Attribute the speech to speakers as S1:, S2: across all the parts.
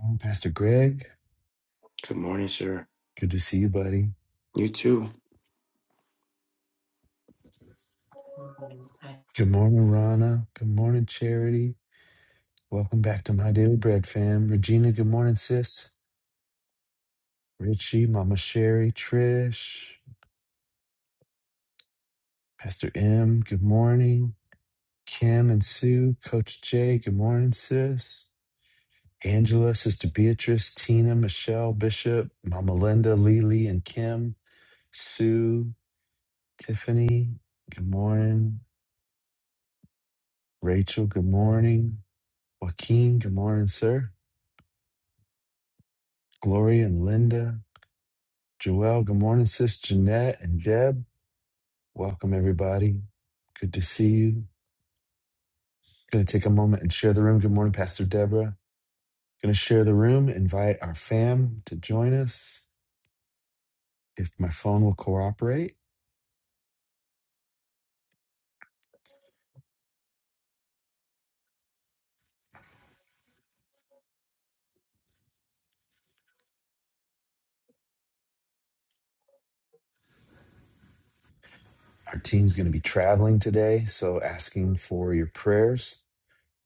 S1: morning, Pastor Greg.
S2: Good morning, sir.
S1: Good to see you, buddy.
S2: You too.
S1: Good morning, Rana. Good morning, Charity. Welcome back to My Daily Bread fam. Regina, good morning, sis. Richie, Mama Sherry, Trish, Pastor M, good morning. Kim and Sue, Coach Jay, good morning, sis. Angela, Sister Beatrice, Tina, Michelle, Bishop, Mama Linda, Lily, and Kim, Sue, Tiffany, good morning. Rachel, good morning. Joaquin, good morning, sir. Gloria and Linda, Joelle, good morning, sis Jeanette and Deb. Welcome, everybody. Good to see you. Going to take a moment and share the room. Good morning, Pastor Deborah. Going to share the room, invite our fam to join us if my phone will cooperate. Our team's going to be traveling today, so asking for your prayers,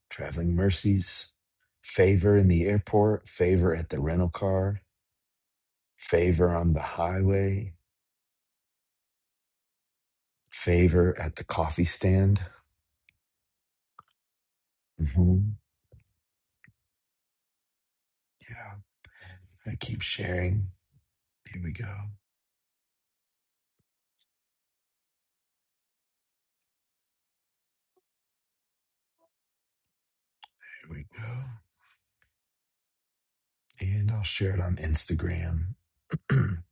S1: traveling mercies, favor in the airport, favor at the rental car, favor on the highway, favor at the coffee stand. Mhm. Yeah. I keep sharing. Here we go. Here we go. And I'll share it on Instagram.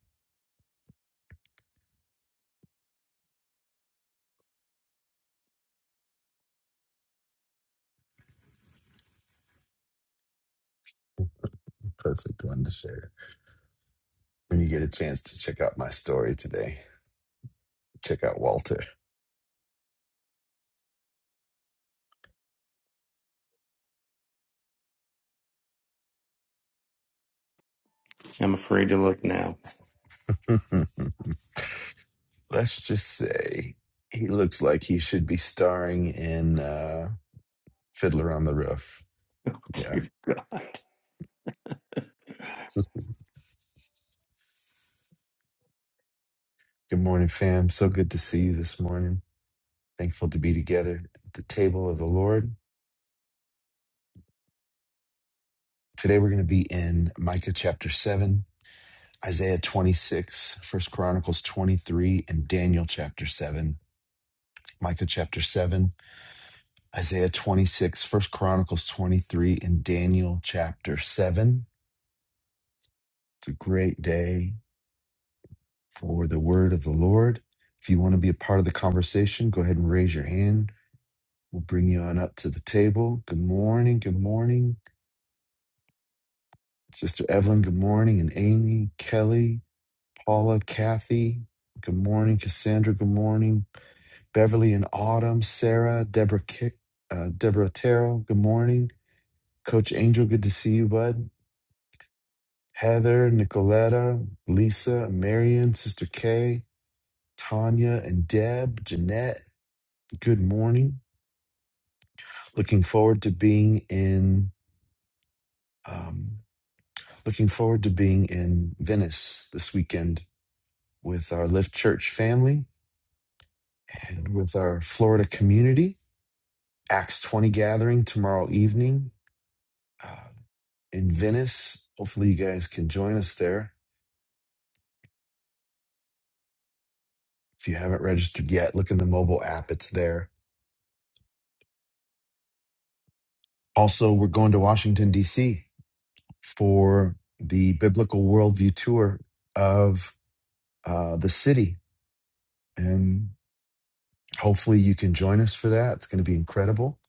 S1: Perfect one to share. When you get a chance to check out my story today, check out Walter.
S2: I'm afraid to look now.
S1: Let's just say he looks like he should be starring in uh, Fiddler on the Roof. Yeah. Good morning, fam. So good to see you this morning. Thankful to be together at the table of the Lord. Today we're going to be in Micah chapter 7. Isaiah 26, First Chronicles 23, and Daniel chapter 7. Micah chapter 7, Isaiah 26, First Chronicles 23, and Daniel chapter 7. It's a great day for the word of the Lord. If you want to be a part of the conversation, go ahead and raise your hand. We'll bring you on up to the table. Good morning. Good morning. Sister Evelyn, good morning. And Amy, Kelly, Paula, Kathy, good morning. Cassandra, good morning. Beverly and Autumn, Sarah, Deborah, Ki- uh, Deborah Terrell. Good morning, Coach Angel. Good to see you, bud. Heather, Nicoletta, Lisa, Marion, Sister Kay, Tanya, and Deb, Jeanette. Good morning. Looking forward to being in. Um, looking forward to being in Venice this weekend with our Lift Church family and with our Florida community. Acts 20 gathering tomorrow evening uh, in Venice. Hopefully, you guys can join us there. If you haven't registered yet, look in the mobile app, it's there. Also, we're going to Washington, D.C. for the Biblical Worldview Tour of uh, the city. And hopefully, you can join us for that. It's going to be incredible.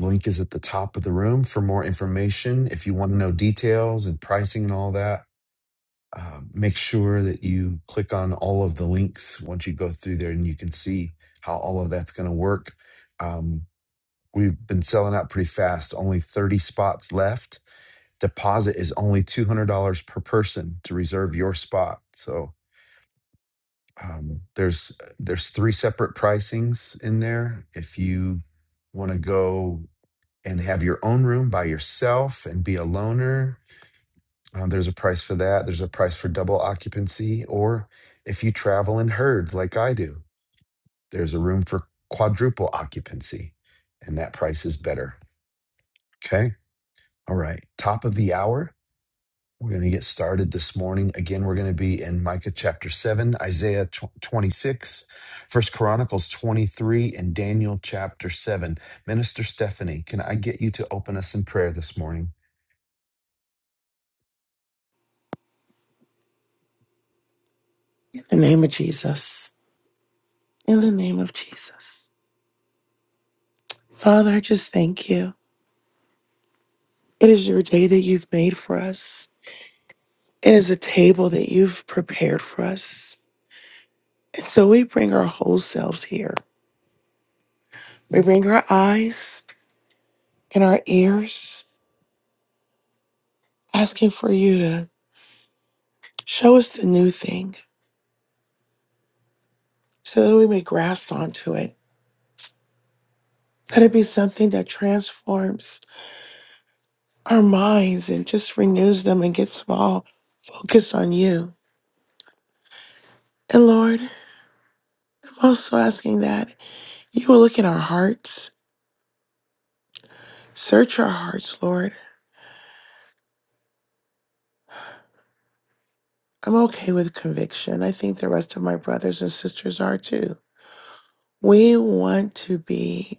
S1: Link is at the top of the room for more information. If you want to know details and pricing and all that, uh, make sure that you click on all of the links once you go through there and you can see how all of that's going to work. Um, we've been selling out pretty fast, only 30 spots left. Deposit is only $200 per person to reserve your spot. So um, there's there's three separate pricings in there. If you want to go and have your own room by yourself and be a loner, Uh, there's a price for that. There's a price for double occupancy, or if you travel in herds like I do, there's a room for quadruple occupancy, and that price is better. Okay. All right. Top of the hour. We're going to get started this morning. Again, we're going to be in Micah chapter 7, Isaiah 26, First Chronicles 23, and Daniel chapter 7. Minister Stephanie, can I get you to open us in prayer this morning?
S3: In the name of Jesus. In the name of Jesus. Father, I just thank you. It is your day that you've made for us. It is a table that you've prepared for us. And so we bring our whole selves here. We bring our eyes and our ears, asking for you to show us the new thing so that we may grasp onto it. Let it be something that transforms our minds and just renews them and gets them all focused on you. And Lord, I'm also asking that. You will look in our hearts. Search our hearts, Lord. I'm okay with conviction. I think the rest of my brothers and sisters are too. We want to be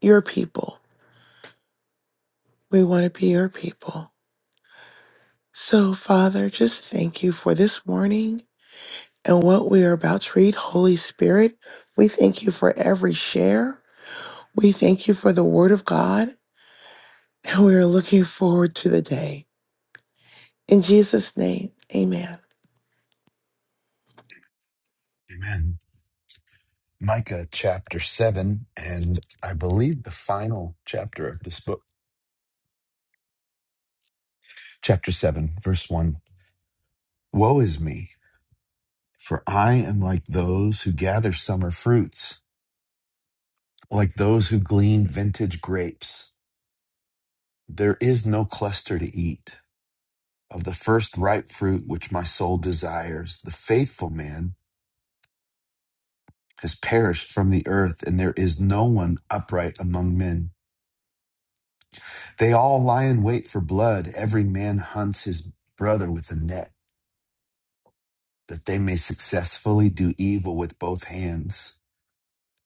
S3: your people. We want to be your people. So, Father, just thank you for this morning and what we are about to read. Holy Spirit, we thank you for every share. We thank you for the word of God, and we are looking forward to the day. In Jesus' name, amen.
S1: Amen. Micah chapter 7, and I believe the final chapter of this book, chapter 7, verse 1. Woe is me, for I am like those who gather summer fruits, like those who glean vintage grapes. There is no cluster to eat of the first ripe fruit which my soul desires. The faithful man has perished from the earth, and there is no one upright among men. They all lie in wait for blood, every man hunts his brother with a net. that they may successfully do evil with both hands.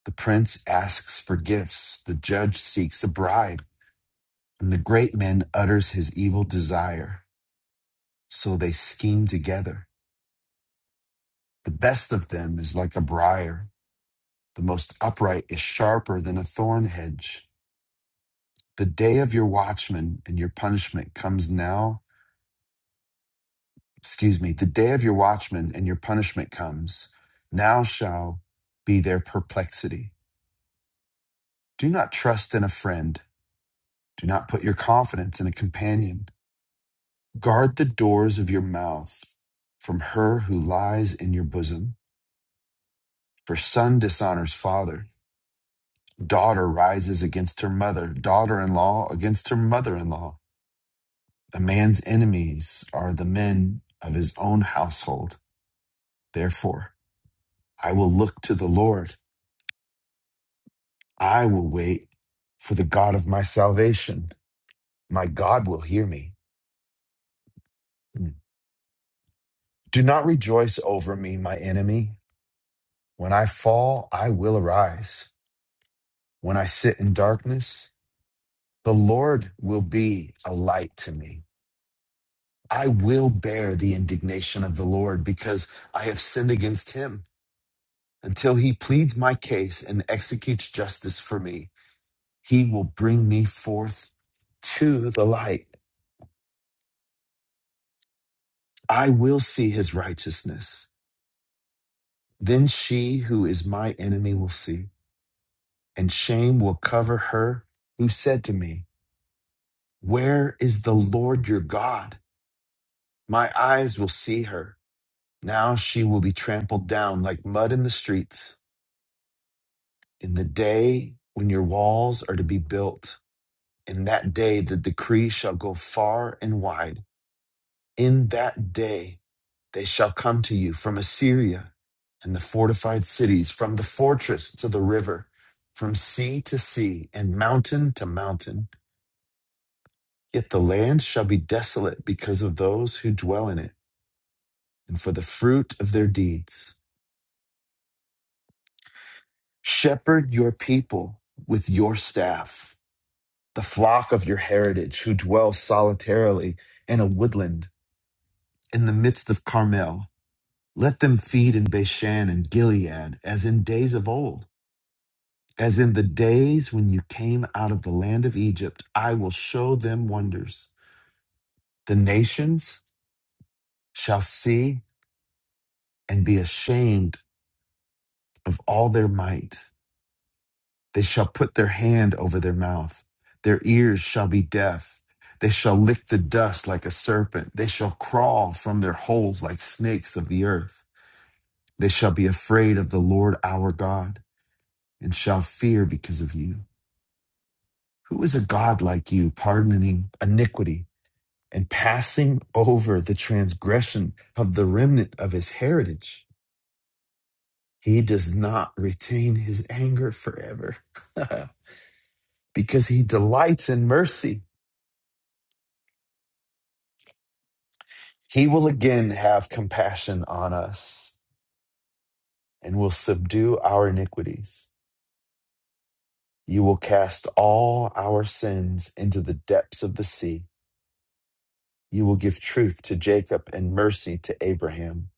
S1: The prince asks for gifts, the judge seeks a bribe, and the great man utters his evil desire. So they scheme together. The best of them is like a briar, the most upright is sharper than a thorn hedge. The day of your watchman and your punishment comes now. Excuse me, the day of your watchman and your punishment comes. Now shall be their perplexity. Do not trust in a friend Do not put your confidence in a companion. Guard the doors of your mouth from her who lies in your bosom. For son dishonors father, daughter rises against her mother, daughter in law against her mother in law. A man's enemies are the men of his own household. Therefore, I will look to the Lord. I will wait for the God of my salvation. My God will hear me. Mm. Do not rejoice over me, my enemy. When I fall, I will arise. When I sit in darkness, the Lord will be a light to me. I will bear the indignation of the Lord because I have sinned against him. Until he pleads my case and executes justice for me, he will bring me forth to the light. I will see his righteousness. Then she who is my enemy will see, and shame will cover her who said to me, Where is the Lord your God? My eyes will see her. Now she will be trampled down like mud in the streets. In the day when your walls are to be built, in that day the decree shall go far and wide. In that day they shall come to you from Assyria and the fortified cities, from the fortress to the river, from sea to sea, and mountain to mountain. Yet the land shall be desolate because of those who dwell in it, and for the fruit of their deeds. Shepherd your people with your staff, the flock of your heritage who dwell solitarily in a woodland in the midst of Carmel. Let them feed in Bashan and Gilead as in days of old, as in the days when you came out of the land of Egypt. I will show them wonders. The nations shall see and be ashamed of all their might. They shall put their hand over their mouth. Their ears shall be deaf. They shall lick the dust like a serpent. They shall crawl from their holes like snakes of the earth. They shall be afraid of the Lord our God and shall fear because of you. Who is a God like you, pardoning iniquity and passing over the transgression of the remnant of his heritage? He does not retain his anger forever because he delights in mercy. He will again have compassion on us and will subdue our iniquities. You will cast all our sins into the depths of the sea. You will give truth to Jacob and mercy to Abraham,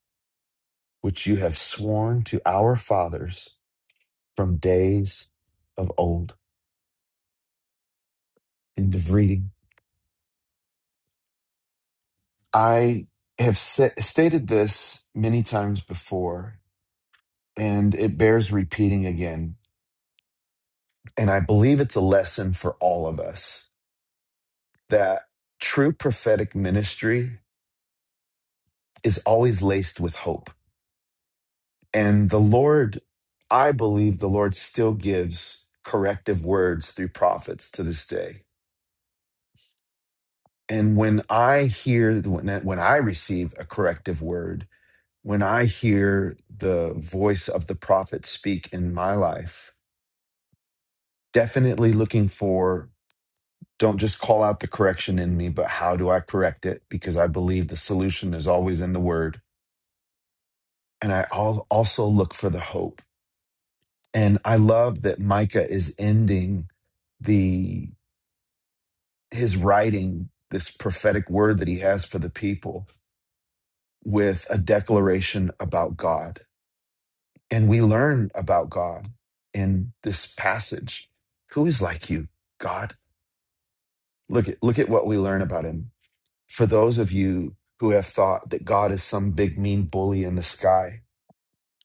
S1: which you have sworn to our fathers from days of old. End of reading. I have sa- stated this many times before, and it bears repeating again. And I believe it's a lesson for all of us that true prophetic ministry is always laced with hope. And the Lord, I believe the Lord still gives corrective words through prophets to this day. And when I hear, when, when I receive a corrective word, when I hear the voice of the prophet speak in my life, definitely looking for don't just call out the correction in me, but how do I correct it? Because I believe the solution is always in the word and I all also look for the hope. And I love that Micah is ending the his writing this prophetic word that he has for the people with a declaration about God. And we learn about God in this passage. Who is like you, God? Look at look at what we learn about him. For those of you who have thought that God is some big mean bully in the sky,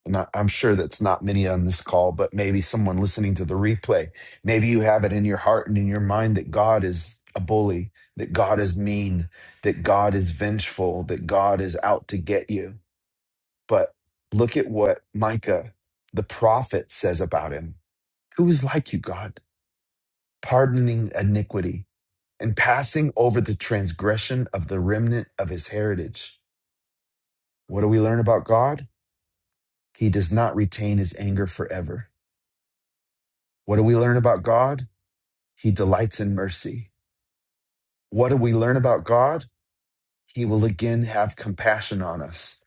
S1: and I- I'm sure that's not many on this call, but maybe someone listening to the replay, maybe you have it in your heart and in your mind that God is a bully, that God is mean, that God is vengeful, that God is out to get you. But look at what Micah, the prophet, says about him. Who is like you, God, pardoning iniquity and passing over the transgression of the remnant of his heritage? What do we learn about God? He does not retain his anger forever What do we learn about God? He delights in mercy. What do we learn about God? He will again have compassion on us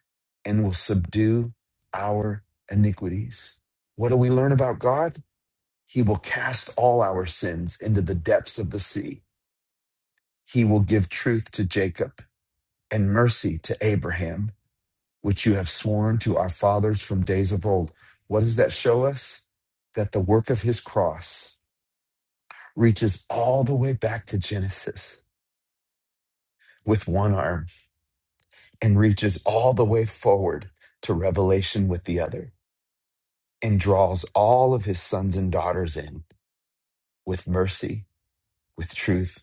S1: and will subdue our iniquities. What do we learn about God? He will cast all our sins into the depths of the sea. He will give truth to Jacob and mercy to Abraham, which you have sworn to our fathers from days of old. What does that show us? That the work of his cross reaches all the way back to Genesis with one arm and reaches all the way forward to revelation with the other and draws all of his sons and daughters in with mercy, with truth,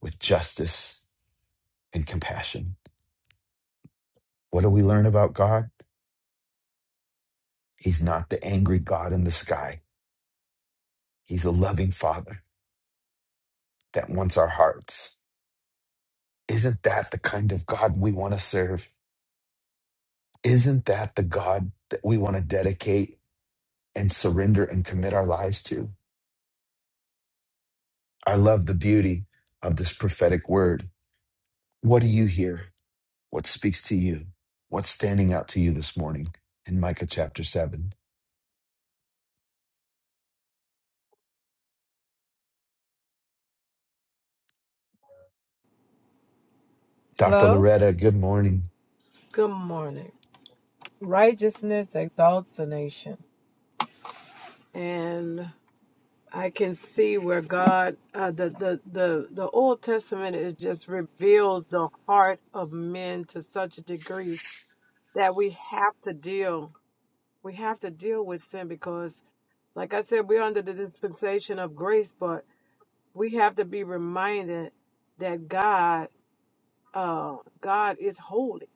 S1: with justice, and compassion. What do we learn about God? He's not the angry God in the sky, He's a loving Father that wants our hearts. Isn't that the kind of God we want to serve? Isn't that the God that we want to dedicate and surrender and commit our lives to? I love the beauty of this prophetic word. What do you hear? What speaks to you? What's standing out to you this morning in Micah chapter 7? Dr.
S4: Hello?
S1: Loretta, good morning.
S4: Good morning. Righteousness exalts a nation. And I can see where God, uh, the, the, the, the Old Testament, it just reveals the heart of men to such a degree that we have to deal. We have to deal with sin because, like I said, we're under the dispensation of grace, but we have to be reminded that God, uh, God is holy.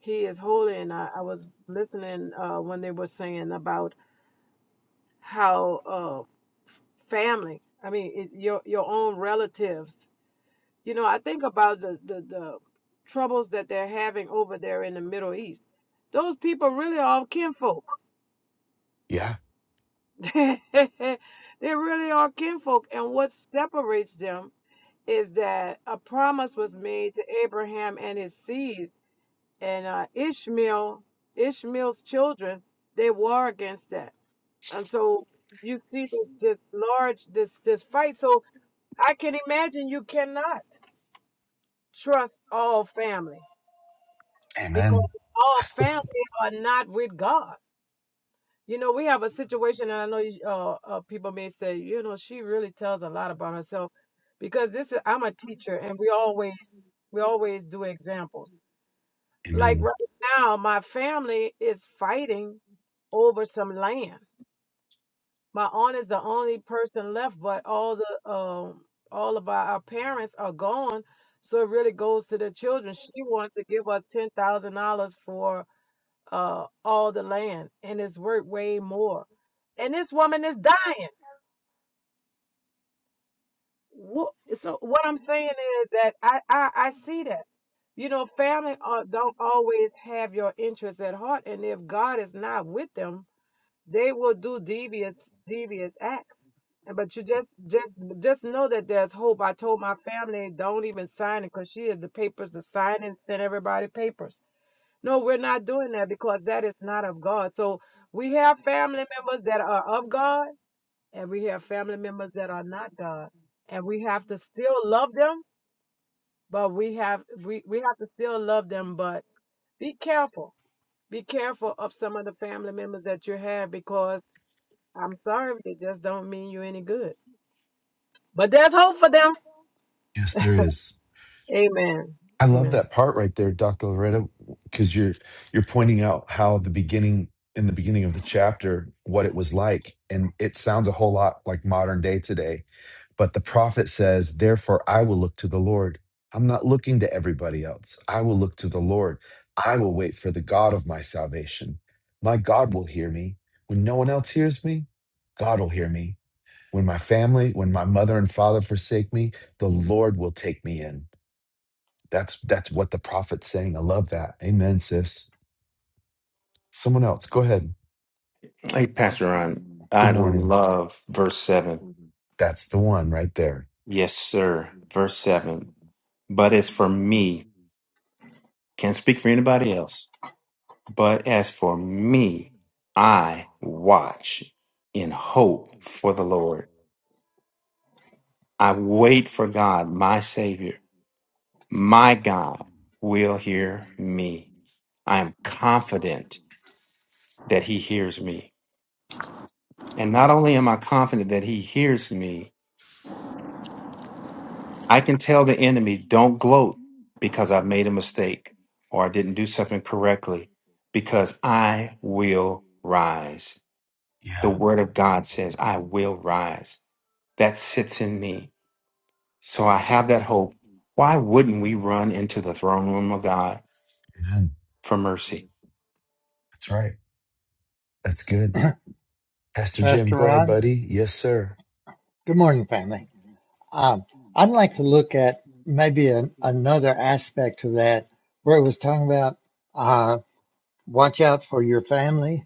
S4: He is holy. And I, I was listening uh, when they were saying about how uh, family, I mean, it, your your own relatives. You know, I think about the, the the troubles that they're having over there in the Middle East. Those people really are kinfolk.
S1: Yeah.
S4: they really are kinfolk, and what separates them is that a promise was made to Abraham and his seed, and uh, Ishmael, Ishmael's children, they war against that, and so you see this this large this this fight. So I can imagine you cannot trust all family
S1: Amen.
S4: because all family are not with God. You know, we have a situation, and I know you, uh, uh, people may say, you know, she really tells a lot about herself because this is, I'm a teacher and we always, we always do examples. Like
S1: Amen.
S4: right now, my family is fighting over some land My aunt is the only person left, but all the um all of our, our parents are gone. So it really goes to the children. She wants to give us ten thousand dollars for uh all the land, and it's worth way more. And this woman is dying. Wha- So what I'm saying is that I I, I see that. You know, family uh, don't always have your interests at heart, and if God is not with them, they will do devious devious acts and but you just just just know that there's hope i told my family don't even sign it because she had the papers to sign and send everybody papers no we're not doing that because that is not of god so we have family members that are of god and we have family members that are not god and we have to still love them but we have we, we have to still love them but be careful be careful of some of the family members that you have because I'm sorry, but it just don't mean you any good. But there's hope for them.
S1: Yes, there is.
S4: Amen.
S1: I love
S4: Amen.
S1: that part right there, Dr. Loretta, because you're you're pointing out how the beginning in the beginning of the chapter, what it was like. And it sounds a whole lot like modern day today But the prophet says, Therefore, I will look to the Lord. I'm not looking to everybody else. I will look to the Lord. I will wait for the God of my salvation. My God will hear me. When no one else hears me, God will hear me. When my family, when my mother and father forsake me, the Lord will take me in. That's that's what the prophet's saying. I love that. Amen, sis. Someone else, go ahead.
S2: Hey, Pastor Ron,
S1: Good
S2: I
S1: morning.
S2: love verse 7.
S1: That's the one right there.
S2: Yes, sir. Verse 7. But as for me, can't speak for anybody else. But as for me, I watch in hope for the Lord. I wait for God, my Savior. My God will hear me. I am confident that He hears me. And not only am I confident that He hears me, I can tell the enemy, don't gloat because I made a mistake or I didn't do something correctly, because I will rise. The
S1: Yeah,
S2: word of God says, I will rise. That sits in me. So I have that hope. Why wouldn't we run into the throne room of God
S1: amen.
S2: for mercy?
S1: That's right. That's good. Pastor Jim,
S5: Pastor
S1: go ahead,
S5: Ron.
S1: buddy. Yes, sir.
S5: Good morning, family. Um, I'd like to look at maybe an, another aspect to that where it was talking about uh, watch out for your family.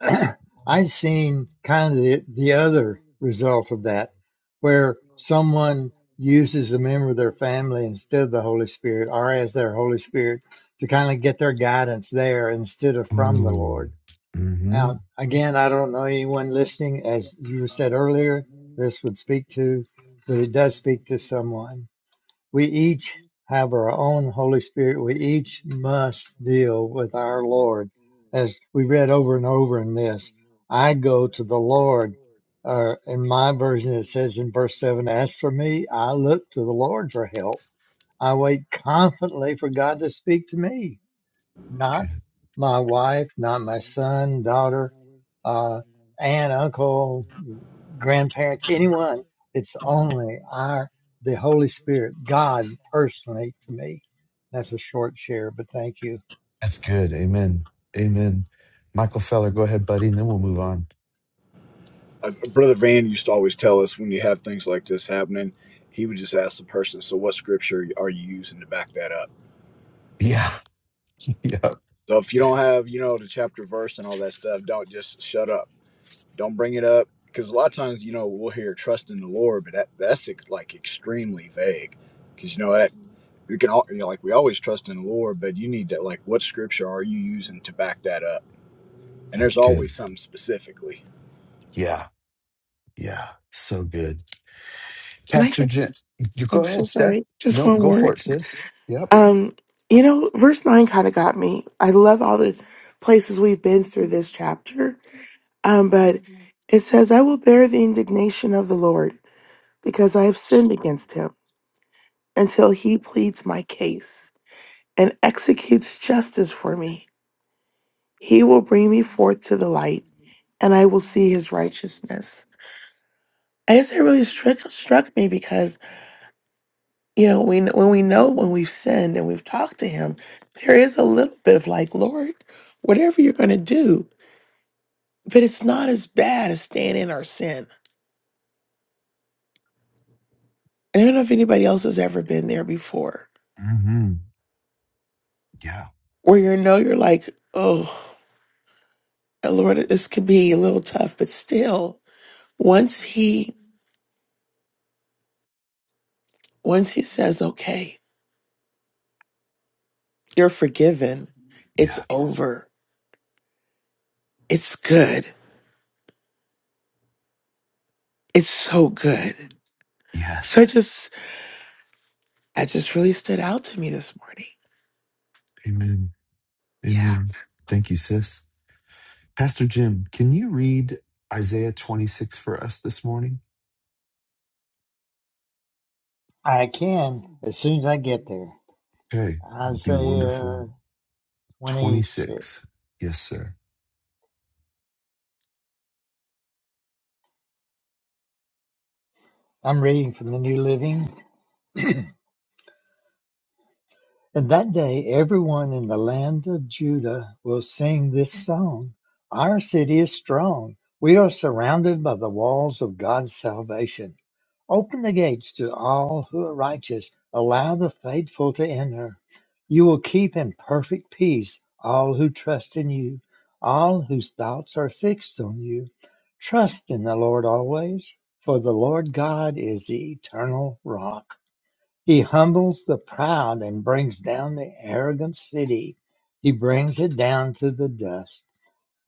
S5: I've seen kind of the, the other result of that, where someone uses a member of their family instead of the Holy Spirit or as their Holy Spirit to kind of get their guidance there instead of from the Lord
S1: Ooh. Mm-hmm.
S5: Uh,
S1: That's
S5: again, I don't know anyone listening. As you said earlier, this would speak to, but it does speak to someone. We each have our own Holy Spirit. We each must deal with our Lord. As we read over and over in this, I go to the Lord. Uh, in my version, it says in verse 7 As for me, I look to the Lord for help. I wait confidently for God to speak to me not
S1: good.
S5: my wife, not my son, daughter, uh, aunt, uncle, grandparents, anyone. It's only our, the Holy Spirit, God personally to me. That's a short share, but thank you.
S1: That's good. Amen. Amen. Michael Feller, go ahead, buddy, and then we'll move on.
S6: uh, Brother Van used to always tell us when you have things like this happening, he would just ask the person, "So what scripture are you using to back that up?"
S1: Yeah. Yeah.
S6: So if you don't have, you know, the chapter verse and all that stuff, don't just shut up. Don't bring it up because a lot of times, you know, we'll hear trust in the Lord, but that that's like like, extremely vague because you know that we can all, you know, like we always trust in the Lord, but you need to like what scripture are you using to back that up? And there's
S1: That's good.
S6: always something specifically.
S1: Yeah. Yeah. So good.
S3: Can I
S1: Pastor Jim,
S3: just,
S1: you go
S3: I'm so
S1: ahead, Steph.
S3: sorry, just
S1: Nope.
S3: one
S1: Go for
S3: word.
S1: it, sis. Yep.
S3: Um, you know, verse 9 kind of got me. I love all the places we've been through this chapter. Um, but it says, I will bear the indignation of the Lord because I have sinned against him until he pleads my case and executes justice for me. He will bring me forth to the light and I will see his righteousness. I guess it really struck, struck me because You know, we when we know when we've sinned and we've talked to him, there is a little bit of like, Lord, whatever you're going to do, but it's not as bad as staying in our sin. And I don't know if anybody else has ever been there before,
S1: Mm-hmm. Yeah.
S3: where you know you're like, oh, Lord, this could be a little tough, but still, once he once he says, okay, you're forgiven, it's
S1: Yeah.
S3: over, it's good, it's so good. So I
S1: Yes.
S3: just I just really stood out to me this morning.
S1: Amen.
S3: Yeah.
S1: Amen. Thank you, sis. Pastor Jim, can you read Isaiah 26 for us this morning?
S5: I can as soon as I get there.
S1: Okay, it'd be wonderful.
S5: Isaiah 26.
S1: 26. Yes, sir.
S5: I'm reading from the New Living. And that day everyone in the land of Judah will sing this song. Our city is strong. We are surrounded by the walls of God's salvation. Open the gates to all who are righteous. Allow the faithful to enter. You will keep in perfect peace all who trust in you, all whose thoughts are fixed on you. Trust in the Lord always, for the Lord God is the eternal rock. He humbles the proud and brings down the arrogant city. He brings it down to the dust.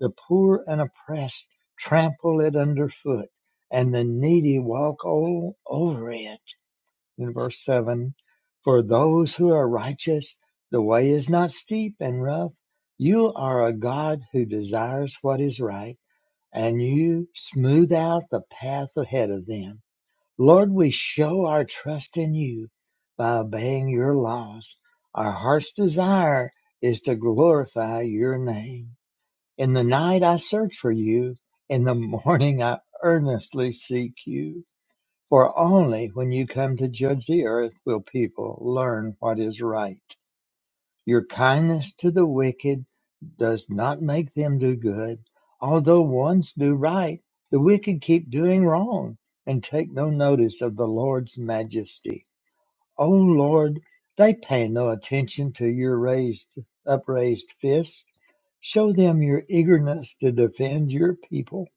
S5: The poor and oppressed trample it underfoot, and the needy walk all over it. In verse 7 For those who are righteous, the way is not steep and rough. You are a God who desires what is right, and you smooth out the path ahead of them. Lord, we show our trust in you by obeying your laws. Our heart's desire is to glorify your name. In the night I search for you, in the morning I earnestly seek you. For only when you come to judge the earth will people learn what is right. Your kindness to the wicked does not make them do good. Although ones do right, the wicked keep doing wrong and take no notice of the Lord's majesty. O Lord, they pay no attention to your raised upraised fist. Show them your eagerness to defend your people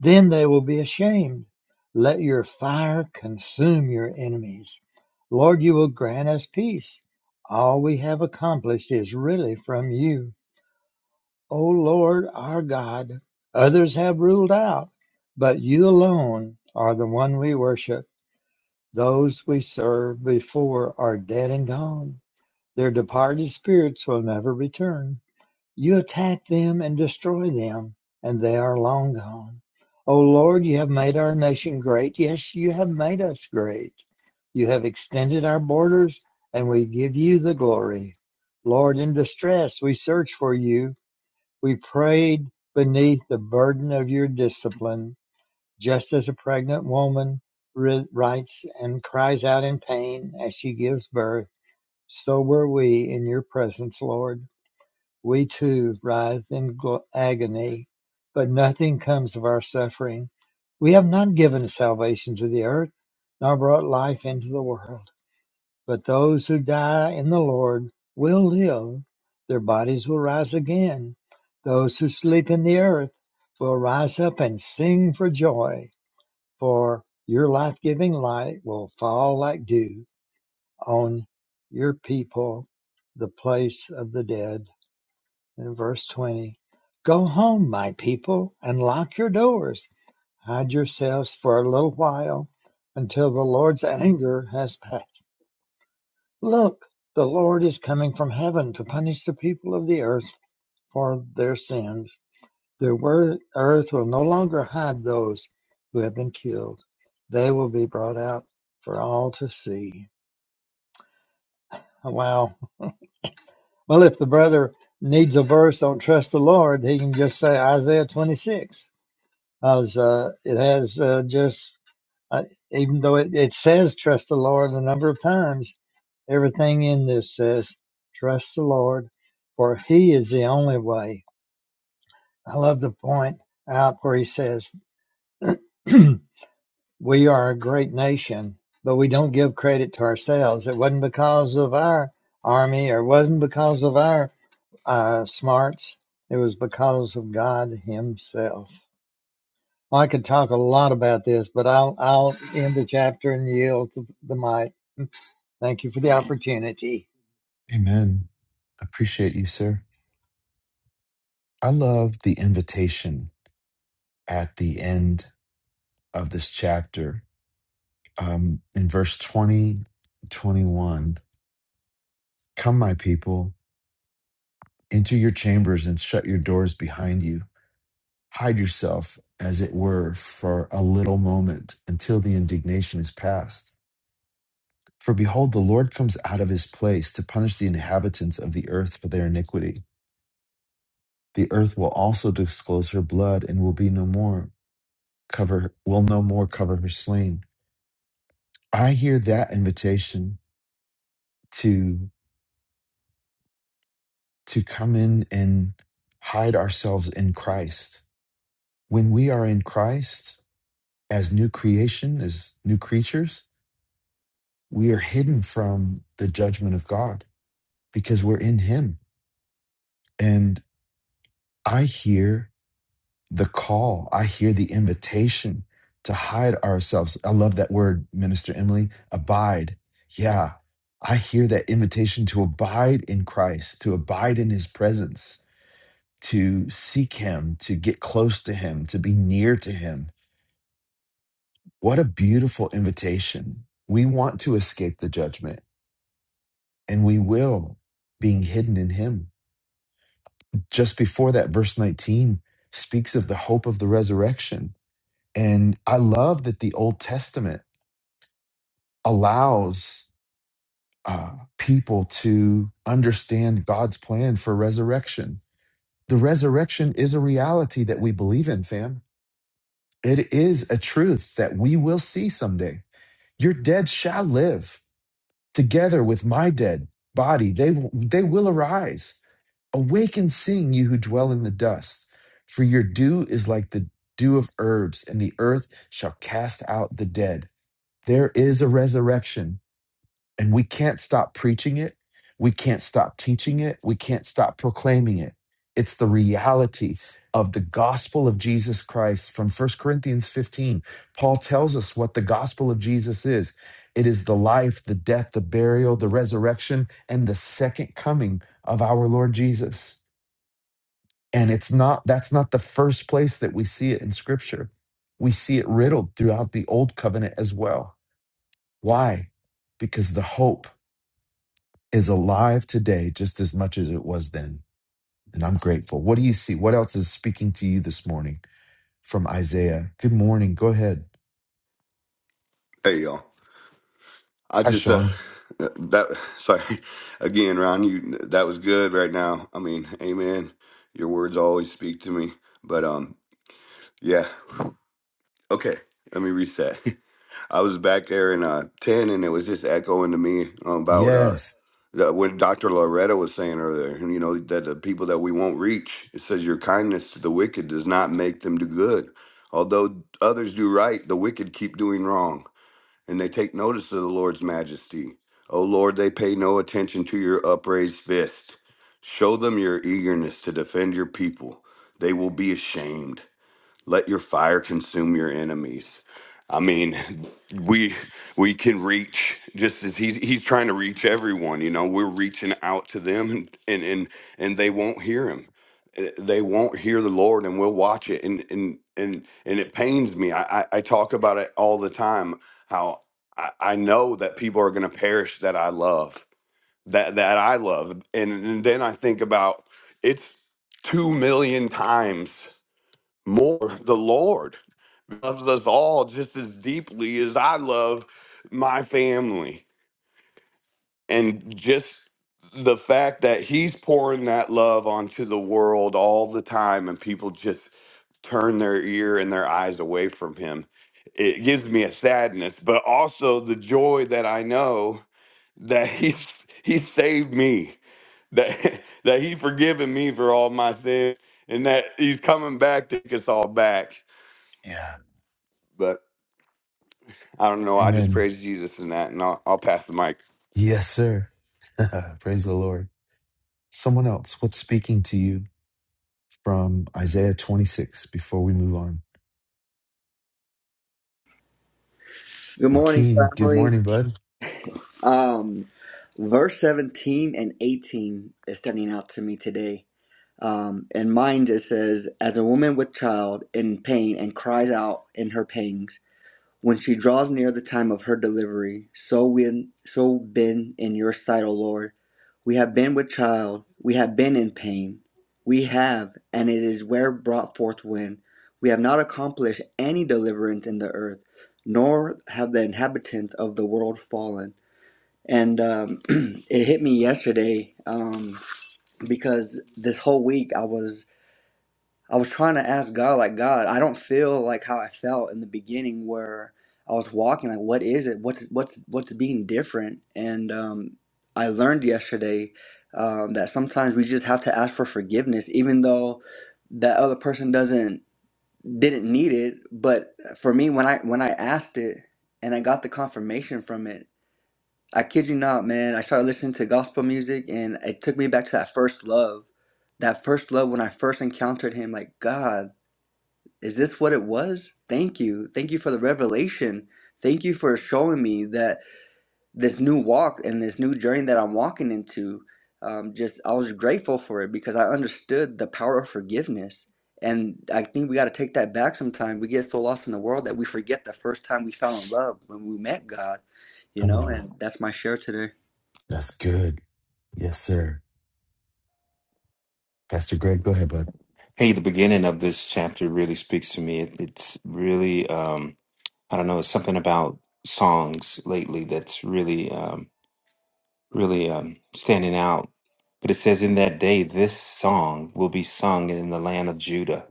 S5: then they will be ashamed. Let your fire consume your enemies. Lord, you will grant us peace. All we have accomplished is really from you. O Lord our God, others have ruled out, but you alone are the one we worship. Those we served before are dead and gone. Their departed spirits will never return. You attack them and destroy them, and they are long gone. O Lord, you have made our nation great. Yes, you have made us great. You have extended our borders, and we give you the glory. Lord, in distress, we search for you. We prayed beneath the burden of your discipline, just as a pregnant woman writes and cries out in pain as she gives birth. So were we in your presence, Lord. We too writhe in agony, but nothing comes of our suffering. We have not given salvation to the earth, nor brought life into the world. But those who die in the Lord will live, their bodies will rise again. Those who sleep in the earth will rise up and sing for joy, for your life giving light will fall like dew on your people, the place of the dead in verse 20 Go home, my people, and lock your doors. Hide yourselves for a little while until the Lord's anger has passed. Look, the Lord is coming from heaven to punish the people of the earth for their sins. The earth will no longer hide those who have been killed, they will be brought out for all to see. Wow. Well, if the brother needs a verse on trust the Lord, he can just say Isaiah 26. as uh, it has uh, just uh, even though it, it says trust the lord a number of times everything in this says trust the lord for he is the only way i love the point out where he says we are a great nation but we don't give credit to ourselves it wasn't because of our army or it wasn't because of our uh, smarts it was because of god himself I could talk a lot about this, but I'll I'll end the chapter and yield the mic. Thank you for the opportunity.
S1: Amen. Appreciate you, sir. I love the invitation at the end of this chapter. Um, in verse 20, 21, come, my people, enter your chambers and shut your doors behind you. Hide yourself, as it were, for a little moment until the indignation is past For behold, the Lord comes out of his place to punish the inhabitants of the earth for their iniquity. The earth will also disclose her blood and will be no more cover will no more cover her slain. I hear that invitation to to come in and hide ourselves in Christ. When we are in Christ as new creation, as new creatures, we are hidden from the judgment of God because we're in him. And I hear the call. I hear the invitation to hide ourselves. I love that word, Minister Emily, abide. Yeah, I hear that invitation to abide in Christ, to abide in his presence, to seek him, to get close to him, to be near to him. What a beautiful invitation. We want to escape the judgment, and we will, being hidden in him. Just before that, verse 19 speaks of the hope of the resurrection And I love that the Old Testament allows uh, people to understand God's plan for resurrection. The resurrection is a reality that we believe in, fam. It is a truth that we will see someday. Your dead shall live together with my dead body. They, will- they will arise. Awake and sing, you who dwell in the dust. For your dew is like the dew of herbs, and the earth shall cast out the dead. There is a resurrection, and we can't stop preaching it. We can't stop teaching it. We can't stop proclaiming it. It's the reality of the gospel of Jesus Christ from First Corinthians 15. Paul tells us what the gospel of Jesus is it is the life, the death, the burial, the resurrection, and the second coming of our Lord Jesus. And it's not, that's not the first place that we see it in scripture. We see it riddled throughout the old covenant as well why? Because the hope is alive today just as much as it was then. And I'm grateful. What do you see? What else is speaking to you this morning from Isaiah? Good morning. Go ahead.
S7: Hey y'all. I
S1: Hi,
S7: just uh
S1: Sean.
S7: that sorry again, Ron. You that was good right now. I mean, Amen. Your words always speak to me. But um, yeah. Okay, let me reset. I was back there in uh ten, and it was just echoing to me about uh
S1: Yes.
S7: that what Dr. Loretta was saying earlier. You know that the people that we won't reach. It says your kindness to the wicked does not make them do good. Although others do right, the wicked keep doing wrong. and they take notice of the Lord's majesty. O Lord, they pay no attention to your upraised fist. Show them your eagerness to defend your people. They will be ashamed let your fire consume your enemies i mean we we can reach just as he's he's trying to reach everyone you know we're reaching out to them and and and, and they won't hear him Eh, they won't hear the lord and we'll watch it and and and and it pains me i i, I talk about it all the time how i, I know that people are going to perish that i love that that i love and, and then i think about it's two million times more the Lord loves us all just as deeply as I love my family. And just the fact that he's pouring that love onto the world all the time and people just turn their ear and their eyes away from him. It gives me a sadness, but also the joy that I know that he's he saved me, that that He's forgiven me for all my sins, and that he's coming back to take us all back.
S1: Yeah.
S7: But I don't know. I just
S1: Amen.
S7: praise Jesus in that, and I'll, I'll pass the mic.
S1: Yes, sir. Praise the Lord. Someone else, what's speaking to you from Isaiah 26 before we move on?
S8: Good morning,
S1: Joaquin, good
S8: family.
S1: morning, bud.
S8: Um, verse 17 and 18 is standing out to me today. Um, and mine just says, As a woman with child in pain and cries out in her pangs, when she draws near the time of her delivery, so win, so been in your sight, O Lord. We have been with child, we have been in pain. We have, and it is where brought forth when, we have not accomplished any deliverance in the earth, nor have the inhabitants of the world fallen. And um, it hit me yesterday um, because this whole week I was I was trying to ask God, like, God, I don't feel like how I felt in the beginning where I was walking. Like, what is it? What's what's what's being different? And um, I learned yesterday um, that sometimes we just have to ask for forgiveness, even though that other person doesn't didn't need it. But for me, when I when I asked it and I got the confirmation from it, I kid you not, man. I started listening to gospel music, and it took me back to that first love, that first love when I first encountered Him. Like, God is this what it was? Thank you. Thank you for the revelation. Thank you for showing me that this new walk and this new journey that I'm walking into. Um, just I was grateful for it because I understood the power of forgiveness. And I think we got to take that back sometime. We get so lost in the world that we forget the first time we fell in love when we met God, you
S1: Come
S8: know,
S1: on.
S8: and that's my share today.
S1: That's good. Yes, sir. Pastor Greg, go ahead, bud.
S2: Hey, the beginning of this chapter really speaks to me. It, it's really, um, I don't know, it's something about songs lately that's really. Um, really um, standing out. But it says, In that day, this song will be sung in the land of Judah.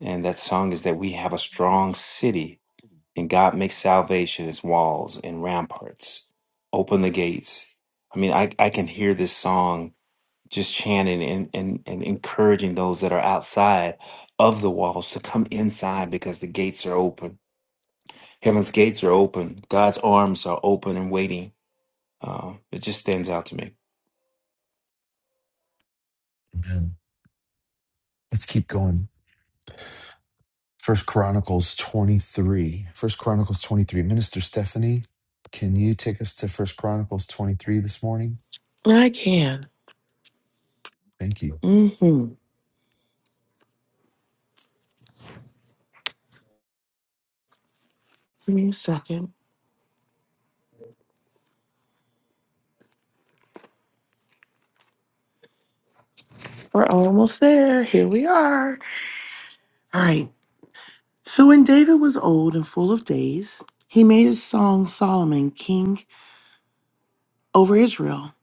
S2: And that song is that we have a strong city, and God makes salvation its walls and ramparts. Open the gates. I mean, I, I can hear this song just chanting and, and, and encouraging those that are outside of the walls to come inside because the gates are open. Heaven's gates are open. God's arms are open and waiting uh, it just stands out to me.
S1: Amen. Let's keep going. First Chronicles 23. First Chronicles 23. Minister Stephanie, can you take us to First Chronicles 23 this morning?
S3: I can.
S1: Thank you.
S3: Mm-hmm. Give me a second. We're almost there. Here we are. All right. So when David was old and full of days, he made his son Solomon king over Israel.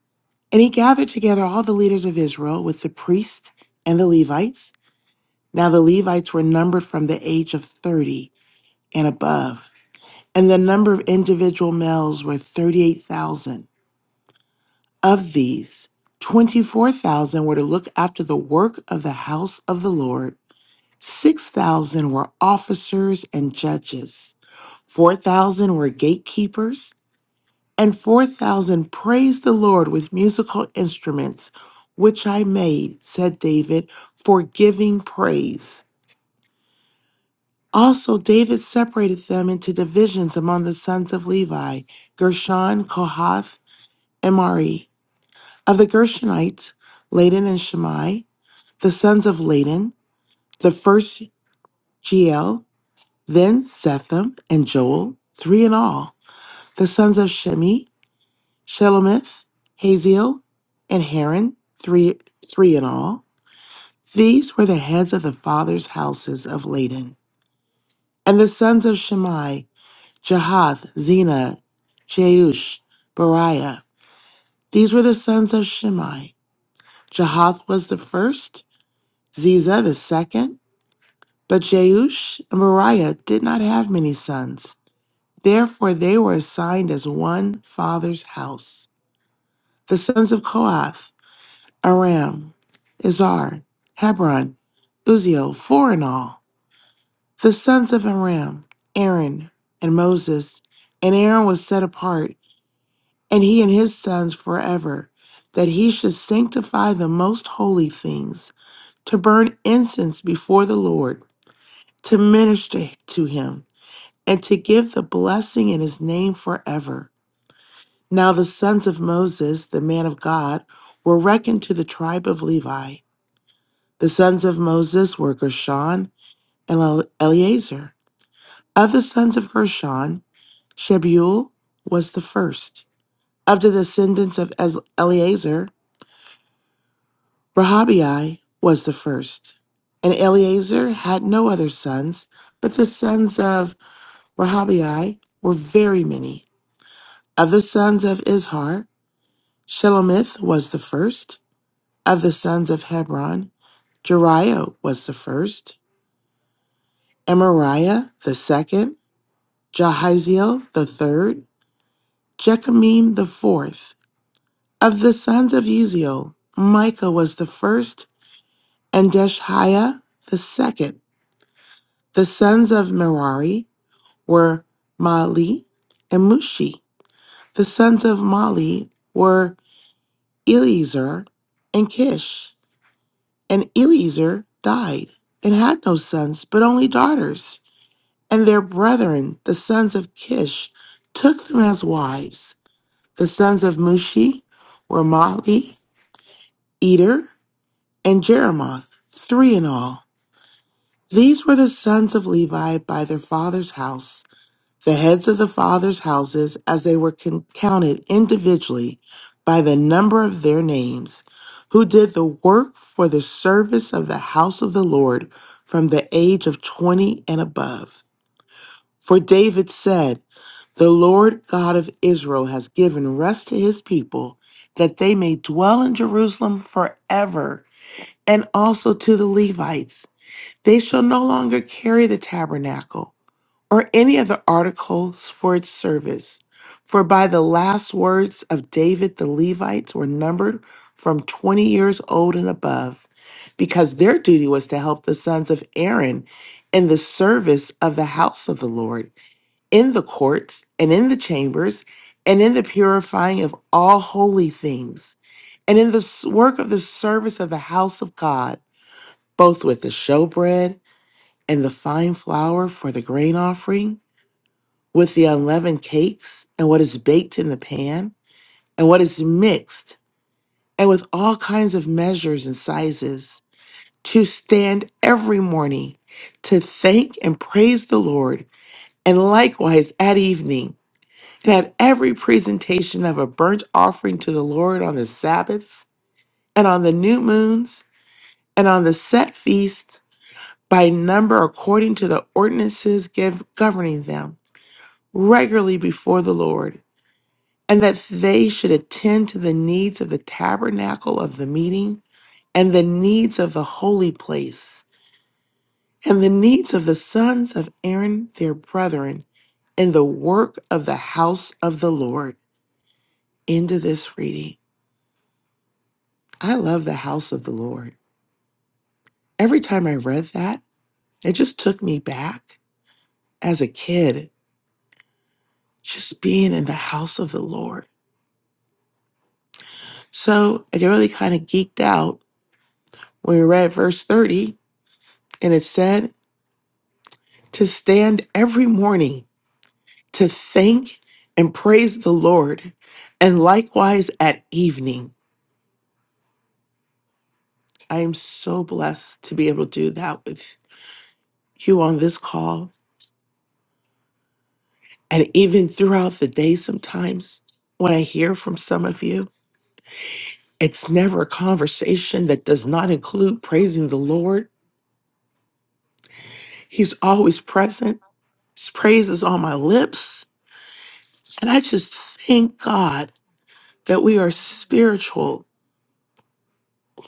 S3: And he gathered together all the leaders of Israel with the priests and the Levites. Now the Levites were numbered from the age of 30 and above. And the number of individual males were 38,000. Of these, 24,000 were to look after the work of the house of the Lord 6,000 were officers and judges, 4,000 were gatekeepers, and 4,000 praised the Lord with musical instruments, which I made, said David, for giving praise. Also, David separated them into divisions among the sons of Levi Gershon, Kohath, and Mari. Of the Gershonites, Ladan and Shammai, the sons of Ladan, the first Jeel, Then Setham and Joel, three in all, the sons of Shemi, Shelomith, Haziel, and Haran, three, three in all. These were the heads of the fathers' houses of Laden. And the sons of Shimei: Jahath, Zena, Jeush, Beriah. These were the sons of Shimei. Jahath was the first, Ziza the second, but Jeush and Beriah did not have many sons. Therefore, they were assigned as one father's house. The sons of Kohath, Aram, Izhar, Hebron, Uziel, four in all. The sons of Aram, Aaron, and Moses. And Aaron was set apart, and he and his sons forever, that he should sanctify the most holy things, to burn incense before the Lord, to minister to him, and to give the blessing in his name forever. Now the sons of Moses, the man of God, were reckoned to the tribe of Levi. The sons of Moses were Gershon and El- Eleazar. Of the sons of Gershon, Shebuel was the first. Of the descendants of Ez- Eleazar, Rehabiah was the first. And Eleazar had no other sons, but the sons of Rehabiah were very many. Of the sons of Izhar, Shelomith was the first. Of the sons of Hebron, Jeriah was the first, Amariah the second, Jahaziel the third, Jechamim the fourth. Of the sons of Uziel, Micah was the first, and Deshiah the second. The sons of Merari were Mali and Mushi. The sons of Mali were Eleazar and Kish. And Eleazar died and had no sons, but only daughters. And their brethren, the sons of Kish, took them as wives. The sons of Mushi were Mahli, Eder, and Jeremoth, three in all. These were the sons of Levi by their father's house, the heads of the father's houses, as they were con- counted individually by the number of their names, who did the work for the service of the house of the Lord from the age of 20 and above. For David said, The Lord God of Israel has given rest to his people, that they may dwell in Jerusalem forever, and also to the Levites. They shall no longer carry the tabernacle or any other articles for its service. For by the last words of David, the Levites were numbered from 20 years old and above, because their duty was to help the sons of Aaron in the service of the house of the Lord in the courts and in the chambers and in the purifying of all holy things and in the s- work of the service of the house of God, both with the showbread and the fine flour for the grain offering, with the unleavened cakes and what is baked in the pan and what is mixed, and with all kinds of measures and sizes, to stand every morning to thank and praise the Lord, and likewise at evening And that every presentation of a burnt offering to the Lord on the Sabbaths, and on the new moons, and on the set feasts, by number according to the ordinances gov- governing them, regularly before the Lord, and that they should attend to the needs of the tabernacle of the meeting, and the needs of the holy place, and the needs of the sons of Aaron their brethren, in the work of the house of the Lord. End of this reading. I love the house of the Lord. Every time I read that, it just took me back as a kid, just being in the house of the Lord. So I really kind of geeked out when we read verse 30, and it said, To stand every morning to thank and praise the Lord, and likewise at evening. I am so blessed to be able to do that with you on this call and even throughout the day sometimes when I hear from some of you. It's never a conversation that does not include praising the Lord. He's always present. His praise is on my lips. And I just thank God that we are spiritual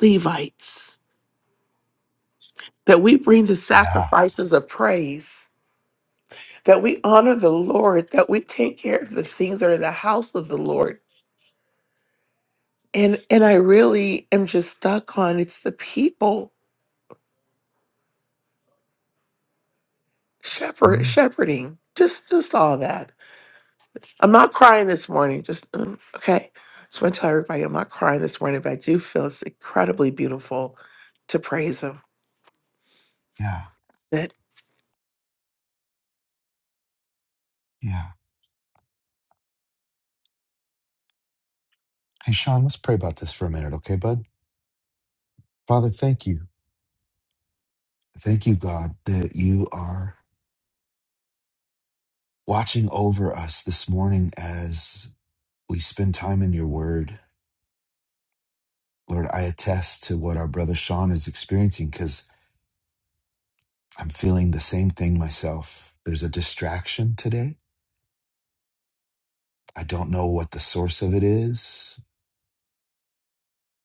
S3: Levites, that we bring the
S1: Yeah.
S3: sacrifices of praise, that we honor the Lord, that we take care of the things that are in the house of the Lord. And and I really am just stuck on it's the people shepherd
S1: Mm,
S3: shepherding. Just just all that. I'm not crying this morning. Just mm, okay. Just want to tell everybody I'm not crying this morning, but I do feel it's incredibly beautiful to praise Him.
S1: yeah. Yeah. Hey, Sean, let's pray about this for a minute, okay, bud? Father, thank you. Thank you, God, that you are watching over us this morning as we spend time in your word. Lord, I attest to what our brother Sean is experiencing because I'm feeling the same thing myself. There's a distraction today I don't know what the source of it is,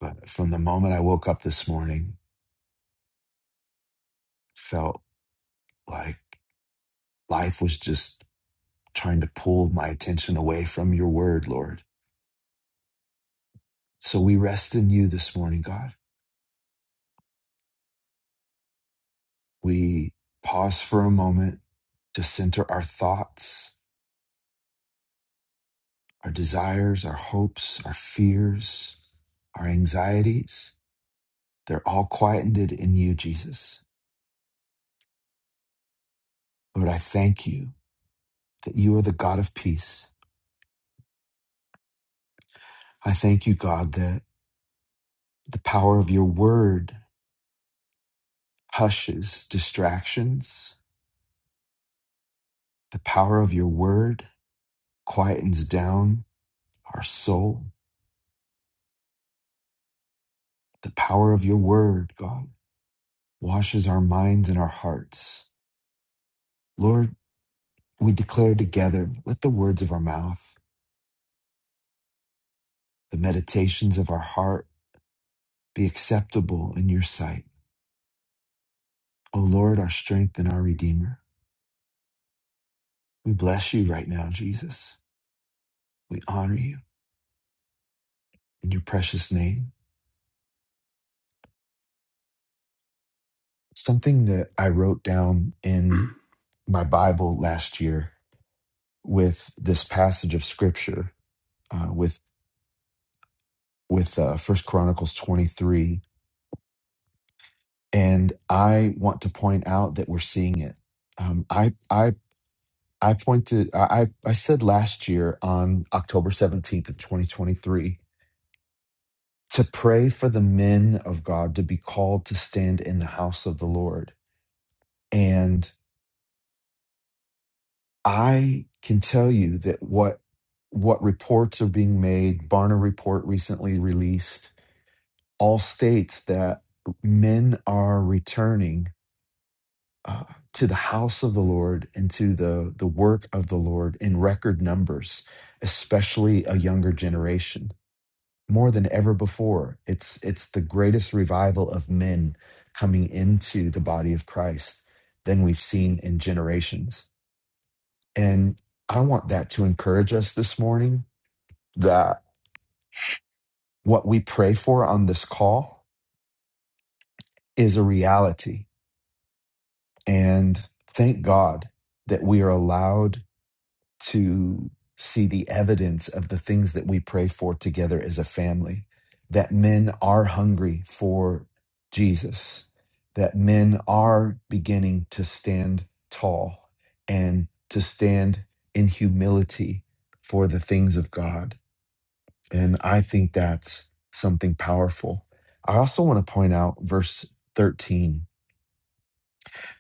S1: but from the moment I woke up this morning, felt like life was just trying to pull my attention away from your word, Lord. So we rest in you this morning, God. We pause for a moment to center our thoughts, our desires, our hopes, our fears, our anxieties. They're all quieted in you, Jesus. Lord, I thank you that you are the God of peace. I thank you, God, that The power of your word hushes distractions. The power of your word quietens down our soul. The power of your word, God, washes our minds and our hearts. Lord, we declare together, let the words of our mouth, the meditations of our heart be acceptable in your sight. O Lord, our strength and our redeemer. We bless you right now, Jesus. We honor you in your precious name. something that I wrote down in my Bible last year with this passage of scripture uh, with with uh, First Chronicles twenty three, and I want to point out that we're seeing it. Um, I I I pointed I I I said last year on October seventeenth of twenty twenty three to pray for the men of God to be called to stand in the house of the Lord, and. I can tell you that what what reports are being made, Barna report recently released, all states that men are returning uh, to the house of the Lord and to the the work of the Lord in record numbers, especially a younger generation. More than ever before, it's it's the greatest revival of men coming into the body of Christ than we've seen in generations and I want that to encourage us this morning that what we pray for on this call is a reality. And thank God that we are allowed to see the evidence of the things that we pray for together as a family, that men are hungry for Jesus, that men are beginning to stand tall and to stand in humility for the things of God And I think that's something powerful. I also want to point out verse 13,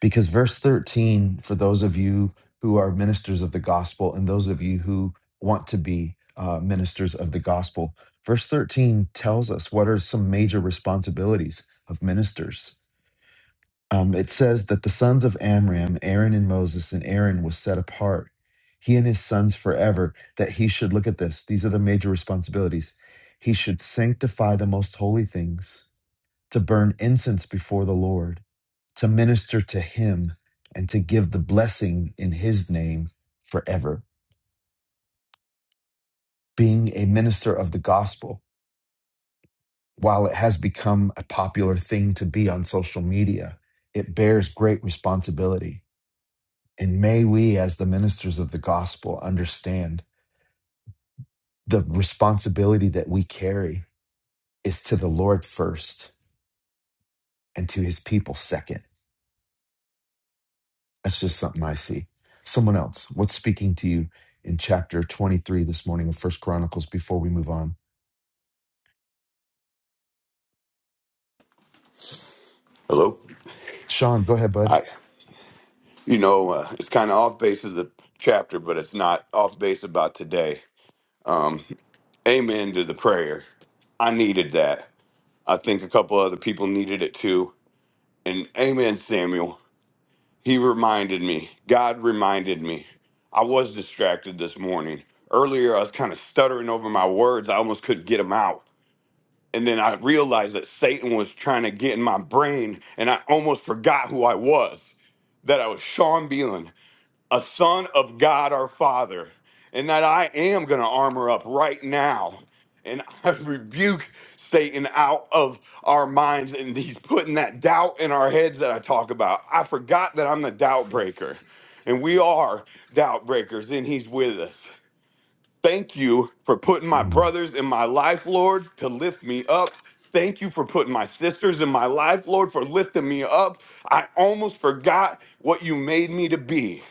S1: because verse 13, for those of you who are ministers of the gospel and those of you who want to be uh, ministers of the gospel, verse 13 tells us what are some major responsibilities of ministers um, it says that the sons of Amram, Aaron and Moses, and Aaron was set apart, he and his sons forever, that he should look at this. These are the major responsibilities. He should sanctify the most holy things, to burn incense before the Lord, to minister to him, and to give the blessing in his name forever. Being a minister of the gospel, while it has become a popular thing to be on social media, it bears great responsibility And may we, as the ministers of the gospel, understand the responsibility that we carry is to the Lord first and to his people second. That's just something I see. Someone else, what's speaking to you in chapter 23 this morning of First Chronicles before we move on?
S7: Hello?
S1: Sean, go ahead, bud.
S7: I, you know, uh, it's kind of off base of the chapter, but it's not off base about today. Um, amen to the prayer. I needed that. I think a couple other people needed it too. And amen, Samuel. He reminded me. God reminded me. I was distracted this morning. Earlier, I was kind of stuttering over my words. I almost couldn't get them out. And then I realized that Satan was trying to get in my brain, and I almost forgot who I was. That I was Sean Beelan, a son of God our Father, and that I am going to armor up right now. And I rebuke Satan out of our minds, and he's putting that doubt in our heads that I talk about. I forgot that I'm the doubt breaker, and we are doubt breakers, and he's with us. Thank you for putting my
S1: And,
S7: brothers in my life, Lord, to lift me up. Thank you for putting my sisters in my life, Lord, for lifting me up. I almost forgot what you made me to be.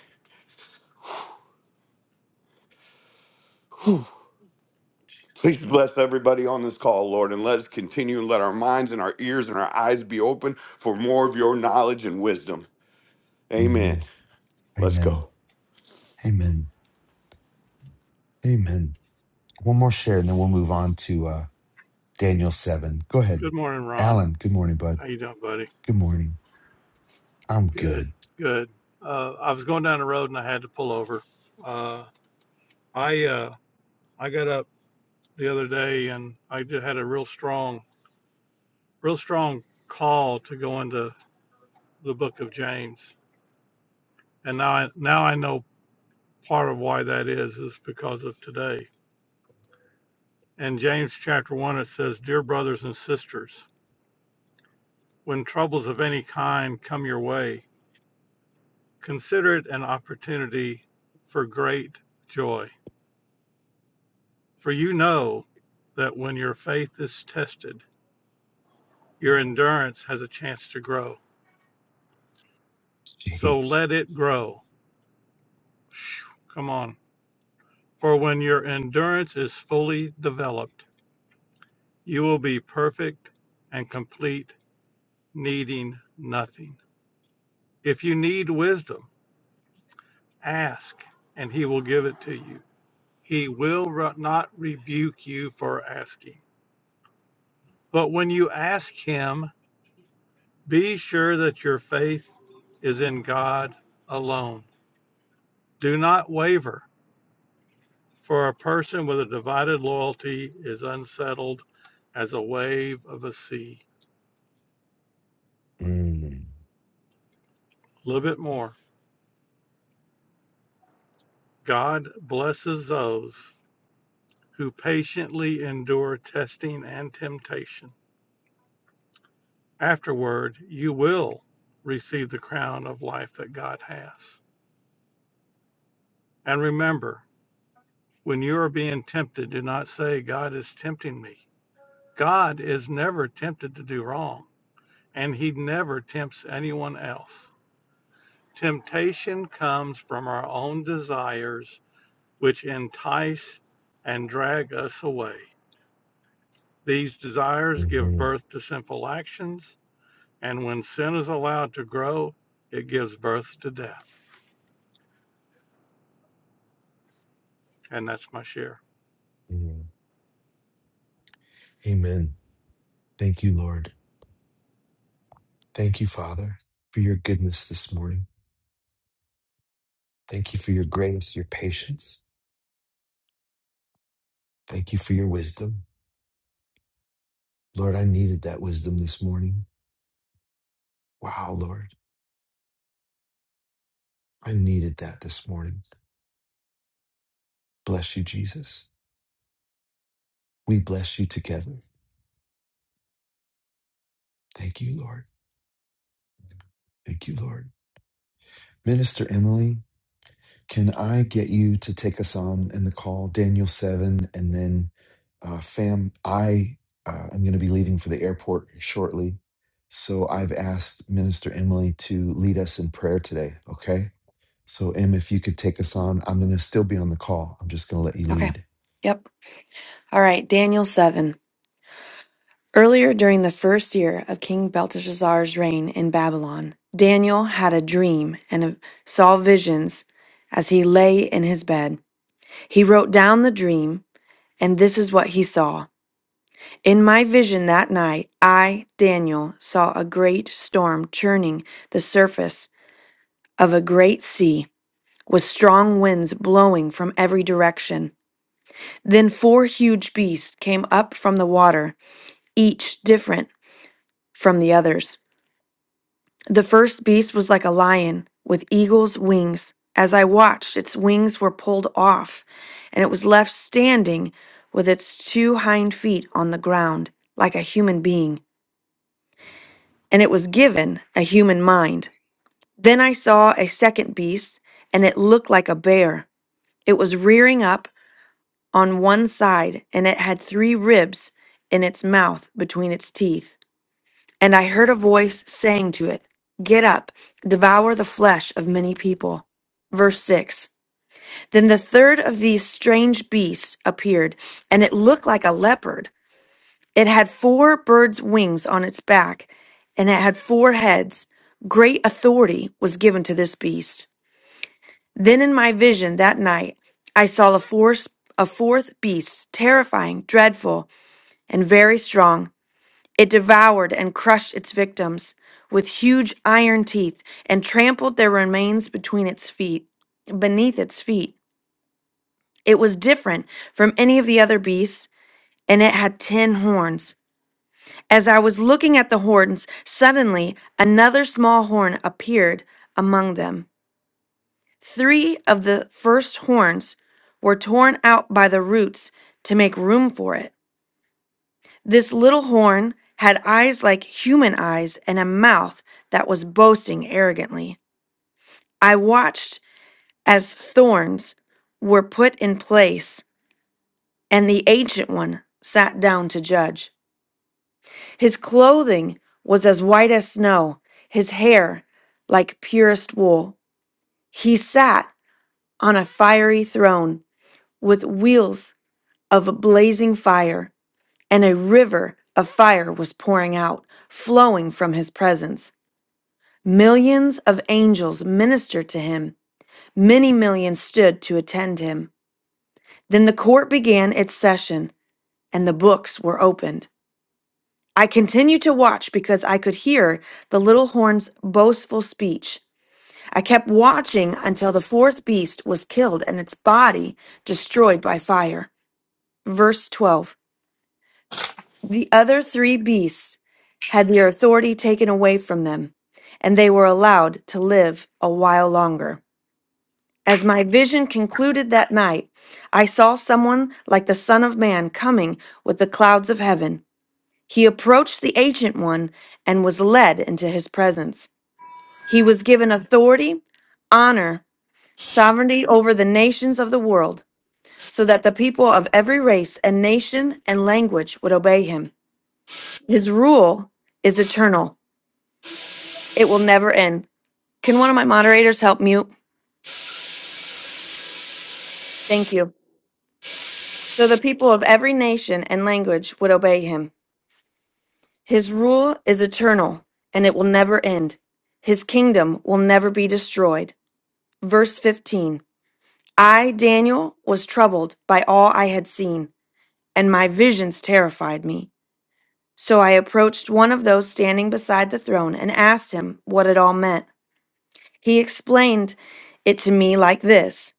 S7: Please bless everybody on this call, Lord, and let us continue and let our minds and our ears and our eyes be open for more of your knowledge and wisdom.
S1: mhm.
S7: Amen. Let's go.
S1: Amen. Amen. Amen. One more share and then we'll move on to uh, Daniel 7. Go ahead.
S9: Good morning, Ron.
S1: Alan, good morning, bud.
S9: How you doing, buddy?
S1: Good morning. I'm
S9: Good,
S1: good.
S9: good. Uh, I was going down the road and I had to pull over. Uh, I uh, I got up the other day and I did, had a real strong, real strong call to go into the Book of James, and now I, now I know part of why that is is because of today. In James chapter one, it says, "Dear brothers and sisters, when troubles of any kind come your way, consider it an opportunity for great joy." For you know that when your faith is tested, your endurance has a chance to grow. So
S1: Jeez.
S9: let it grow. Phew, Come on. For when your endurance is fully developed, you will be perfect and complete, needing nothing. If you need wisdom, ask, and he will give it to you. He will re- not rebuke you for asking. But when you ask him, be sure that your faith is in God alone Do not waver, for a person with a divided loyalty is unsettled as a wave of a sea.
S1: Mm.
S9: A little bit more. God blesses those who patiently endure testing and temptation. Afterward, you will receive the crown of life that God has. And remember, when you are being tempted, do not say, God is tempting me. God is never tempted to do wrong, and he never tempts anyone else. Temptation comes from our own desires, which entice and drag us away. These desires give
S1: Mhm,
S9: birth to sinful actions, and when sin is allowed to grow, it gives birth to death. And that's my share.
S1: mhm. Amen. Thank you, Lord. Thank you, Father, for your goodness this morning. Thank you for your grace, your patience. Thank you for your wisdom. Lord, I needed that wisdom this morning. Wow, Lord, I needed that this morning. Bless you, Jesus. We bless you together. Thank you, Lord. Thank you, Lord. Minister Emily, Can I get you to take us on in the call, Daniel 7, and then uh, fam, I uh, am going to be leaving for the airport shortly. So I've asked Minister Emily to lead us in prayer today, okay? So, Em, if you could take us on, I'm going to still be on the call. I'm just going to let you
S10: Okay.
S1: lead.
S10: Yep. All right. Daniel 7. Earlier during the first year of King Belteshazzar's reign in Babylon, Daniel had a dream and saw visions as he lay in his bed. He wrote down the dream, and this is what he saw. In my vision that night, I, Daniel, saw a great storm churning the surface of a great sea with strong winds blowing from every direction. Then four huge beasts came up from the water each different from the others. The first beast was like a lion with eagle's wings. As I watched, its wings were pulled off, and it was left standing with its two hind feet on the ground, like a human being, and it was given a human mind. Then I saw a second beast, and it looked like a bear. It was rearing up on one side, and it had three ribs in its mouth between its teeth. And I heard a voice saying to it, Get up, devour the flesh of many people. Verse 6 Then the third of these strange beasts appeared, and it looked like a leopard. It had four birds' wings on its back, and it had four heads. Great authority was given to this beast. Then in my vision that night, I saw a, force, a fourth beast, terrifying, dreadful, and very strong. It devoured and crushed its victims with huge iron teeth and trampled their remains between its feet, beneath its feet. It was different from any of the other beasts, and it had ten horns. As I was looking at the horns, suddenly another small horn appeared among them. Three of the first horns were torn out by the roots to make room for it. This little horn had eyes like human eyes and a mouth that was boasting arrogantly. I watched as thorns were put in place and the ancient one sat down to judge. His clothing was as white as snow, his hair like purest wool. He sat on a fiery throne with wheels of blazing fire, and a river of fire was pouring out, flowing from his presence. Millions of angels ministered to him. Many millions stood to attend him. Then the court began its session, and the books were opened. I continued to watch because I could hear the little horn's boastful speech. I kept watching until the fourth beast was killed and its body destroyed by fire. Verse 12 The other three beasts had their authority taken away from them, and they were allowed to live a while longer. As my vision concluded that night, I saw someone like the Son of Man coming with the clouds of heaven. He approached the Ancient One and was led into his presence. He was given authority, honor, sovereignty over the nations of the world, so that the people of every race and nation and language would obey him. His rule is eternal, it will never end. Can one of my moderators help mute? Thank you. So the people of every nation and language would obey him. His rule is eternal, and it will never end. His kingdom will never be destroyed. Verse 15 I, Daniel, was troubled by all I had seen, and my visions terrified me. So I approached one of those standing beside the throne and asked him what it all meant. He explained it to me like this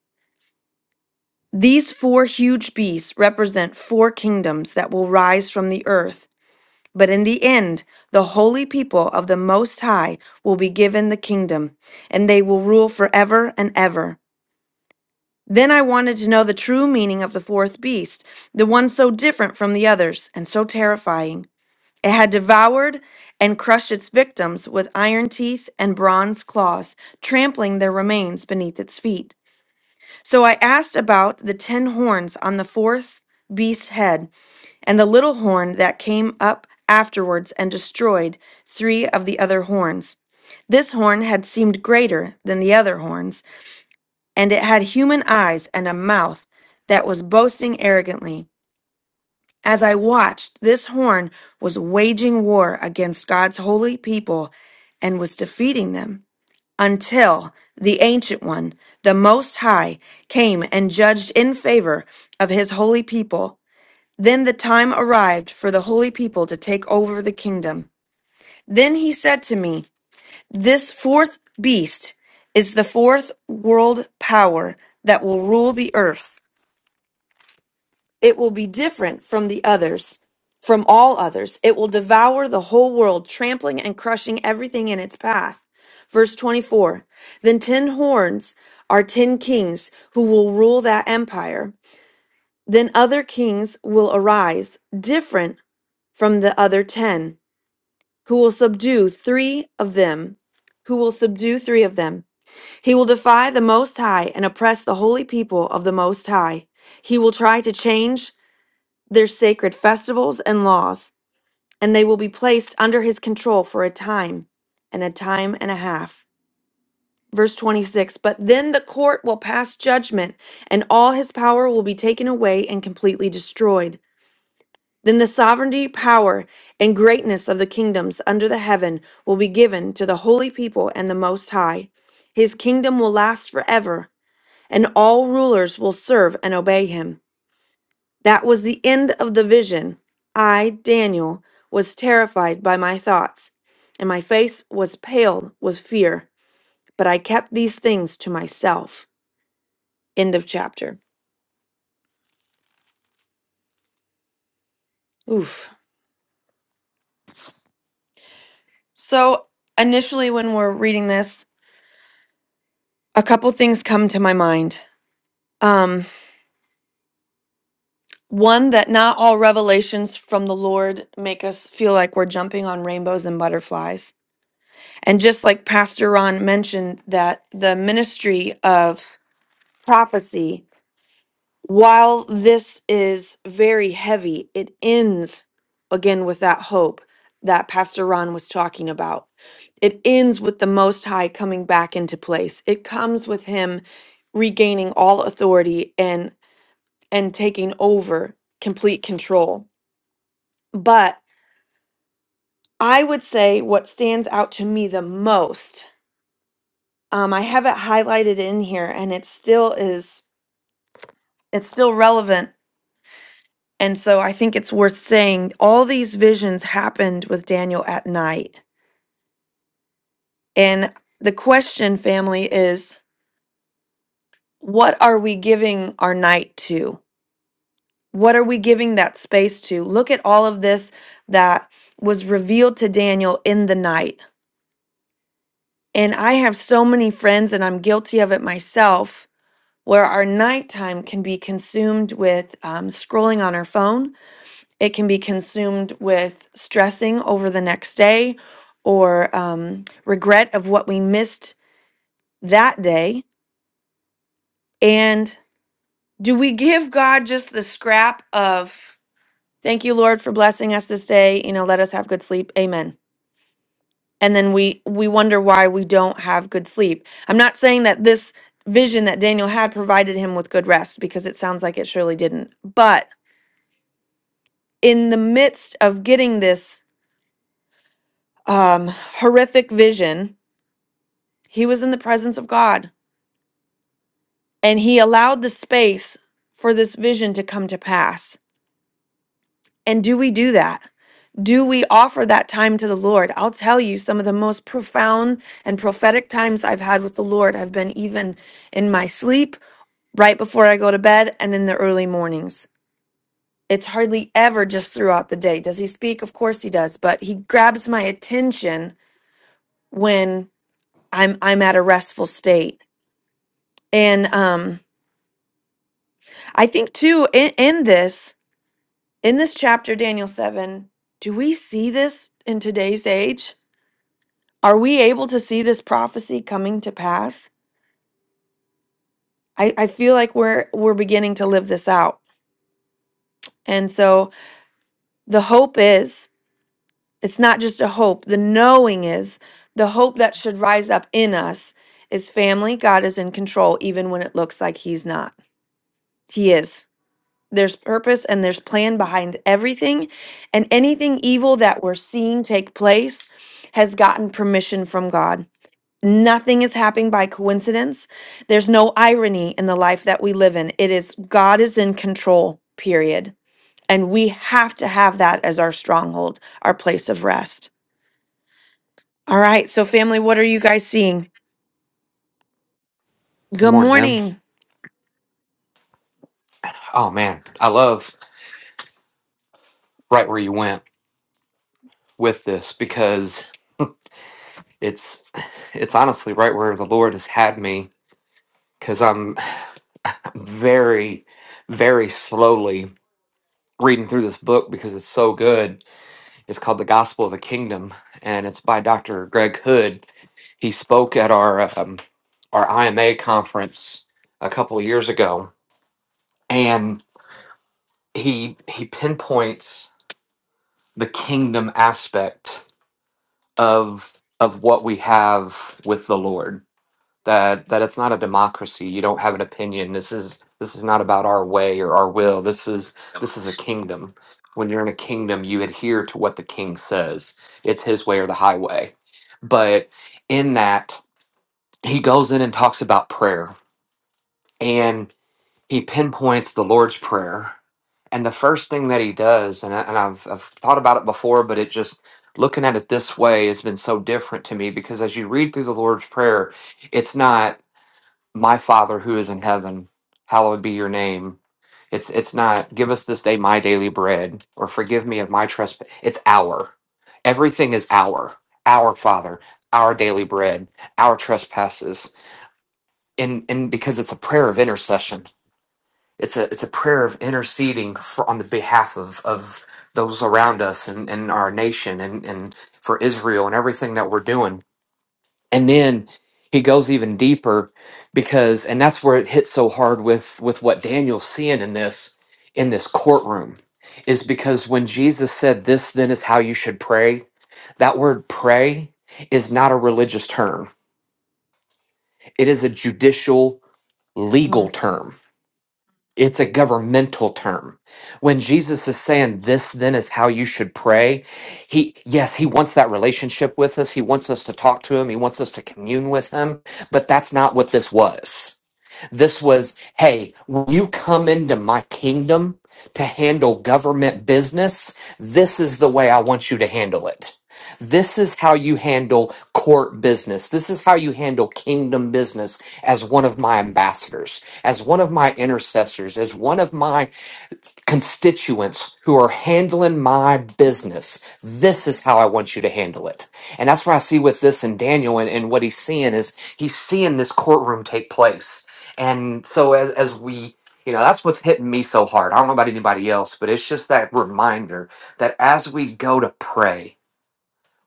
S10: These four huge beasts represent four kingdoms that will rise from the earth. But in the end, the holy people of the Most High will be given the kingdom, and they will rule forever and ever. Then I wanted to know the true meaning of the fourth beast, the one so different from the others and so terrifying. It had devoured and crushed its victims with iron teeth and bronze claws, trampling their remains beneath its feet. So I asked about the ten horns on the fourth beast's head and the little horn that came up afterwards and destroyed three of the other horns. This horn had seemed greater than the other horns, and it had human eyes and a mouth that was boasting arrogantly. As I watched, this horn was waging war against God's holy people and was defeating them until the Ancient One, the Most High, came and judged in favor of his holy people. Then the time arrived for the holy people to take over the kingdom. Then he said to me, This fourth beast is the fourth world power that will rule the earth. It will be different from the others, from all others. It will devour the whole world, trampling and crushing everything in its path. Verse 24 Then ten horns are ten kings who will rule that empire. Then other kings will arise, different from the other ten who will subdue three of them, who will subdue three of them. He will defy the Most High and oppress the holy people of the Most High. He will try to change their sacred festivals and laws, and they will be placed under his control for a time and a time and a half. Verse 26 But then the court will pass judgment, and all his power will be taken away and completely destroyed. Then the sovereignty, power, and greatness of the kingdoms under the heaven will be given to the holy people and the Most High. His kingdom will last forever, and all rulers will serve and obey him. That was the end of the vision. I, Daniel, was terrified by my thoughts, and my face was pale with fear, but I kept these things to myself. End of chapter. Oof. So, initially, when we're reading this, a couple things come to my mind. Um, one, that not all revelations from the Lord make us feel like we're jumping on rainbows and butterflies. And just like Pastor Ron mentioned, that the ministry of prophecy, while this is very heavy, it ends again with that hope that Pastor Ron was talking about. It ends with the Most High coming back into place, it comes with Him regaining all authority and and taking over complete control But I would say what stands out to me the most, um, I have it highlighted in here and it still is, it's still relevant. And so I think it's worth saying all these visions happened with Daniel at night. And the question, family, is what are we giving our night to? What are we giving that space to? Look at all of this that was revealed to Daniel in the night. And I have so many friends, and I'm guilty of it myself where our nighttime can be consumed with um, scrolling on our phone. It can be consumed with stressing over the next day or um, regret of what we missed that day. And do we give God just the scrap of, thank you, Lord, for blessing us this day? You know, let us have good sleep. Amen. And then we we wonder why we don't have good sleep. I'm not saying that this vision that Daniel had provided him with good rest because it sounds like it surely didn't. But in the midst of getting this um, horrific vision, he was in the presence of God and he allowed the space for this vision to come to pass. And do we do that? Do we offer that time to the Lord? I'll tell you, some of the most profound and prophetic times I've had with the Lord have been even in my sleep, right before I go to bed, and in the early mornings. It's hardly ever just throughout the day. Does he speak? Of course he does, but he grabs my attention when I'm I'm at a restful state. And um I think too in, in this in this chapter Daniel 7, do we see this in today's age? Are we able to see this prophecy coming to pass? I I feel like we're we're beginning to live this out. And so the hope is it's not just a hope. The knowing is the hope that should rise up in us is family. God is in control even when it looks like he's not. He is. There's purpose and there's plan behind everything. And anything evil that we're seeing take place has gotten permission from God. Nothing is happening by coincidence. There's no irony in the life that we live in. It is God is in control, period. And we have to have that as our stronghold, our place of rest. All right. So, family, what are you guys seeing?
S11: Good
S10: Good
S11: morning, Em.
S10: morning.
S11: Oh man, I love right where you went with this because it's it's honestly right where the Lord has had me because I'm very, very slowly reading through this book because it's so good. It's called The Gospel of the Kingdom, and it's by Dr. Greg Hood. He spoke at our um, our IMA conference a couple of years ago, and he he pinpoints the kingdom aspect of of what we have with the Lord. That that it's not a democracy. You don't have an opinion. This is this is not about our way or our will. This is this is a kingdom. When you're in a kingdom, you adhere to what the king says. It's his way or the highway. But in that, he goes in and talks about prayer he pinpoints the Lord's Prayer. And the first thing that he does, and, I, and I've, I've thought about it before, but it just looking at it this way has been so different to me because as you read through the Lord's Prayer, it's not, My Father who is in heaven, hallowed be your name. It's, it's not, Give us this day my daily bread or forgive me of my trespass. It's our. Everything is our, our Father, our daily bread, our trespasses. And, and because it's a prayer of intercession it's a it's a prayer of interceding for, on the behalf of of those around us and, and our nation and and for Israel and everything that we're doing. And then he goes even deeper because and that's where it hits so hard with with what Daniel's seeing in this in this courtroom is because when Jesus said this then is how you should pray, that word pray is not a religious term. It is a judicial legal
S10: Mm,
S11: term It's a governmental term. When Jesus is saying this then is how you should pray, he yes, he wants that relationship with us. He wants us to talk to him. He wants us to commune with him, but that's not what this was. This was, hey, when you come into my kingdom to handle government business, this is the way I want you to handle it. This is how you handle court business. This is how you handle kingdom business as one of my ambassadors, as one of my intercessors, as one of my constituents who are handling my business. This is how I want you to handle it. And that's what I see with this and Daniel and, and what he's seeing is he's seeing this courtroom take place. And so as, as we, you know, that's what's hitting me so hard. I don't know about anybody else, but it's just that reminder that as we go to pray,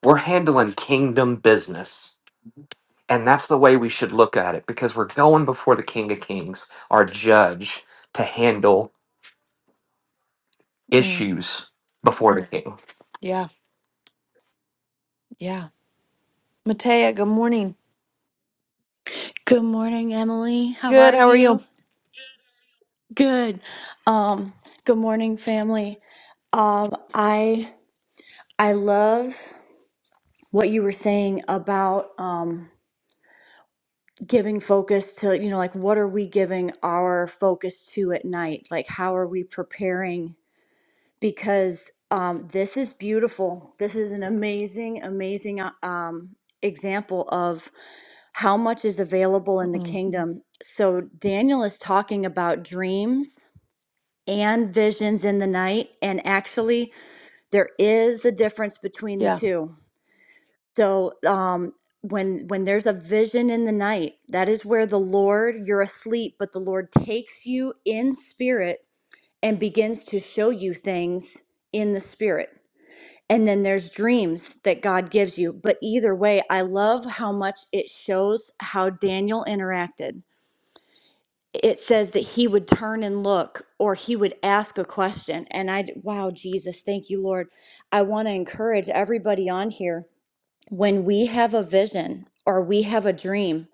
S11: we're handling kingdom business. And that's the way we should look at it because we're going before the King of Kings, our judge, to handle
S10: mm,
S11: issues before the king.
S10: yeah, yeah. Matea, good morning.
S12: Good morning, Emily. How
S10: Good.
S12: are
S10: How are you?
S12: you? Good. Um, good morning, family. Um, I I love what you were saying about um giving focus to, you know, like what are we giving our focus to at night? Like how are we preparing? Because um this is beautiful. This is an amazing, amazing uh, um example of how much is available in the
S10: Mm,
S12: kingdom. So Daniel is talking about dreams and visions in the night. And actually, there is a difference between the
S10: yeah,
S12: two. So, um, when when there's a vision in the night, that is where the Lord you're asleep, but the Lord takes you in spirit and begins to show you things in the spirit. And then there's dreams that God gives you. But either way, I love how much it shows how Daniel interacted it says that he would turn and look or he would ask a question and i wow jesus thank you lord i want to encourage everybody on here when we have a vision or we have a dream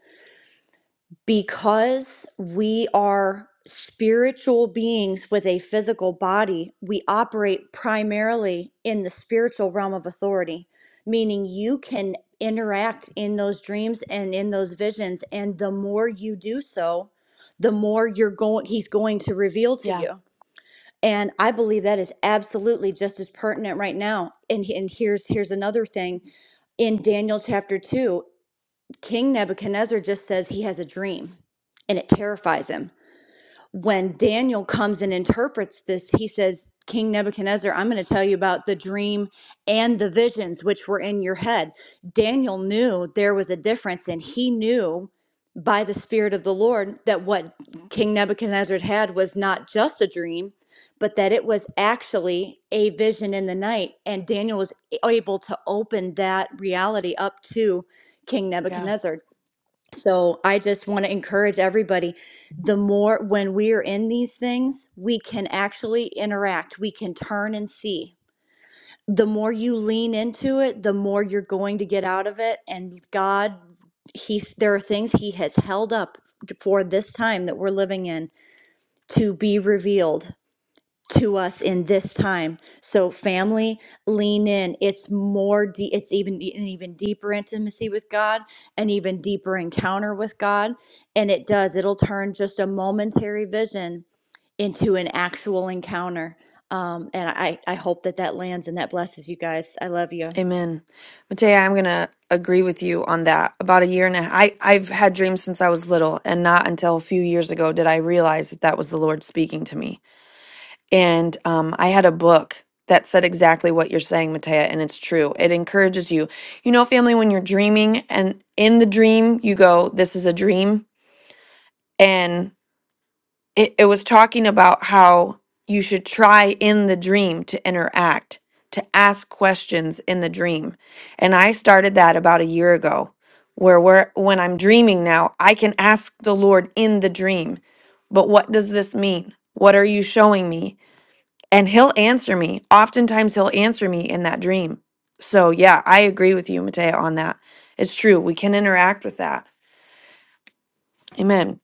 S12: because we are spiritual beings with a physical body, we operate primarily in the spiritual realm of authority, meaning you can interact in those dreams and in those visions. And the more you do so, the more you're going, he's going to reveal to
S10: yeah,
S12: you. And I believe that is absolutely just as pertinent right now. And, and here's here's another thing in Daniel chapter 2. King Nebuchadnezzar just says he has a dream and it terrifies him. When Daniel comes and interprets this, he says, King Nebuchadnezzar, I'm going to tell you about the dream and the visions which were in your head. Daniel knew there was a difference and he knew by the Spirit of the Lord that what King Nebuchadnezzar had was not just a dream, but that it was actually a vision in the night. And Daniel was able to open that reality up to King
S10: yeah.
S12: Nebuchadnezzar. So I just want to encourage everybody the more when we are in these things, we can actually interact, we can turn and see. The more you lean into it, the more you're going to get out of it. And God, He there are things He has held up for this time that we're living in to be revealed to us in this time. So family, lean in. It's more de- it's even an even deeper intimacy with God, an even deeper encounter with God, and it does. It'll turn just a momentary vision into an actual encounter. Um, and I, I hope that that lands and that blesses you guys. I love you.
S10: Amen. Matea, I'm going to agree with you on that. About a year and a half, I, I've had dreams since I was little, and not until a few years ago did I realize that that was the Lord speaking to me. And um, I had a book that said exactly what you're saying, Matea, and it's true. It encourages you. You know, family, when you're dreaming and in the dream, you go, This is a dream. and it, it was talking about how you should try in the dream to interact, to ask questions in the dream. And I started that about a year ago, where we're, when I'm dreaming now, I can ask the Lord in the dream, but what does this mean? What are you showing me? And He'll answer me. Oftentimes, He'll answer me in that dream. So, yeah, I agree with you, Matea, on that. It's true. We can interact with that. Amen.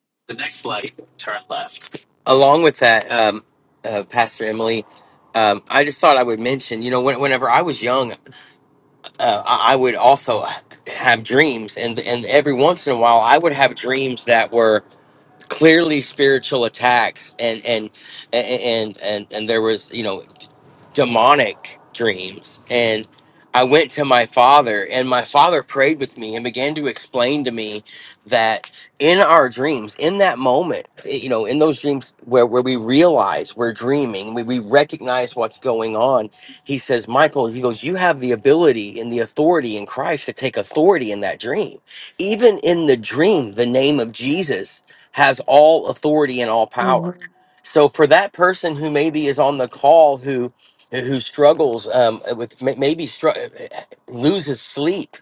S13: along with that, um, uh, Pastor Emily, um, I just thought I would mention, you know, when, whenever I was young, uh, I I would also have dreams, and and every once in a while, I would have dreams that were clearly spiritual attacks, and and and and and, and there was, you know, demonic dreams. And I went to my father, and my father prayed with me and began to explain to me that in our dreams, in that moment, eh, you know, in those dreams where, where we realize we're dreaming, we, we recognize what's going on. He says, Michael, he goes, You have the ability and the authority in Christ to take authority in that dream. Even in the dream, the name of Jesus has all authority and all power.
S10: Mhm.
S13: So for that person who maybe is on the call who who who struggles um, with may- maybe str- uh, loses sleep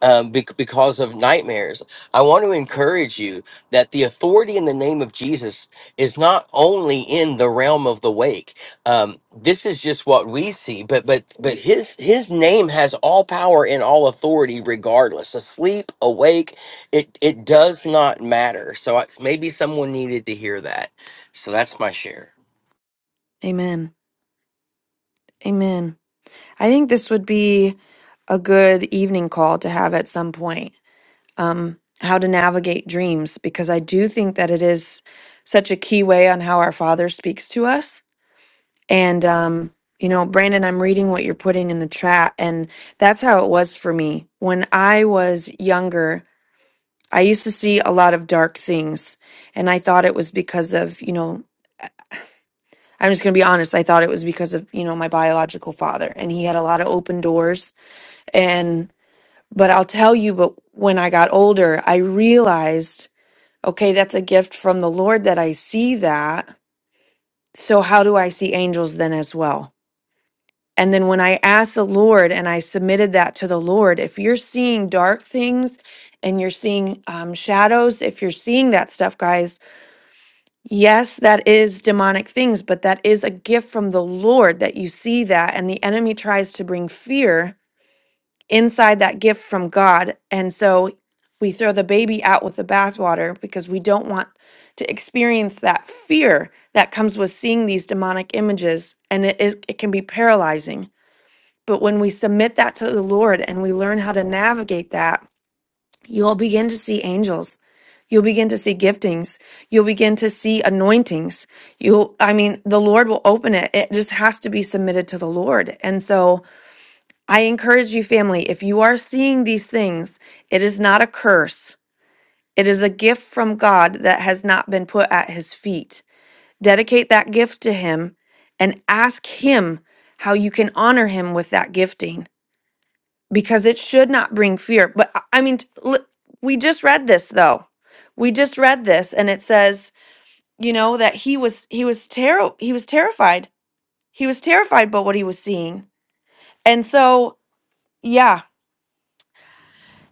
S13: um, bec- because of nightmares. I want to encourage you that the authority in the name of Jesus is not only in the realm of the wake. Um, this is just what we see, but but but his his name has all power and all authority, regardless asleep, awake. It it does not matter. So I, maybe someone needed to hear that. So that's my share.
S10: Amen. Amen. I think this would be a good evening call to have at some point. Um, how to navigate dreams, because I do think that it is such a key way on how our Father speaks to us. And, um, you know, Brandon, I'm reading what you're putting in the chat, and that's how it was for me. When I was younger, I used to see a lot of dark things, and I thought it was because of, you know, I'm just going to be honest. I thought it was because of, you know, my biological father, and he had a lot of open doors. and. But I'll tell you, but when I got older, I realized, okay, that's a gift from the Lord that I see that. So how do I see angels then as well? And then when I asked the Lord and I submitted that to the Lord, if you're seeing dark things and you're seeing um, shadows, if you're seeing that stuff, guys, yes, that is demonic things, but that is a gift from the Lord that you see that. And the enemy tries to bring fear inside that gift from God. And so we throw the baby out with the bathwater because we don't want to experience that fear that comes with seeing these demonic images. And it, is, it can be paralyzing. But when we submit that to the Lord and we learn how to navigate that, you'll begin to see angels. You'll begin to see giftings. You'll begin to see anointings. You, I mean, the Lord will open it. It just has to be submitted to the Lord. And so, I encourage you, family, if you are seeing these things, it is not a curse. It is a gift from God that has not been put at his feet. Dedicate that gift to him and ask him how you can honor him with that gifting because it should not bring fear. But I I mean, t- li- we just read this though. We just read this and it says, you know, that he was he was terror he was terrified. He was terrified by what he was seeing. And so, yeah,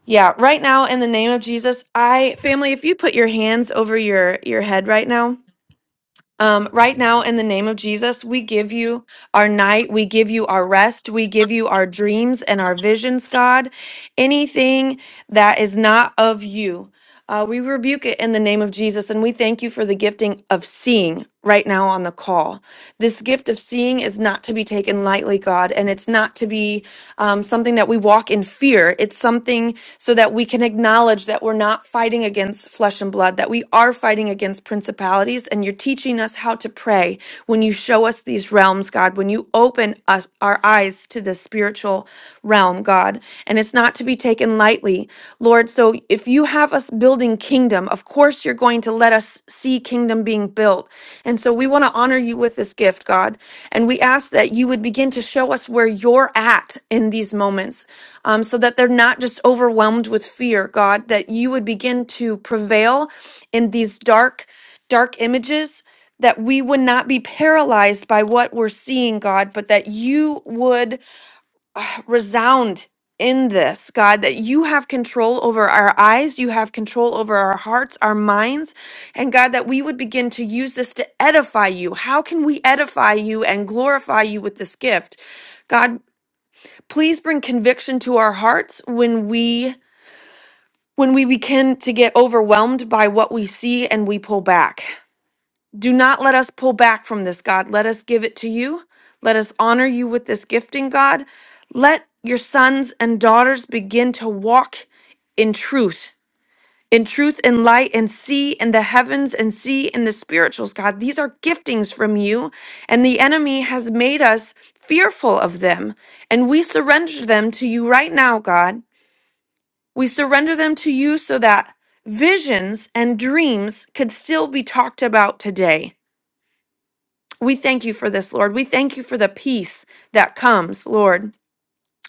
S10: Yeah, right now in the name of Jesus, I family, if you put your hands over your your head right now, um, right now, in the name of Jesus, we give you our night, we give you our rest, we give you our dreams and our visions, God. Anything that is not of you, uh, we rebuke it in the name of Jesus, and we thank you for the gifting of seeing right now on the call. This gift of seeing is not to be taken lightly, God, and it's not to be um, something that we walk in fear. It's something so that we can acknowledge that we're not fighting against flesh and blood, that we are fighting fighting against principalities and you're teaching us how to pray when you show us these realms, God, when you open us our eyes to the spiritual realm, God. And it's not to be taken lightly, Lord. So if you have us building kingdom, of course you're going to let us see kingdom being built. And so we want to honor you with this gift, God. And we ask that you would begin to show us where you're at in these moments um, so that they're not just overwhelmed with fear, God, that you would begin to prevail in these dark, dark images, that we would not be paralyzed by what we're seeing, God, but that you would ah, resound in this, God, that you have control over our eyes, you have control over our hearts, our minds, and God, that we would begin to use this to edify you. How can we edify you and glorify you with this gift? God, please bring conviction to our hearts when we when we begin to get overwhelmed by what we see and we pull back. Do not let us pull back from this, God. Let us give it to you. Let us honor you with this gifting, God. Let your sons and daughters begin to walk in truth, in truth and light, and see in the heavens and see in the spirituals, God. These are giftings from you, and the enemy has made us fearful of them. And we surrender them to you right now, God. We surrender them to you so that visions and dreams could still be talked about today we thank you for this, Lord. We thank you for the peace that comes, Lord.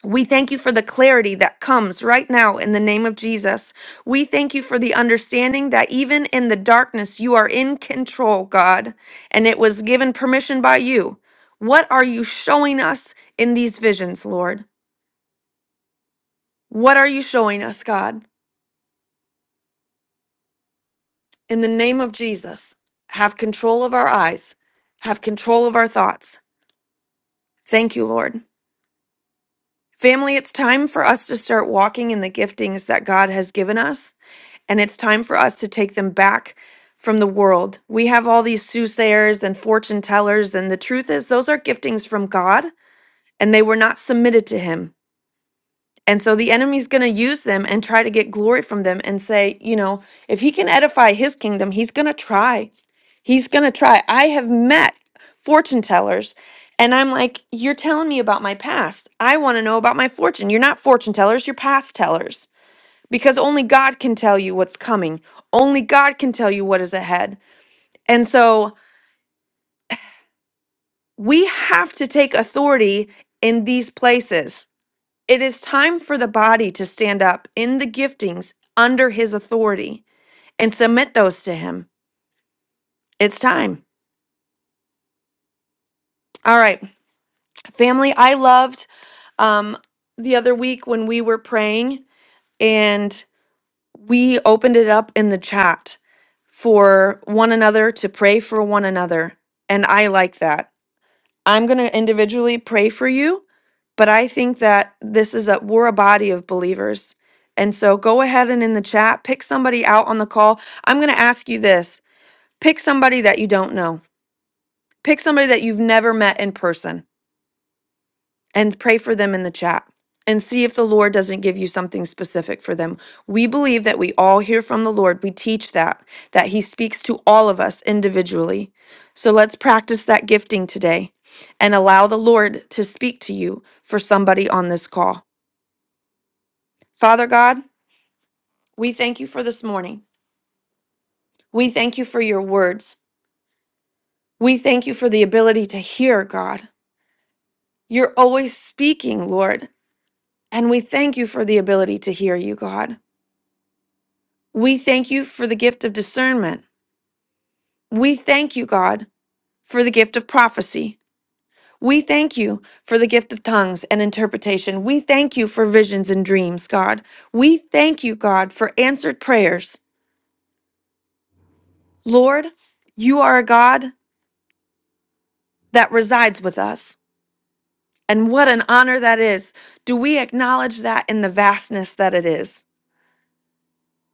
S10: We thank you for the clarity that comes right now in the name of Jesus. We thank you for the understanding that even in the darkness, you are in control, God, and it was given permission by you. What are you showing us in these visions, Lord? What are you showing us, God? In the name of Jesus, have control of our eyes, have control of our thoughts. Thank you, Lord. Family, it's time for us to start walking in the giftings that God has given us, and it's time for us to take them back from the world. We have all these soothsayers and fortune tellers, and the truth is, those are giftings from God, and they were not submitted to Him. And so the enemy's going to use them and try to get glory from them and say, you know, if he can edify his kingdom, he's going to try. He's going to try. I have met fortune tellers and I'm like, you're telling me about my past. I want to know about my fortune. You're not fortune tellers, you're past tellers because only God can tell you what's coming. Only God can tell you what is ahead. And so we have to take authority in these places It is time for the body to stand up in the giftings under his authority and submit those to him. It's time. All right. Family, I loved um, the other week when we were praying and we opened it up in the chat for one another to pray for one another. And I like that. I'm going to individually pray for you, but I think that this is a we're a body of believers. And so go ahead and in the chat pick somebody out on the call. I'm going to ask you this. Pick somebody that you don't know. Pick somebody that you've never met in person and pray for them in the chat and see if the Lord doesn't give you something specific for them. We believe that we all hear from the Lord. We teach that, that He speaks to all of us individually. So let's practice that gifting today and allow the Lord to speak to you for somebody on this call. Father God, we thank you for this morning. We thank you for your words. We thank you for the ability to hear, God. You're always speaking, Lord, and we thank you for the ability to hear you, God. We thank you for the gift of discernment. We thank you, God, for the gift of prophecy. We thank you for the gift of tongues and interpretation. We thank you for visions and dreams, God. We thank you, God, for answered prayers. Lord, you are a God that resides with us. And what an honor that is. Do we acknowledge that in the vastness that it is,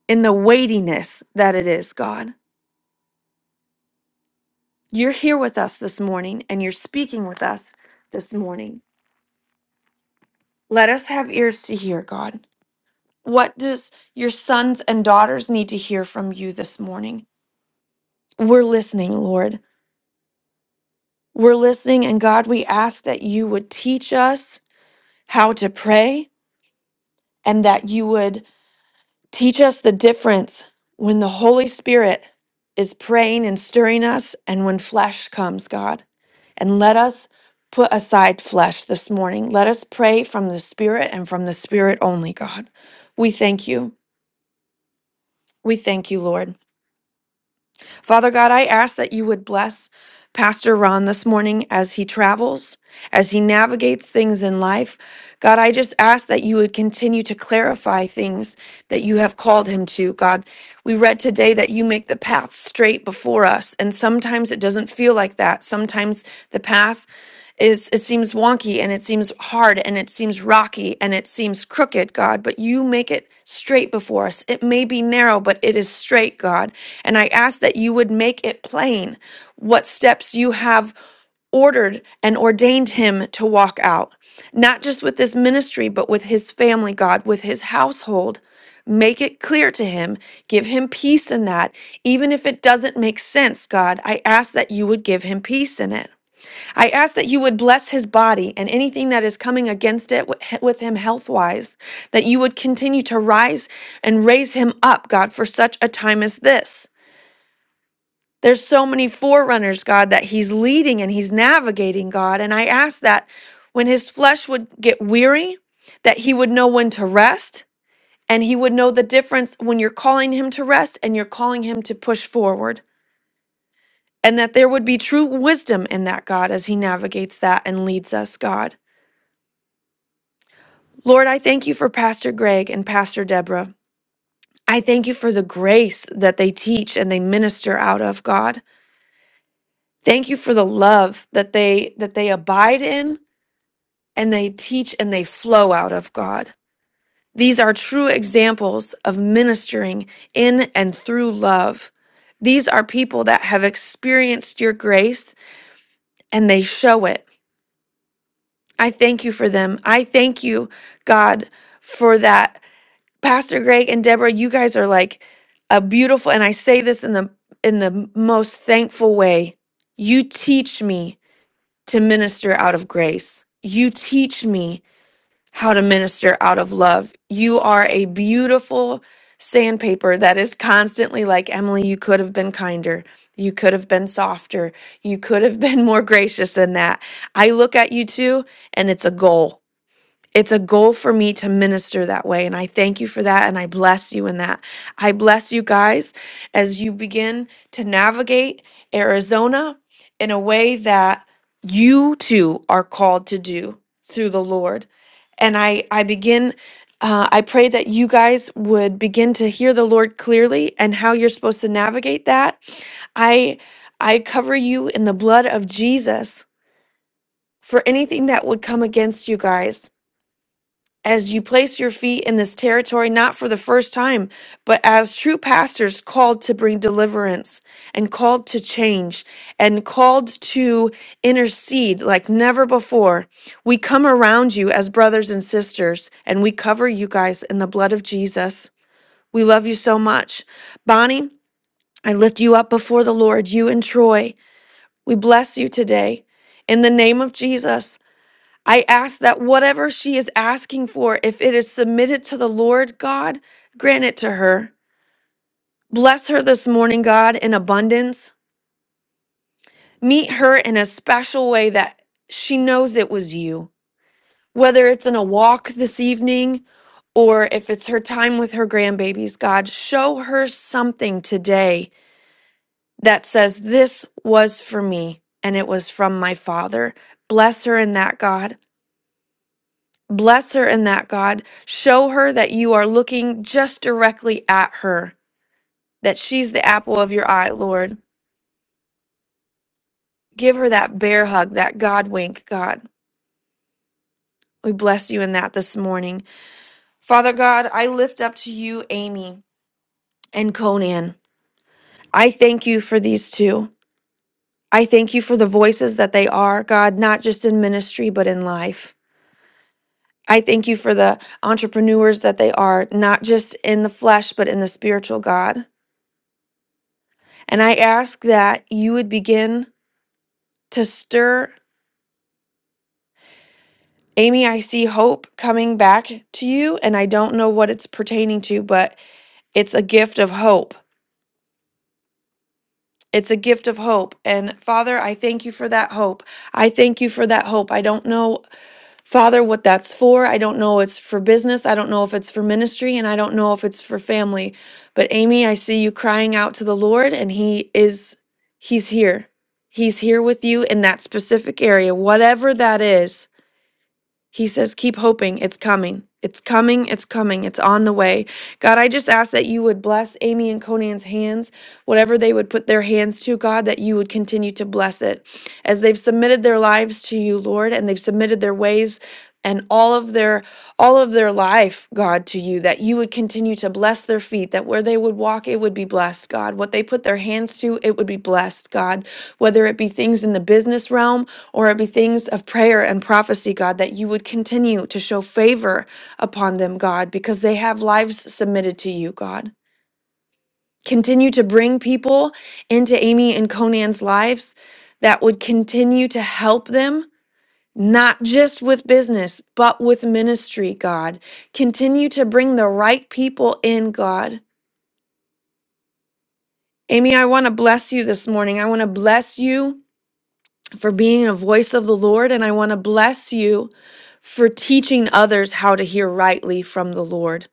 S10: in the weightiness that it is, God? You're here with us this morning and you're speaking with us this morning. Let us have ears to hear, God. What does your sons and daughters need to hear from you this morning? We're listening, Lord. We're listening, and God, we ask that you would teach us how to pray and that you would teach us the difference when the Holy Spirit is praying and stirring us and when flesh comes, God. And let us put aside flesh this morning. Let us pray from the Spirit and from the Spirit only, God. We thank you. We thank you, Lord. Father God, I ask that you would bless Pastor Ron this morning as he travels, as he navigates things in life. God, I just ask that you would continue to clarify things that you have called him to. God, we read today that you make the path straight before us. And sometimes it doesn't feel like that. Sometimes the path is it seems wonky and it seems hard and it seems rocky and it seems crooked, God, but you make it straight before us. It may be narrow, but it is straight, God. And I ask that you would make it plain what steps you have ordered and ordained him to walk out, not just with this ministry, but with his family, God, with his household. Make it clear to him. Give him peace in that. Even if it doesn't make sense, God, I ask that you would give him peace in it. I ask that you would bless his body and anything that is coming against it wi- with him health wise, that you would continue to rise and raise him up, God, for such a time as this. There's so many forerunners, God, that he's leading and he's navigating, God. And I ask that when his flesh would get weary, that he would know when to rest and he would know the difference when you're calling him to rest and you're calling him to push forward. And that there would be true wisdom in that, God, as he navigates that and leads us, God. Lord, I thank you for Pastor Greg and Pastor Deborah. I thank you for the grace that they teach and they minister out of, God. Thank you for the love that they that they abide in and they teach and they flow out of, God. These are true examples of ministering in and through love. These are people that have experienced your grace and they show it. I thank you for them. I thank you, God, for that. Pastor Greg and Deborah, you guys are like a beautiful and I say this in the in the most thankful way. You teach me to minister out of grace. You teach me how to minister out of love. You are a beautiful sandpaper that is constantly like, Emily, you could have been kinder. You could have been softer. You could have been more gracious than that. I look at you too, and it's a goal. It's a goal for me to minister that way. And I thank you for that. And I bless you in that. I bless you guys as you begin to navigate Arizona in a way that you too are called to do through the Lord. And I, I begin, uh, I pray that you guys would begin to hear the Lord clearly and how you're supposed to navigate that. I, I cover you in the blood of Jesus for anything that would come against you guys as you place your feet in this territory, not for the first time, but as true pastors called to bring deliverance and called to change and called to intercede like never before. We come around you as brothers and sisters and we cover you guys in the blood of Jesus. We love you so much. Bonnie, I lift you up before the Lord, you and Troy. We bless you today. In the name of Jesus, I ask that whatever she is asking for, if it is submitted to the Lord God, grant it to her. Bless her this morning, God, in abundance. Meet her in a special way that she knows it was you. Whether it's in a walk this evening or if it's her time with her grandbabies, God, show her something today that says, This was for me and it was from my Father. Bless her in that, God. Bless her in that, God. Show her that you are looking just directly at her, that she's the apple of your eye, Lord. Give her that bear hug, that God wink, God. We bless you in that this morning. Father God, I lift up to you Amy and Conan. I thank you for these two. I thank you for the voices that they are, God, not just in ministry, but in life. I thank you for the entrepreneurs that they are, not just in the flesh, but in the spiritual, God. And I ask that you would begin to stir. Amy, I see hope coming back to you, and I don't know what it's pertaining to, but it's a gift of hope. It's a gift of hope. And Father, I thank you for that hope. I thank you for that hope. I don't know. Father, what that's for. I don't know it's for business. I don't know if it's for ministry and I don't know if it's for family. But Amy, I see you crying out to the Lord and he is he's here. He's here with you in that specific area, whatever that is. He says, Keep hoping. It's coming. It's coming. It's coming. It's on the way. God, I just ask that you would bless Amy and Conan's hands, whatever they would put their hands to, God, that you would continue to bless it. As they've submitted their lives to you, Lord, and they've submitted their ways and all of their all of their life god to you that you would continue to bless their feet that where they would walk it would be blessed god what they put their hands to it would be blessed god whether it be things in the business realm or it be things of prayer and prophecy, God, that you would continue to show favor upon them, God, because they have lives submitted to you, God. Continue to bring people into Amy and Conan's lives that would continue to help them, not just with business, but with ministry, God. Continue to bring the right people in, God. Amy, I want to bless you this morning. I want to bless you for being a voice of the Lord, and I want to bless you for teaching others how to hear rightly from the Lord.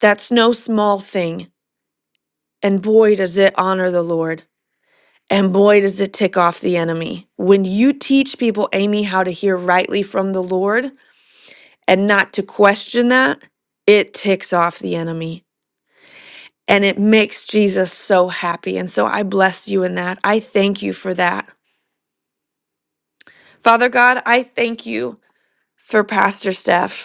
S10: That's no small thing. And boy, does it honor the Lord. And boy, does it tick off the enemy. When you teach people, Amy, how to hear rightly from the Lord and not to question that, it ticks off the enemy. And it makes Jesus so happy. And so I bless you in that. I thank you for that. Father God, I thank you for Pastor Steph.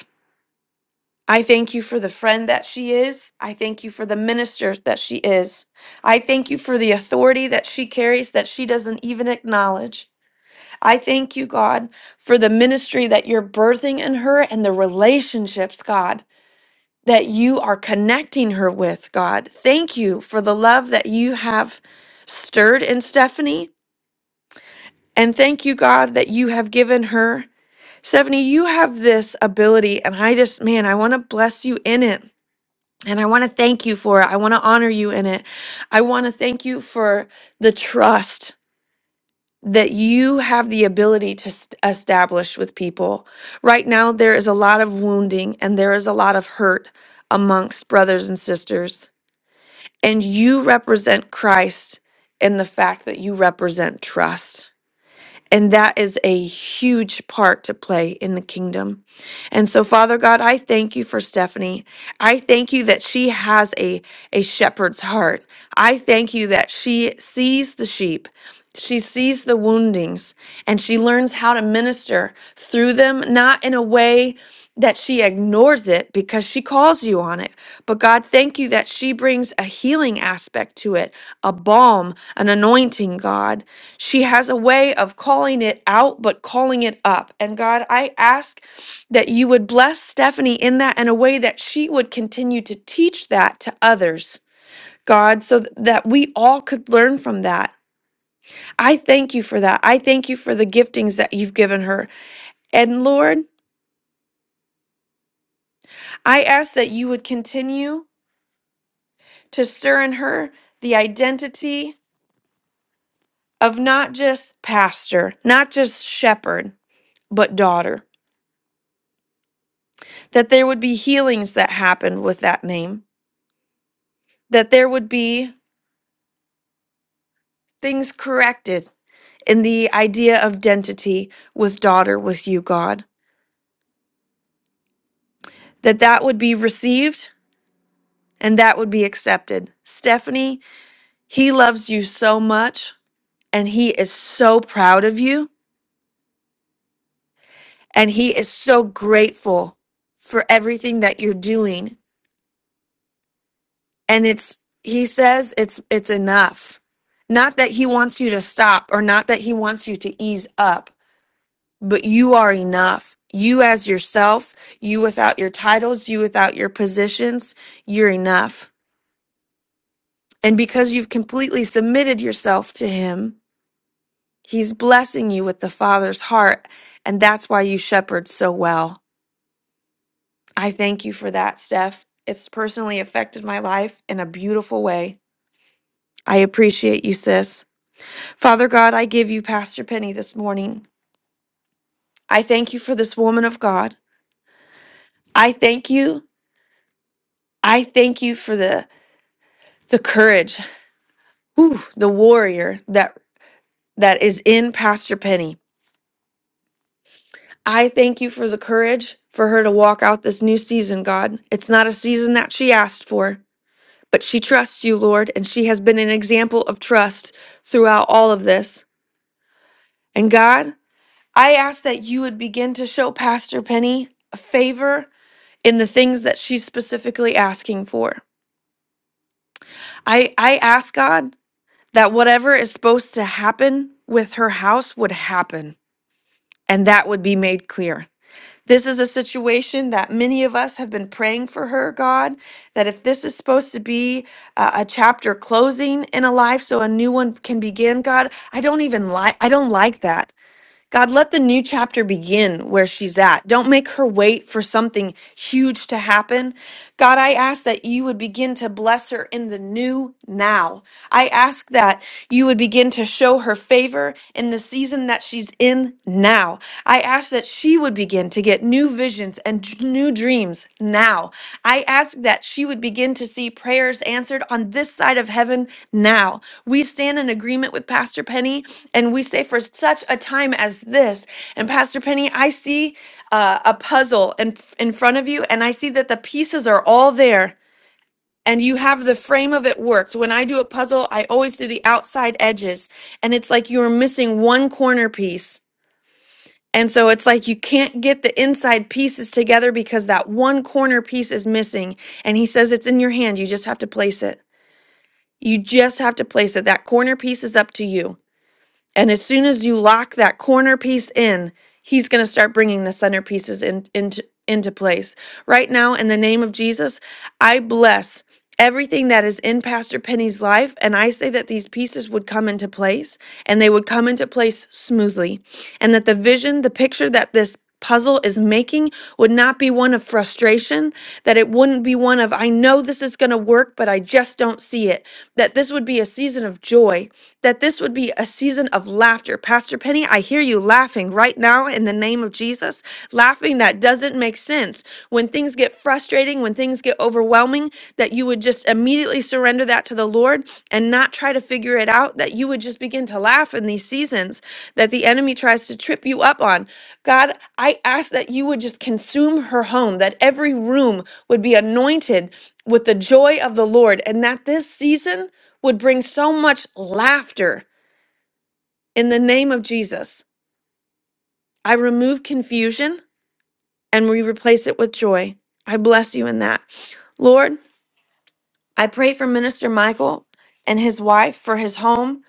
S10: I thank you for the friend that she is. I thank you for the minister that she is. I thank you for the authority that she carries that she doesn't even acknowledge. I thank you, God, for the ministry that you're birthing in her and the relationships, God, that you are connecting her with, God. Thank you for the love that you have stirred in Stephanie. And thank you, God, that you have given her. Stephanie, you have this ability, and I just, man, I want to bless you in it And I want to thank you for it. I want to honor you in it. I want to thank you for the trust that you have the ability to st- establish with people. Right now, there is a lot of wounding and there is a lot of hurt amongst brothers and sisters. And you represent Christ in the fact that you represent trust. And that is a huge part to play in the kingdom. And so, Father God, I thank you for Stephanie. I thank you that she has a, a shepherd's heart. I thank you that she sees the sheep, she sees the woundings, and she learns how to minister through them, not in a way that she ignores it because she calls you on it. But God, thank you that she brings a healing aspect to it, a balm, an anointing, God. She has a way of calling it out, but calling it up. And God, I ask that you would bless Stephanie in that in a way that she would continue to teach that to others, God, so th- that we all could learn from that. I thank you for that. I thank you for the giftings that you've given her. And Lord, I ask that you would continue to stir in her the identity of not just pastor, not just shepherd, but daughter. that there would be healings that happened with that name, that there would be things corrected in the idea of identity with daughter with you, God, that that would be received and that would be accepted. Stephanie, he loves you so much and he is so proud of you and he is so grateful for everything that you're doing and it's he says it's it's enough not that he wants you to stop or not that he wants you to ease up but you are enough. You as yourself, you without your titles, you without your positions, you're enough. And because you've completely submitted yourself to Him, He's blessing you with the Father's heart. And that's why you shepherd so well. I thank you for that, Steph. It's personally affected my life in a beautiful way. I appreciate you, sis. Father God, I give you Pastor Penny this morning. I thank you for this woman of God. I thank you. I thank you for the the courage, whew, the warrior that that is in Pastor Penny. I thank you for the courage for her to walk out this new season, God. It's not a season that she asked for, but she trusts you, Lord, and she has been an example of trust throughout all of this. And God, I ask that you would begin to show Pastor Penny a favor in the things that she's specifically asking for. I I ask God that whatever is supposed to happen with her house would happen. and that would be made clear. This is a situation that many of us have been praying for her, God, that if this is supposed to be a, a chapter closing in a life so a new one can begin, God, I don't even like I don't like that. God, let the new chapter begin where she's at. Don't make her wait for something huge to happen. God, I ask that you would begin to bless her in the new now. I ask that you would begin to show her favor in the season that she's in now. I ask that she would begin to get new visions and d- new dreams now. I ask that she would begin to see prayers answered on this side of heaven now. We stand in agreement with Pastor Penny and we say for such a time as this and pastor penny i see uh, a puzzle in, in front of you and i see that the pieces are all there and you have the frame of it worked when i do a puzzle i always do the outside edges and it's like you're missing one corner piece and so it's like you can't get the inside pieces together because that one corner piece is missing and he says it's in your hand you just have to place it you just have to place it that corner piece is up to you and as soon as you lock that corner piece in, he's going to start bringing the centerpieces in, into into place. Right now in the name of Jesus, I bless everything that is in Pastor Penny's life and I say that these pieces would come into place and they would come into place smoothly and that the vision, the picture that this puzzle is making would not be one of frustration, that it wouldn't be one of I know this is going to work but I just don't see it. That this would be a season of joy that this would be a season of laughter. Pastor Penny, I hear you laughing right now in the name of Jesus, laughing that doesn't make sense. When things get frustrating, when things get overwhelming, that you would just immediately surrender that to the Lord and not try to figure it out, that you would just begin to laugh in these seasons that the enemy tries to trip you up on. God, I ask that you would just consume her home, that every room would be anointed with the joy of the Lord, and that this season, would bring so much laughter in the name of Jesus. I remove confusion and we replace it with joy. I bless you in that. Lord, I pray for Minister Michael and his wife for his home.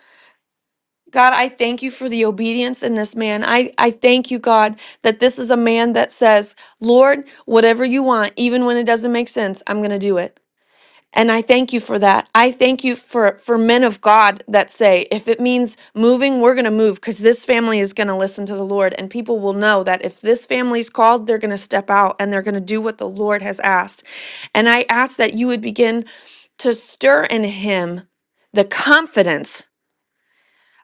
S10: God, I thank you for the obedience in this man. I, I thank you, God, that this is a man that says, Lord, whatever you want, even when it doesn't make sense, I'm going to do it. And I thank you for that. I thank you for for men of God that say, if it means moving, we're going to move because this family is going to listen to the Lord and people will know that if this family's called, they're going to step out and they're going to do what the Lord has asked. And I ask that you would begin to stir in him the confidence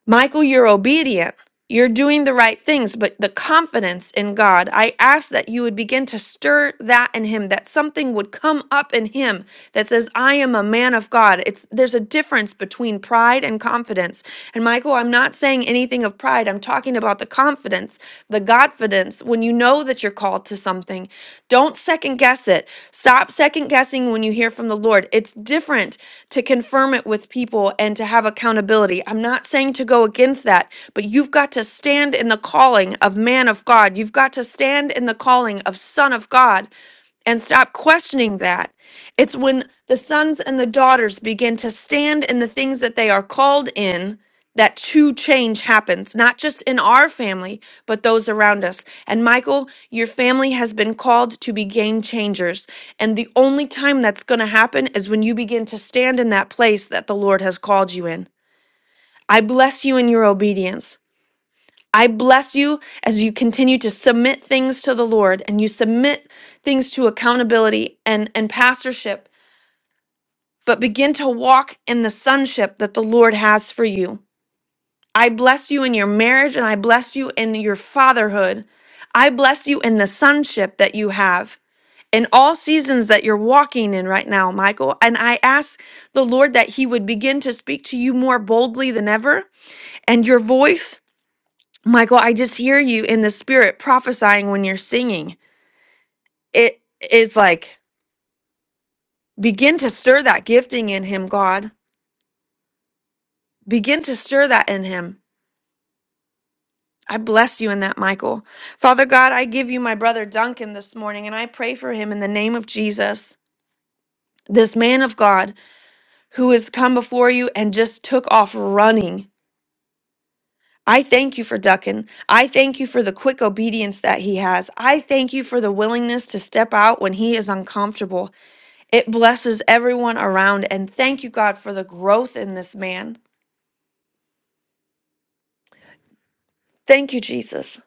S10: Michael, you're obedient. You're doing the right things, but the confidence in God, I ask that you would begin to stir that in him, that something would come up in him that says, I am a man of God. It's there's a difference between pride and confidence. And Michael, I'm not saying anything of pride. I'm talking about the confidence, the Godfidence. When you know that you're called to something, don't second guess it. Stop second guessing when you hear from the Lord. It's different to confirm it with people and to have accountability. I'm not saying to go against that, but you've got to stand in the calling of man of God. You've got to stand in the calling of son of God and stop questioning that. It's when the sons and the daughters begin to stand in the things that they are called in that true change happens, not just in our family, but those around us. And Michael, your family has been called to be game changers. And the only time that's going to happen is when you begin to stand in that place that the Lord has called you in. I bless you in your obedience. I bless you as you continue to submit things to the Lord and you submit things to accountability and, and pastorship, but begin to walk in the sonship that the Lord has for you. I bless you in your marriage and I bless you in your fatherhood. I bless you in the sonship that you have in all seasons that you're walking in right now, Michael. And I ask the Lord that He would begin to speak to you more boldly than ever and your voice. Michael, I just hear you in the spirit prophesying when you're singing. It is like, begin to stir that gifting in him, God. Begin to stir that in him. I bless you in that, Michael. Father God, I give you my brother Duncan this morning, and I pray for him in the name of Jesus, this man of God who has come before you and just took off running. I thank you for Duncan. I thank you for the quick obedience that he has. I thank you for the willingness to step out when he is uncomfortable. It blesses everyone around. And thank you, God, for the growth in this man. Thank you, Jesus.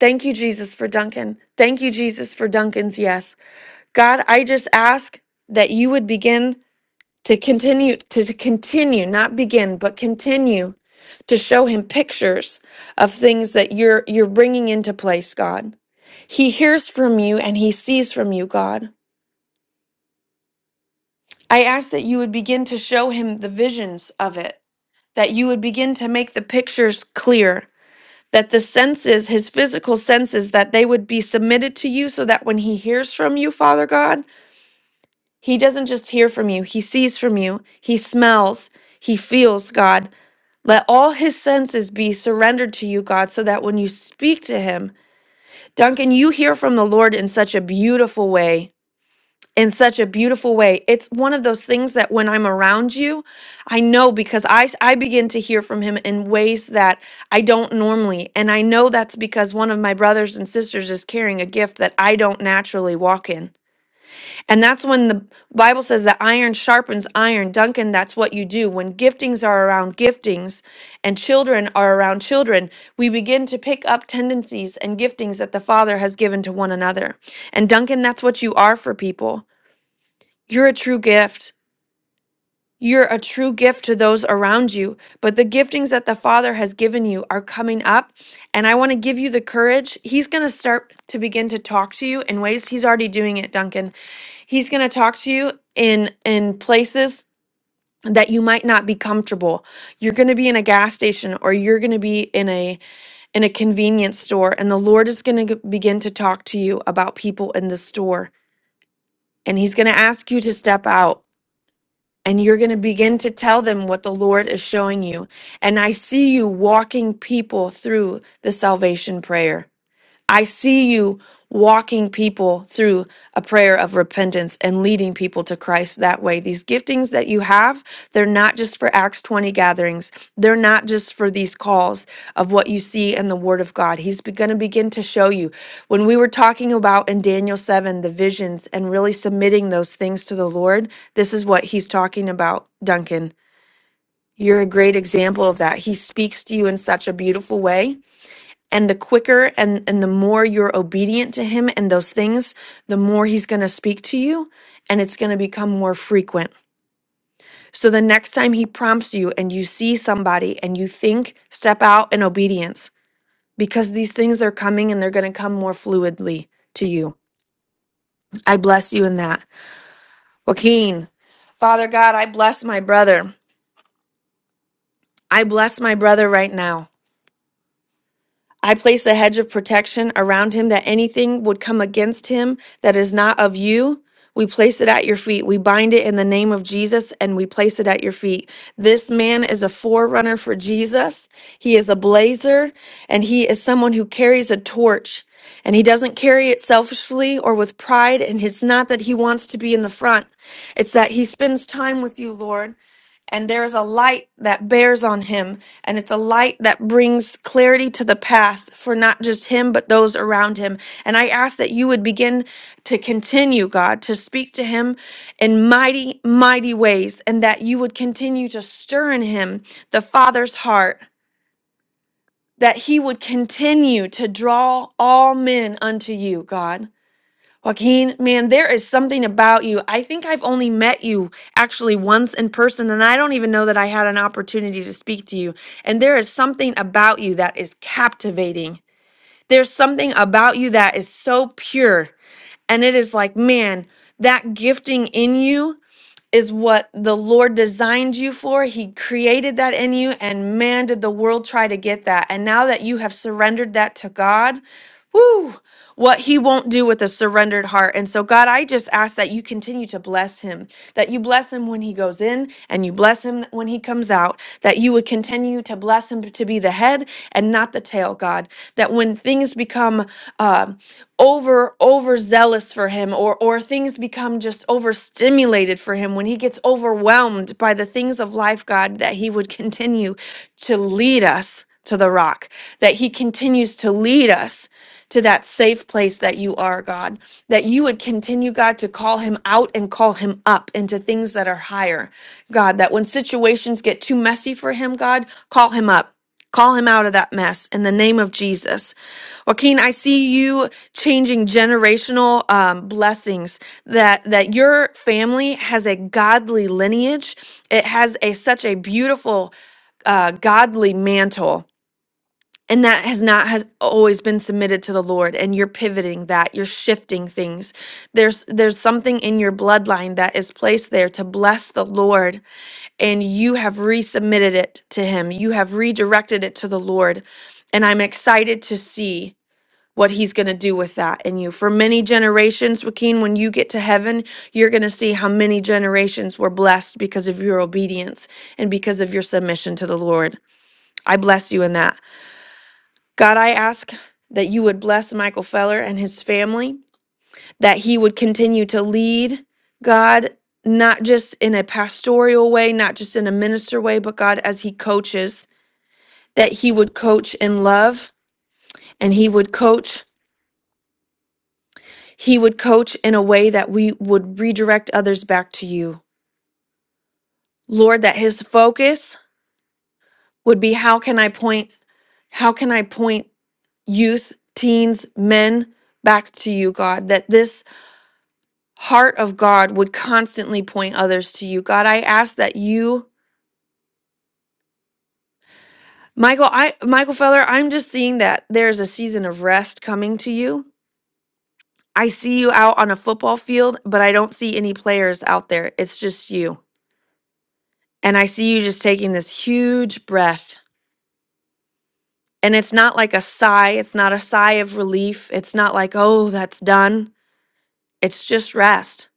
S10: Thank you, Jesus, for Duncan. Thank you, Jesus, for Duncan's yes. God, I just ask that you would begin to continue, to to continue, not begin, but continue to show him pictures of things that you're you're bringing into place, God. He hears from you and he sees from you, God. I ask that you would begin to show him the visions of it that you would begin to make the pictures clear, that the senses, his physical senses, that they would be submitted to you so that when he hears from you, Father God, he doesn't just hear from you, he sees from you, he smells, he feels, God. Let all his senses be surrendered to you, God, so that when you speak to him, Duncan, you hear from the Lord in such a beautiful way in such a beautiful way. It's one of those things that when I'm around you, I know because I s- I begin to hear from him in ways that I don't normally. And I know that's because one of my brothers and sisters is carrying a gift that I don't naturally walk in. And that's when the Bible says that iron sharpens iron. Duncan, that's what you do when giftings are around giftings and children are around children, we begin to pick up tendencies and giftings that the Father has given to one another. And Duncan, that's what you are for people. You're a true gift. You're a true gift to those around you. But the giftings that the Father has given you are coming up. And I want to give you the courage. He's going to start to begin to talk to you in ways he's already doing it, Duncan. He's going to talk to you in in places that you might not be comfortable. You're going to be in a gas station or you're going to be in a in a convenience store and the Lord is going to begin to talk to you about people in the store and he's going to ask you to step out and you're going to begin to tell them what the Lord is showing you. And I see you walking people through the salvation prayer. I see you walking people through a prayer of repentance and leading people to Christ that way. These giftings that you have, they're not just for Acts 20 gatherings. They're not just for these calls of what you see in the Word of God. He's going to begin to show you. When we were talking about in Daniel 7, the visions and really submitting those things to the Lord, this is what he's talking about, Duncan. You're a great example of that. He speaks to you in such a beautiful way and the quicker and and the more you're obedient to him and those things the more he's going to speak to you and it's going to become more frequent so the next time he prompts you and you see somebody and you think step out in obedience because these things are coming and they're going to come more fluidly to you i bless you in that joaquin father god i bless my brother i bless my brother right now I placed a hedge of protection around him that anything would come against him that is not of you. We place it at your feet. We bind it in the name of Jesus and we place it at your feet. This man is a forerunner for Jesus. He is a blazer and he is someone who carries a torch and he doesn't carry it selfishly or with pride. And it's not that he wants to be in the front, it's that he spends time with you, Lord and there is a light that bears on him, and it's a light that brings clarity to the path for not just him, but those around him. And I ask that you would begin to continue, God, to speak to him in mighty, mighty ways, and that you would continue to stir in him the Father's heart, that he would continue to draw all men unto you, God. Joaquin, man, there is something about you. I think I've only met you actually once in person, and I don't even know that I had an opportunity to speak to you. And there is something about you that is captivating. There's something about you that is so pure. And it is like, man, that gifting in you is what the Lord designed you for. He created that in you, and man, did the world try to get that. And now that you have surrendered that to God, whoo, what He won't do with a surrendered heart. And so, God, I just ask that you continue to bless Him, that you bless Him when He goes in and you bless Him when He comes out, that you would continue to bless Him to be the head and not the tail, God, that when things become, um over overzealous for him or or things become just overstimulated for him when he gets overwhelmed by the things of life god that he would continue to lead us to the rock that he continues to lead us to that safe place that you are god that you would continue god to call him out and call him up into things that are higher god that when situations get too messy for him god call him up call him out of that mess in the name of jesus Joaquin, I see you changing generational um, blessings that that your family has a godly lineage it has a such a beautiful uh, godly mantle and that has not has always been submitted to the lord and you're pivoting that you're shifting things there's there's something in your bloodline that is placed there to bless the lord and you have resubmitted it to him you have redirected it to the lord and i'm excited to see what he's going to do with that in you. For many generations, Joaquin, when you get to heaven, you're going to see how many generations were blessed because of your obedience and because of your submission to the Lord. I bless you in that. God, I ask that you would bless Michael Feller and his family, that he would continue to lead, God, not just in a pastoral way, not just in a minister way, but God, as he coaches, that he would coach in love and he would coach He would coach in a way that we would redirect others back to you. Lord, that his focus would be how can I point how can I point youth, teens, men back to you, God? That this heart of God would constantly point others to you. God, I ask that you Michael, I Michael Feller, I'm just seeing that there's a season of rest coming to you. I see you out on a football field, but I don't see any players out there. It's just you. And I see you just taking this huge breath. And it's not like a sigh, it's not a sigh of relief. It's not like, oh, that's done. It's just rest.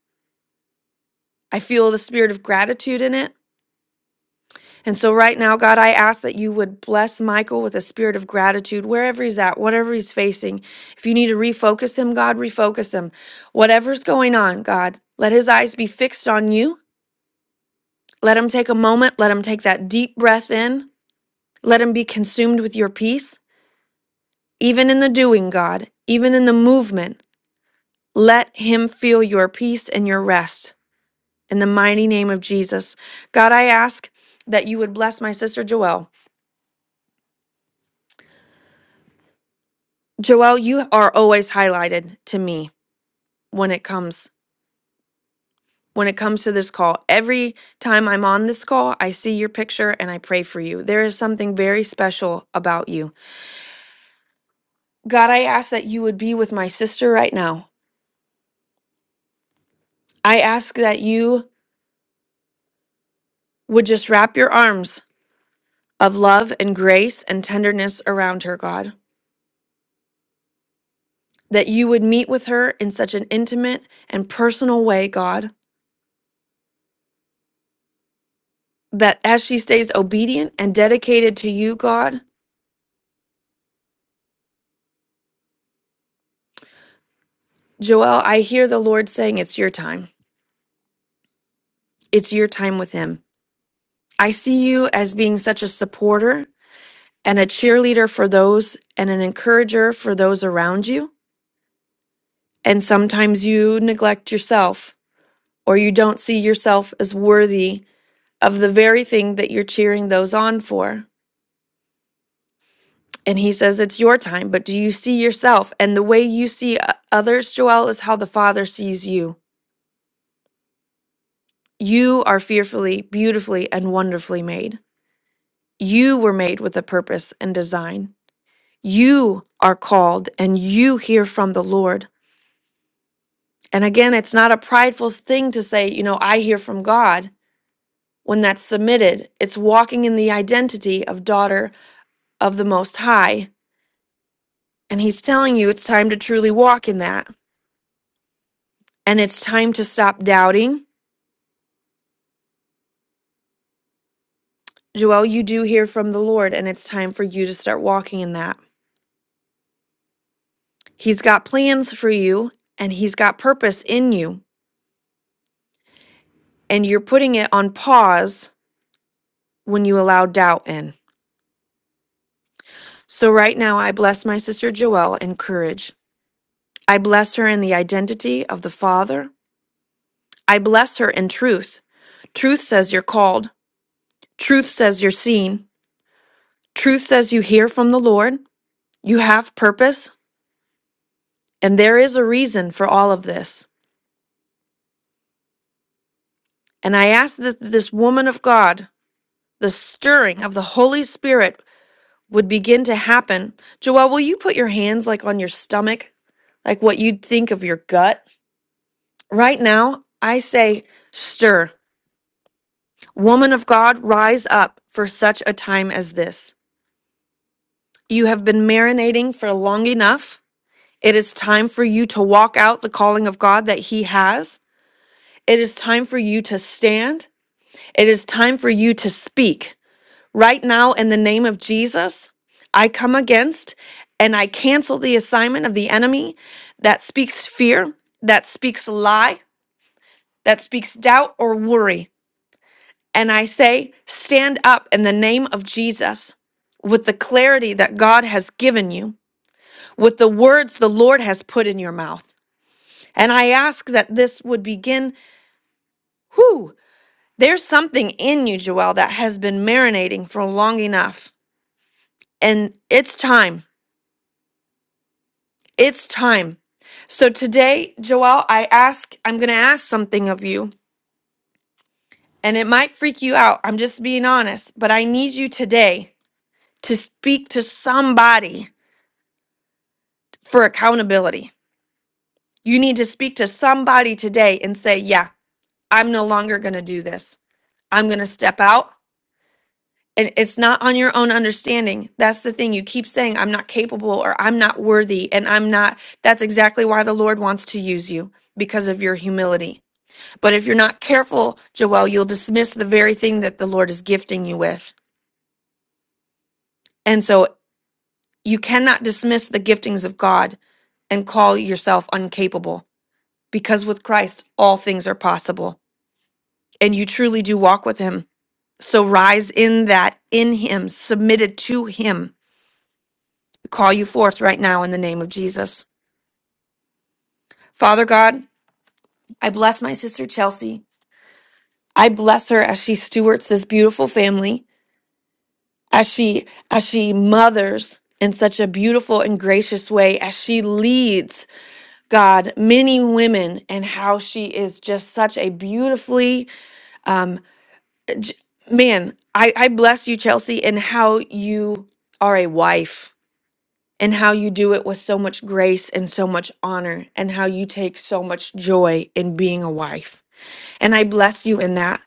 S10: I feel the spirit of gratitude in it. And so, right now, God, I ask that you would bless Michael with a spirit of gratitude wherever he's at, whatever he's facing. If you need to refocus him, God, refocus him. Whatever's going on, God, let his eyes be fixed on you. Let him take a moment. Let him take that deep breath in. Let him be consumed with your peace. even in the doing, God, even in the movement, let him feel your peace and your rest. In the mighty name of Jesus. God, I ask that you would bless my sister Joelle. Joelle, you are always highlighted to me when it comes when it comes to this call. Every time I'm on this call, I see your picture and I pray for you. There is something very special about you. God, I ask that you would be with my sister right now. I ask that you would just wrap your arms of love and grace and tenderness around her, God. That you would meet with her in such an intimate and personal way, God. That as she stays obedient and dedicated to you, God, Joelle, I hear the Lord saying, It's your time. It's your time with Him. I see you as being such a supporter and a cheerleader for those and an encourager for those around you. And sometimes you neglect yourself or you don't see yourself as worthy of the very thing that you're cheering those on for. And he says, It's your time, but do you see yourself? And the way you see o- others, Joel, is how the Father sees you. You are fearfully, beautifully, and wonderfully made. You were made with a purpose and design. You are called and you hear from the Lord. And again, it's not a prideful thing to say, you know, I hear from God when that's submitted. It's walking in the identity of daughter of the Most High. And he's telling you it's time to truly walk in that. And it's time to stop doubting Joel, you do hear from the Lord, and it's time for you to start walking in that. He's got plans for you, and He's got purpose in you, and you're putting it on pause when you allow doubt in. So, right now, I bless my sister Joelle in courage. I bless her in the identity of the Father. I bless her in truth. Truth says you're called, truth says you're seen, truth says you hear from the Lord, you have purpose, and there is a reason for all of this. And I ask that this woman of God the stirring of the Holy Spirit would begin to happen. Joelle, will you put your hands like on your stomach, like what you'd think of your gut? Right now, I say, stir. Woman of God, rise up for such a time as this. You have been marinating for long enough. It is time for you to walk out the calling of God that He has. It is time for you to stand. It is time for you to speak. Right now, in the name of Jesus, I come against and I cancel the assignment of the enemy that speaks fear, that speaks lie, that speaks doubt or worry. And I say, stand up in the name of Jesus with the clarity that God has given you, with the words the Lord has put in your mouth. And I ask that this would begin. Whew, there's something in you, Joelle, that has been marinating for long enough. And it's time. It's time. So today, Joelle, I ask, I'm going to ask something of you, and it might freak you out. I'm just being honest, but I need you today to speak to somebody for accountability. You need to speak to somebody today and say, Yeah, I'm no longer going to do this. I'm going to step out. And it's not on your own understanding. That's the thing. You keep saying, I'm not capable or I'm not worthy. And I'm not. That's exactly why the Lord wants to use you because of your humility But if you're not careful, Joel, you'll dismiss the very thing that the Lord is gifting you with. And so you cannot dismiss the giftings of God and call yourself incapable. because with Christ, all things are possible and you truly do walk with Him. So rise in that, in Him, submitted to Him. We call you forth right now in the name of Jesus. Father God, I bless my sister Chelsea. I bless her as she stewards this beautiful family. as she as she mothers in such a beautiful and gracious way as she leads god many women and how she is just such a beautifully um j- man i i bless you chelsea in how you are a wife and how you do it with so much grace and so much honor and how you take so much joy in being a wife and i bless you in that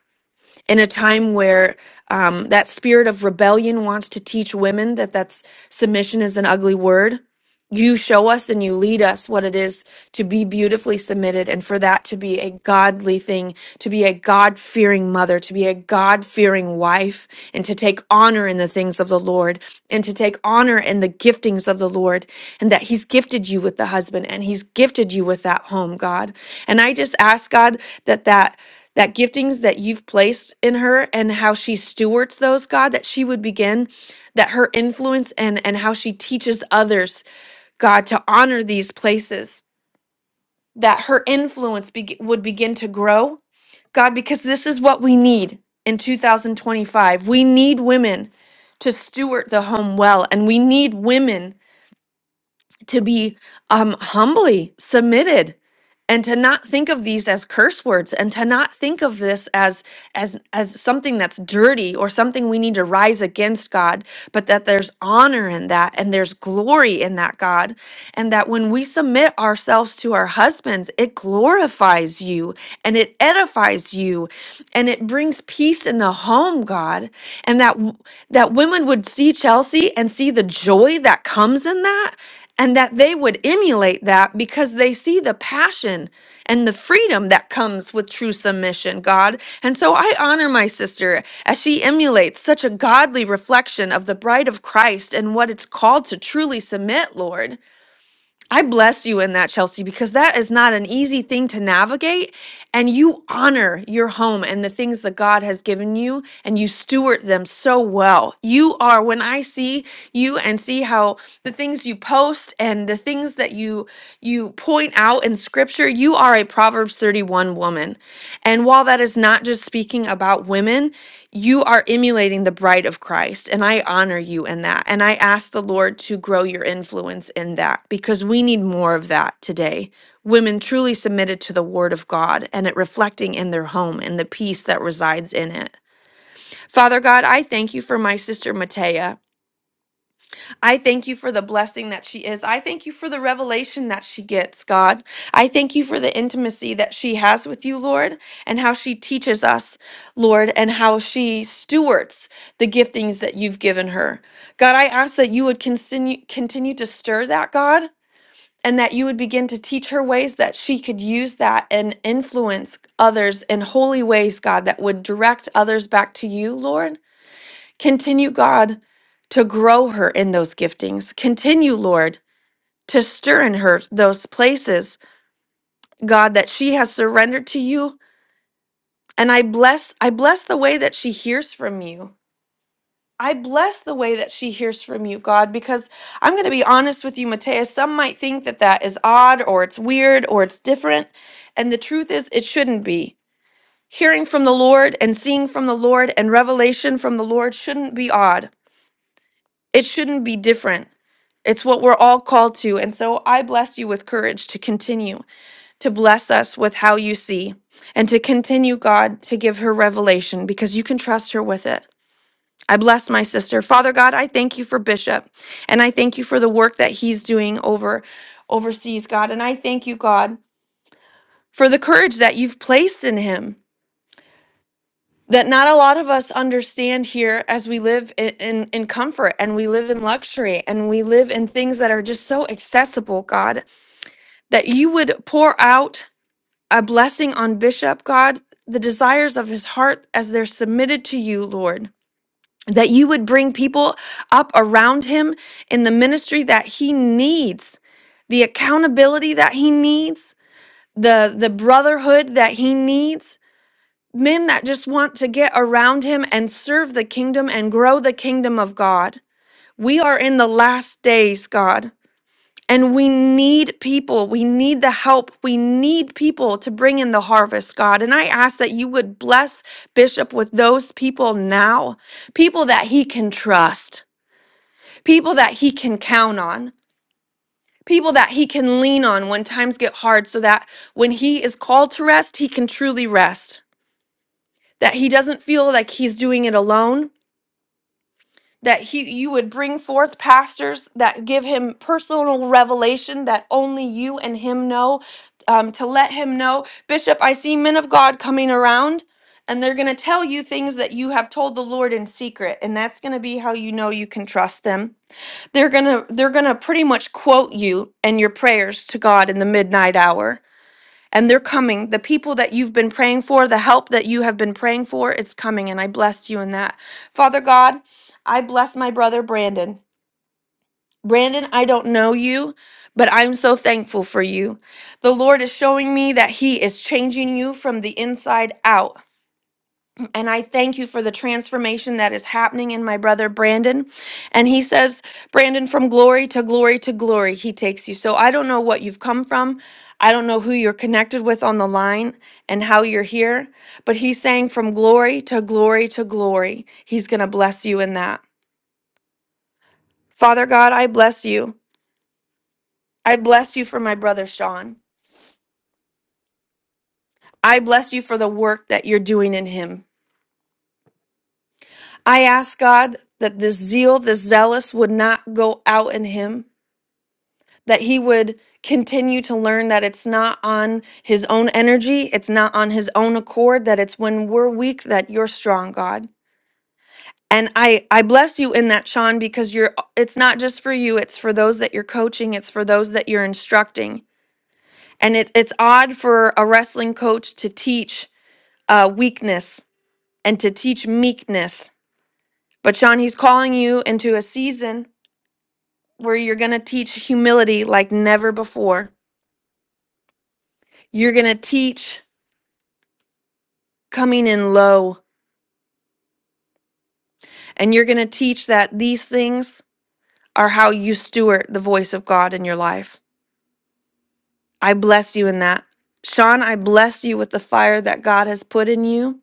S10: in a time where um, that spirit of rebellion wants to teach women that that's submission is an ugly word you show us and you lead us what it is to be beautifully submitted and for that to be a godly thing to be a god-fearing mother to be a god-fearing wife and to take honor in the things of the lord and to take honor in the giftings of the lord and that he's gifted you with the husband and he's gifted you with that home god and i just ask god that that that giftings that you've placed in her and how she stewards those god that she would begin that her influence and and how she teaches others god to honor these places that her influence beg would begin to grow god because this is what we need in 2025 we need women to steward the home well and we need women to be um, humbly submitted and to not think of these as curse words and to not think of this as as as something that's dirty or something we need to rise against god but that there's honor in that and there's glory in that god and that when we submit ourselves to our husbands it glorifies you and it edifies you and it brings peace in the home god and that w- that women would see chelsea and see the joy that comes in that and that they would emulate that because they see the passion and the freedom that comes with true submission, God. And so I honor my sister as she emulates such a godly reflection of the bride of Christ and what it's called to truly submit, Lord. I bless you in that, Chelsea, because that is not an easy thing to navigate. And you honor your home and the things that God has given you, and you steward them so well. You are, when I see you and see how the things you post and the things that you you point out in scripture, you are a Proverbs 31 woman. And while that is not just speaking about women, you are emulating the bride of Christ, and I honor you in that. And I ask the Lord to grow your influence in that because we need more of that today. Women truly submitted to the word of God and it reflecting in their home and the peace that resides in it. Father God, I thank you for my sister Matea. I thank you for the blessing that she is. I thank you for the revelation that she gets, God. I thank you for the intimacy that she has with you, Lord, and how she teaches us, Lord, and how she stewards the giftings that you've given her. God, I ask that you would continue continue to stir that, God, and that you would begin to teach her ways that she could use that and influence others in holy ways, God, that would direct others back to you, Lord. Continue, God, to grow her in those giftings. Continue, Lord, to stir in her those places, God, that she has surrendered to you. And I bless, I bless the way that she hears from you. I bless the way that she hears from you, God, because I'm going to be honest with you, Matea. Some might think that that is odd or it's weird or it's different. And the truth is, it shouldn't be. Hearing from the Lord and seeing from the Lord and revelation from the Lord shouldn't be odd. It shouldn't be different. It's what we're all called to. And so I bless you with courage to continue to bless us with how you see and to continue, God, to give her revelation because you can trust her with it. I bless my sister. Father God, I thank you for Bishop and I thank you for the work that he's doing over overseas, God. And I thank you, God, for the courage that you've placed in him that not a lot of us understand here as we live in, in, in comfort and we live in luxury and we live in things that are just so accessible, God. that you would pour out a blessing on Bishop, God, the desires of his heart as they're submitted to you, Lord. That you would bring people up around him in the ministry that he needs, the accountability that he needs, the, the brotherhood that he needs, men that just want to get around him and serve the kingdom and grow the kingdom of God. We are in the last days, God. And we need people. We need the help. We need people to bring in the harvest, God. And I ask that you would bless Bishop with those people now, people that he can trust, people that he can count on, people that he can lean on when times get hard, so that when he is called to rest, he can truly rest, that he doesn't feel like he's doing it alone that he you would bring forth pastors that give him personal revelation that only you and him know um, to let him know bishop i see men of god coming around and they're going to tell you things that you have told the lord in secret and that's going to be how you know you can trust them they're going to they're going to pretty much quote you and your prayers to god in the midnight hour and they're coming. The people that you've been praying for, the help that you have been praying for, it's coming. And I bless you in that. Father God, I bless my brother Brandon. Brandon, I don't know you, but I'm so thankful for you. The Lord is showing me that He is changing you from the inside out. And I thank you for the transformation that is happening in my brother Brandon. And he says, Brandon, from glory to glory to glory, he takes you. So I don't know what you've come from. I don't know who you're connected with on the line and how you're here, but he's saying, from glory to glory to glory, he's going to bless you in that. Father God, I bless you. I bless you for my brother Sean. I bless you for the work that you're doing in him. I ask God that this zeal, this zealous would not go out in him that he would continue to learn that it's not on his own energy, it's not on his own accord, that it's when we're weak that you're strong, God. And I I bless you in that, Sean, because you're it's not just for you, it's for those that you're coaching, it's for those that you're instructing. And it, it's odd for a wrestling coach to teach uh, weakness and to teach meekness. But Sean, he's calling you into a season where you're going to teach humility like never before. You're going to teach coming in low. And you're going to teach that these things are how you steward the voice of God in your life. I bless you in that. Sean, I bless you with the fire that God has put in you.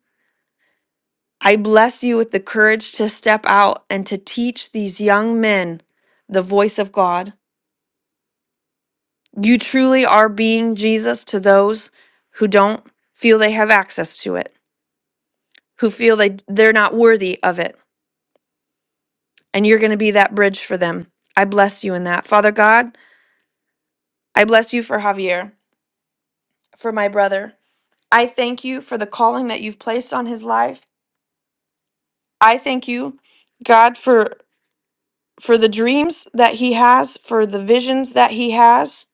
S10: I bless you with the courage to step out and to teach these young men the voice of God. You truly are being Jesus to those who don't feel they have access to it, who feel they, they're not worthy of it. And you're going to be that bridge for them. I bless you in that. Father God, I bless you for Javier, for my brother. I thank you for the calling that you've placed on his life. I thank you, God, for for the dreams that he has, for the visions that he has.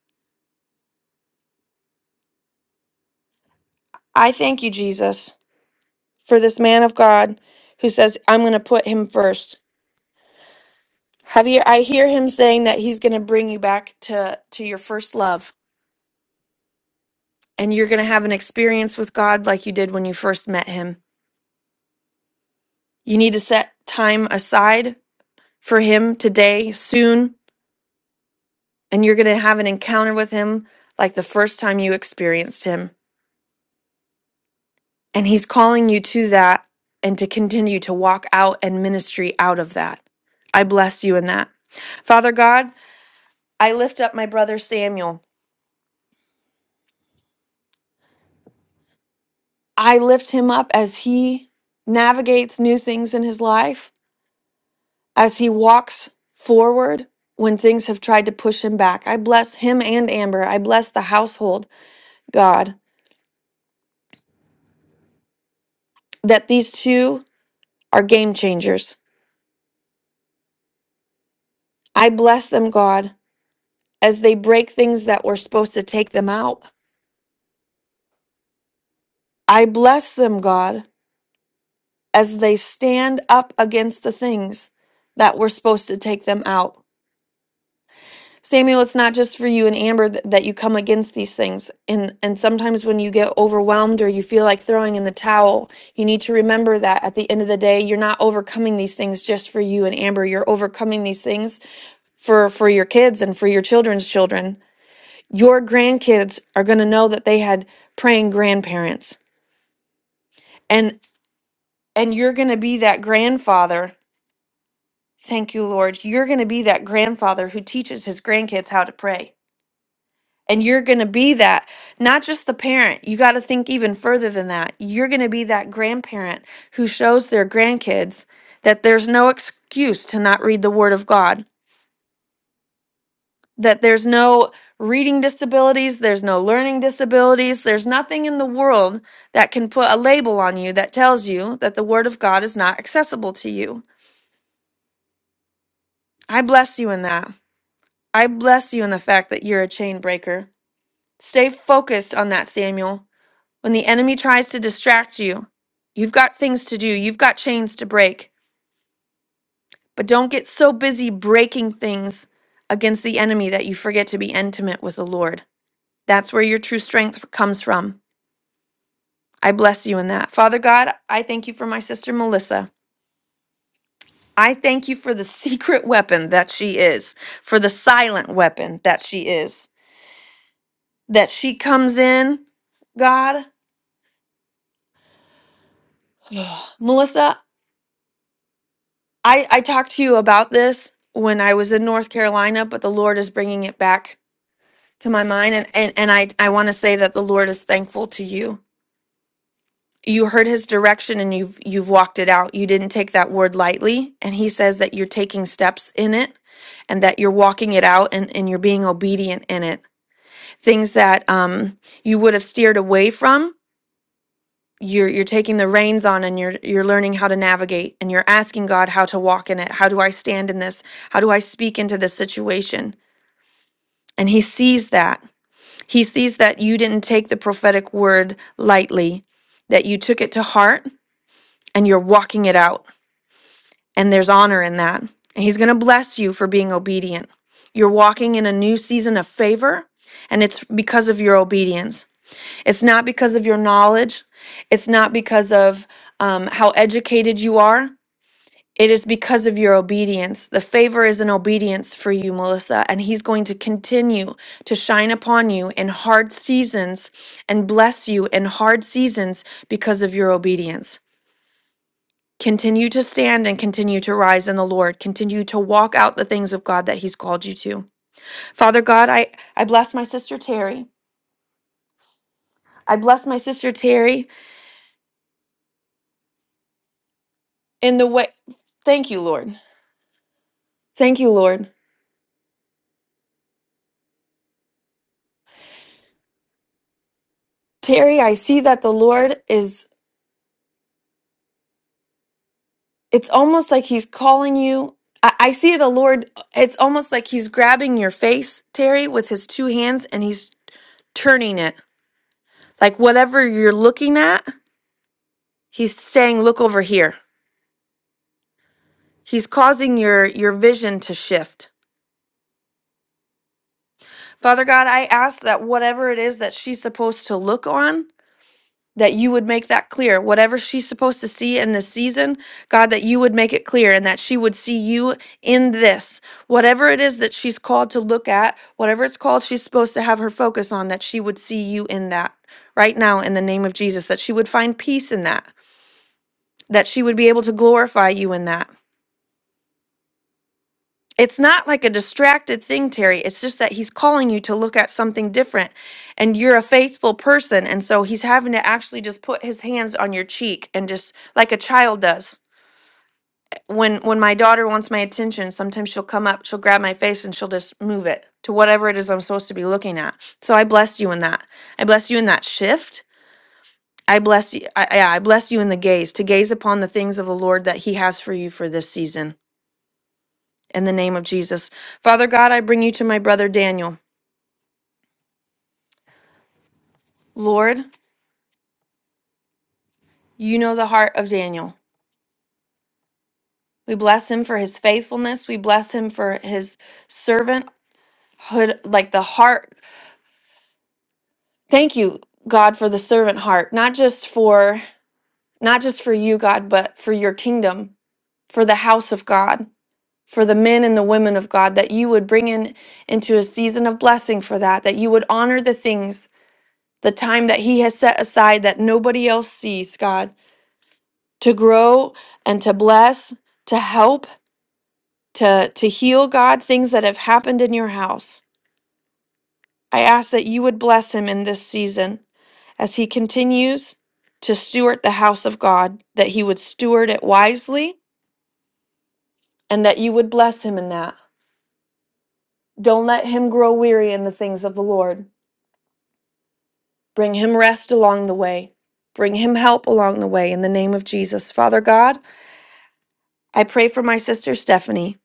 S10: I thank you, Jesus, for this man of God who says, "I'm going to put him first. Javier, I hear him saying that he's going to bring you back to to your first love, and you're going to have an experience with God like you did when you first met him. You need to set time aside for him today, soon and you're going to have an encounter with him like the first time you experienced him. And he's calling you to that and to continue to walk out and ministry out of that. I bless you in that. Father God, I lift up my brother Samuel. I lift him up as he navigates new things in his life, as he walks forward when things have tried to push him back. I bless him and Amber. I bless the household, God, that these two are game changers. I bless them, God, as they break things that were supposed to take them out. I bless them, God, as they stand up against the things that were supposed to take them out. Samuel, it's not just for you and Amber th- that you come against these things. And, and sometimes when you get overwhelmed or you feel like throwing in the towel, you need to remember that at the end of the day, you're not overcoming these things just for you and Amber. You're overcoming these things for, for your kids and for your children's children. Your grandkids are going to know that they had praying grandparents and and you're going to be that grandfather thank you lord you're going to be that grandfather who teaches his grandkids how to pray and you're going to be that not just the parent you got to think even further than that you're going to be that grandparent who shows their grandkids that there's no excuse to not read the word of god that there's no reading disabilities there's no learning disabilities there's nothing in the world that can put a label on you that tells you that the word of god is not accessible to you I bless you in that. I bless you in the fact that you're a chain breaker. Stay focused on that, Samuel. When the enemy tries to distract you, you've got things to do, you've got chains to break, but don't get so busy breaking things against the enemy that you forget to be intimate with the Lord. That's where your true strength comes from. I bless you in that. Father God, I thank you for my sister Melissa. I thank you for the secret weapon that she is, for the silent weapon that she is. that she comes in, God, Melissa, I, I talked to you about this when I was in North Carolina, but the Lord is bringing it back to my mind. And, and, and I, I want to say that the Lord is thankful to you. You heard his direction and you've, you've walked it out. You didn't take that word lightly. And he says that you're taking steps in it and that you're walking it out and, and you're being obedient in it. Things that um, you would have steered away from you're you're taking the reins on and you're you're learning how to navigate and you're asking God how to walk in it. How do I stand in this? How do I speak into this situation? And he sees that. He sees that you didn't take the prophetic word lightly, that you took it to heart and you're walking it out. And there's honor in that. And he's going to bless you for being obedient. You're walking in a new season of favor, and it's because of your obedience. It's not because of your knowledge. It's not because of um, how educated you are. It is because of your obedience. The favor is an obedience for you, Melissa, and He's going to continue to shine upon you in hard seasons and bless you in hard seasons because of your obedience. Continue to stand and continue to rise in the Lord. Continue to walk out the things of God that He's called you to. Father God, I, I bless my sister Terry. I bless my sister Terry in the way. Thank you, Lord. Thank you, Lord. Terry, I see that the Lord is, it's almost like He's calling you. I, I see the Lord, it's almost like He's grabbing your face, Terry, with His two hands and He's turning it. Like whatever you're looking at, He's saying, look over here. He's causing your, your vision to shift. Father God, I ask that whatever it is that she's supposed to look on, that you would make that clear. Whatever she's supposed to see in this season, God, that you would make it clear and that she would see you in this. Whatever it is that she's called to look at, whatever it's called she's supposed to have her focus on, that she would see you in that right now in the name of Jesus, that she would find peace in that, that she would be able to glorify you in that. it's not like a distracted thing, Terry. It's just that he's calling you to look at something different and you're a faithful person. And so he's having to actually just put his hands on your cheek and just like a child does. When when my daughter wants my attention, sometimes she'll come up, she'll grab my face and she'll just move it to whatever it is I'm supposed to be looking at. So I bless you in that. I bless you in that shift. I bless you I, yeah, I bless you in the gaze, to gaze upon the things of the Lord that he has for you for this season. In the name of Jesus. Father God, I bring you to my brother Daniel. Lord, you know the heart of Daniel. We bless him for his faithfulness. We bless him for his servanthood, like the heart. Thank you, God, for the servant heart, not just for not just for you, God, but for your kingdom, for the house of God, for the men and the women of God, that you would bring in into a season of blessing for that, that you would honor the things, the time that he has set aside that nobody else sees, God, to grow and to bless, to help to to heal God things that have happened in your house. I ask that you would bless him in this season as he continues to steward the house of God, that he would steward it wisely and that you would bless him in that. Don't let him grow weary in the things of the Lord. Bring him rest along the way. Bring him help along the way in the name of Jesus. Father God, I pray for my sister Stephanie.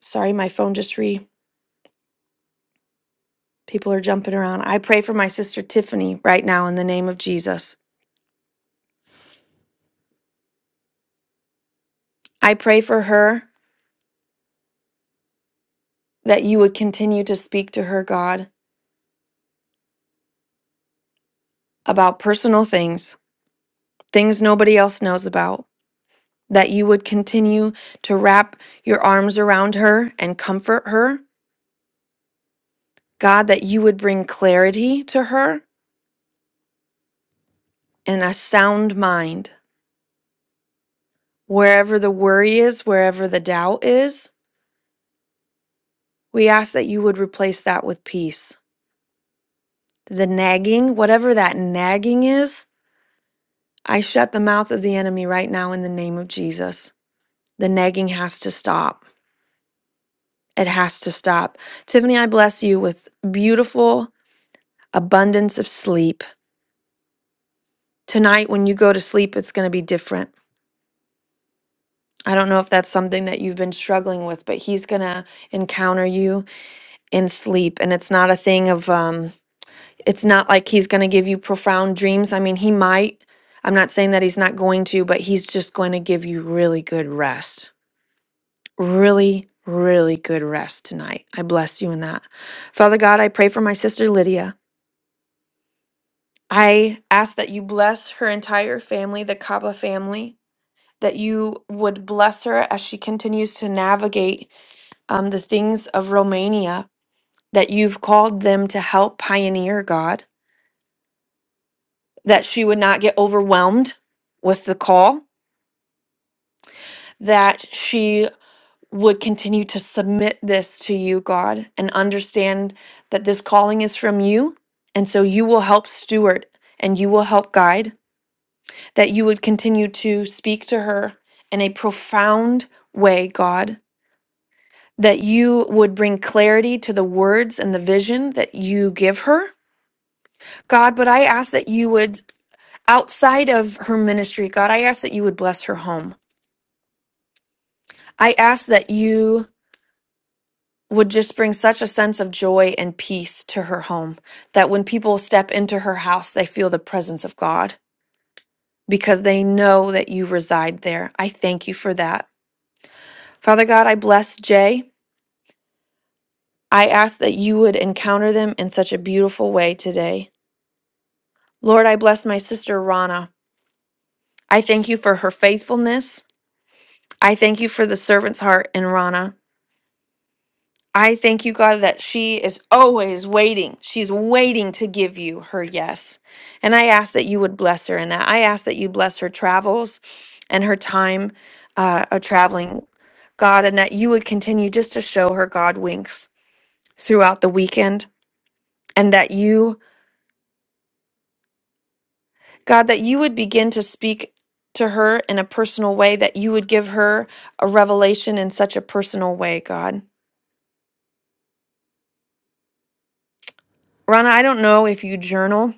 S10: Sorry, my phone just re people are jumping around. I pray for my sister Tiffany right now in the name of Jesus. I pray for her that you would continue to speak to her, God, about personal things, things nobody else knows about, that you would continue to wrap your arms around her and comfort her. God, that you would bring clarity to her and a sound mind. Wherever the worry is, wherever the doubt is, we ask that you would replace that with peace. The nagging, whatever that nagging is, I shut the mouth of the enemy right now in the name of Jesus. The nagging has to stop. It has to stop. Tiffany, I bless you with beautiful abundance of sleep. Tonight, when you go to sleep, it's going to be different. I don't know if that's something that you've been struggling with, but he's going to encounter you in sleep. And it's not a thing of, um, it's not like he's going to give you profound dreams. I mean, he might. I'm not saying that he's not going to, but he's just going to give you really good rest. really, really good rest tonight. I bless you in that. Father God, I pray for my sister Lydia. I ask that you bless her entire family, the Kaba family, that you would bless her as she continues to navigate um, the things of Romania that you've called them to help pioneer, God, that she would not get overwhelmed with the call, that she would continue to submit this to you, God, and understand that this calling is from you. And so you will help steward and you will help guide, that you would continue to speak to her in a profound way, God, that you would bring clarity to the words and the vision that you give her, God. But I ask that you would, outside of her ministry, God, I ask that you would bless her home. I ask that you would just bring such a sense of joy and peace to her home that when people step into her house, they feel the presence of God because they know that you reside there. I thank you for that. Father God, I bless Jay. I ask that you would encounter them in such a beautiful way today. Lord, I bless my sister Rana. I thank you for her faithfulness. I thank you for the servant's heart in Rana. I thank you, God, that she is always waiting. She's waiting to give you her yes. And I ask that you would bless her in that. I ask that you bless her travels and her time uh, of traveling, God, and that you would continue just to show her God winks throughout the weekend. And that you, God, that you would begin to speak to her in a personal way, that you would give her a revelation in such a personal way, God. Rana, I don't know if you journal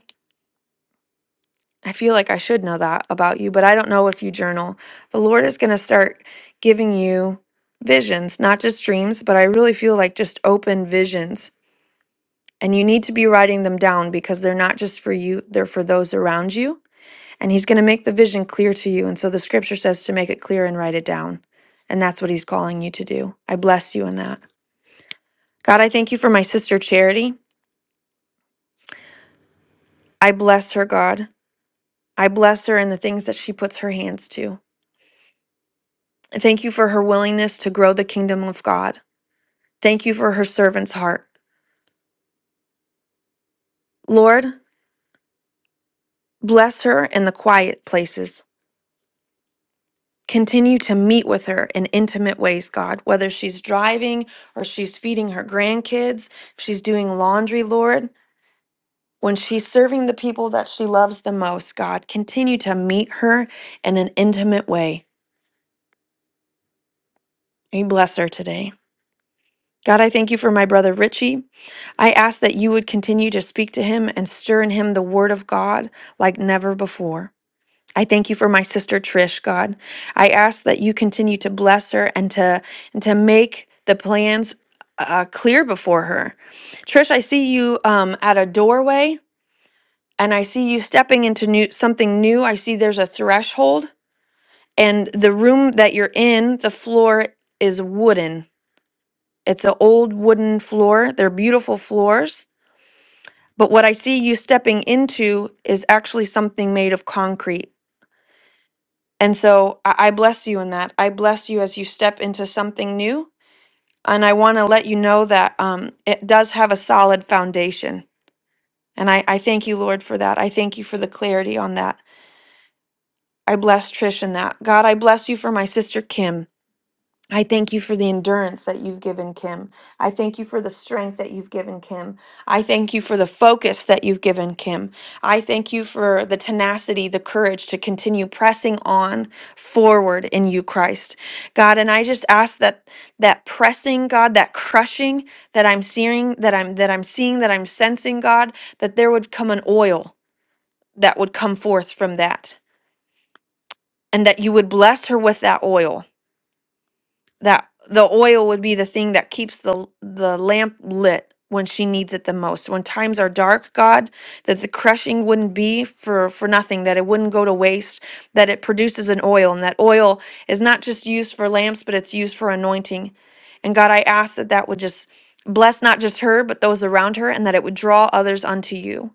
S10: I feel like I should know that about you, but I don't know if you journal. The Lord is going to start giving you visions, not just dreams, but I really feel like just open visions. And you need to be writing them down because they're not just for you, they're for those around you. And He's going to make the vision clear to you. And so the scripture says to make it clear and write it down. And that's what He's calling you to do. I bless you in that. God, I thank you for my sister Charity. I bless her, God. I bless her in the things that she puts her hands to. Thank you for her willingness to grow the kingdom of God. Thank you for her servant's heart. Lord, bless her in the quiet places. Continue to meet with her in intimate ways, God, whether she's driving or she's feeding her grandkids, if she's doing laundry, Lord. When she's serving the people that she loves the most, God, continue to meet her in an intimate way. We bless her today. God, I thank you for my brother Richie. I ask that you would continue to speak to him and stir in him the word of God like never before. I thank you for my sister Trish, God. I ask that you continue to bless her and to and to make the plans uh, clear before her. Trish, I see you um, at a doorway, and I see you stepping into new something new. I see there's a threshold, and the room that you're in, the floor is wooden it's an old wooden floor. They're beautiful floors. But what I see you stepping into is actually something made of concrete. And so I, I bless you in that. I bless you as you step into something new. And I want to let you know that um, it does have a solid foundation. And I, I thank you, Lord, for that. I thank you for the clarity on that. I bless Trish in that. God, I bless you for my sister Kim. I thank you for the endurance that you've given Kim. I thank you for the strength that you've given Kim. I thank you for the focus that you've given Kim. I thank you for the tenacity, the courage to continue pressing on forward in you, Christ. God, and I just ask that that pressing, God, that crushing that I'm seeing, that I'm that I'm seeing, that I'm sensing, God, that there would come an oil that would come forth from that. And that you would bless her with that oil that the oil would be the thing that keeps the the lamp lit when she needs it the most when times are dark god that the crushing wouldn't be for for nothing that it wouldn't go to waste that it produces an oil and that oil is not just used for lamps but it's used for anointing and god i ask that that would just bless not just her but those around her and that it would draw others unto you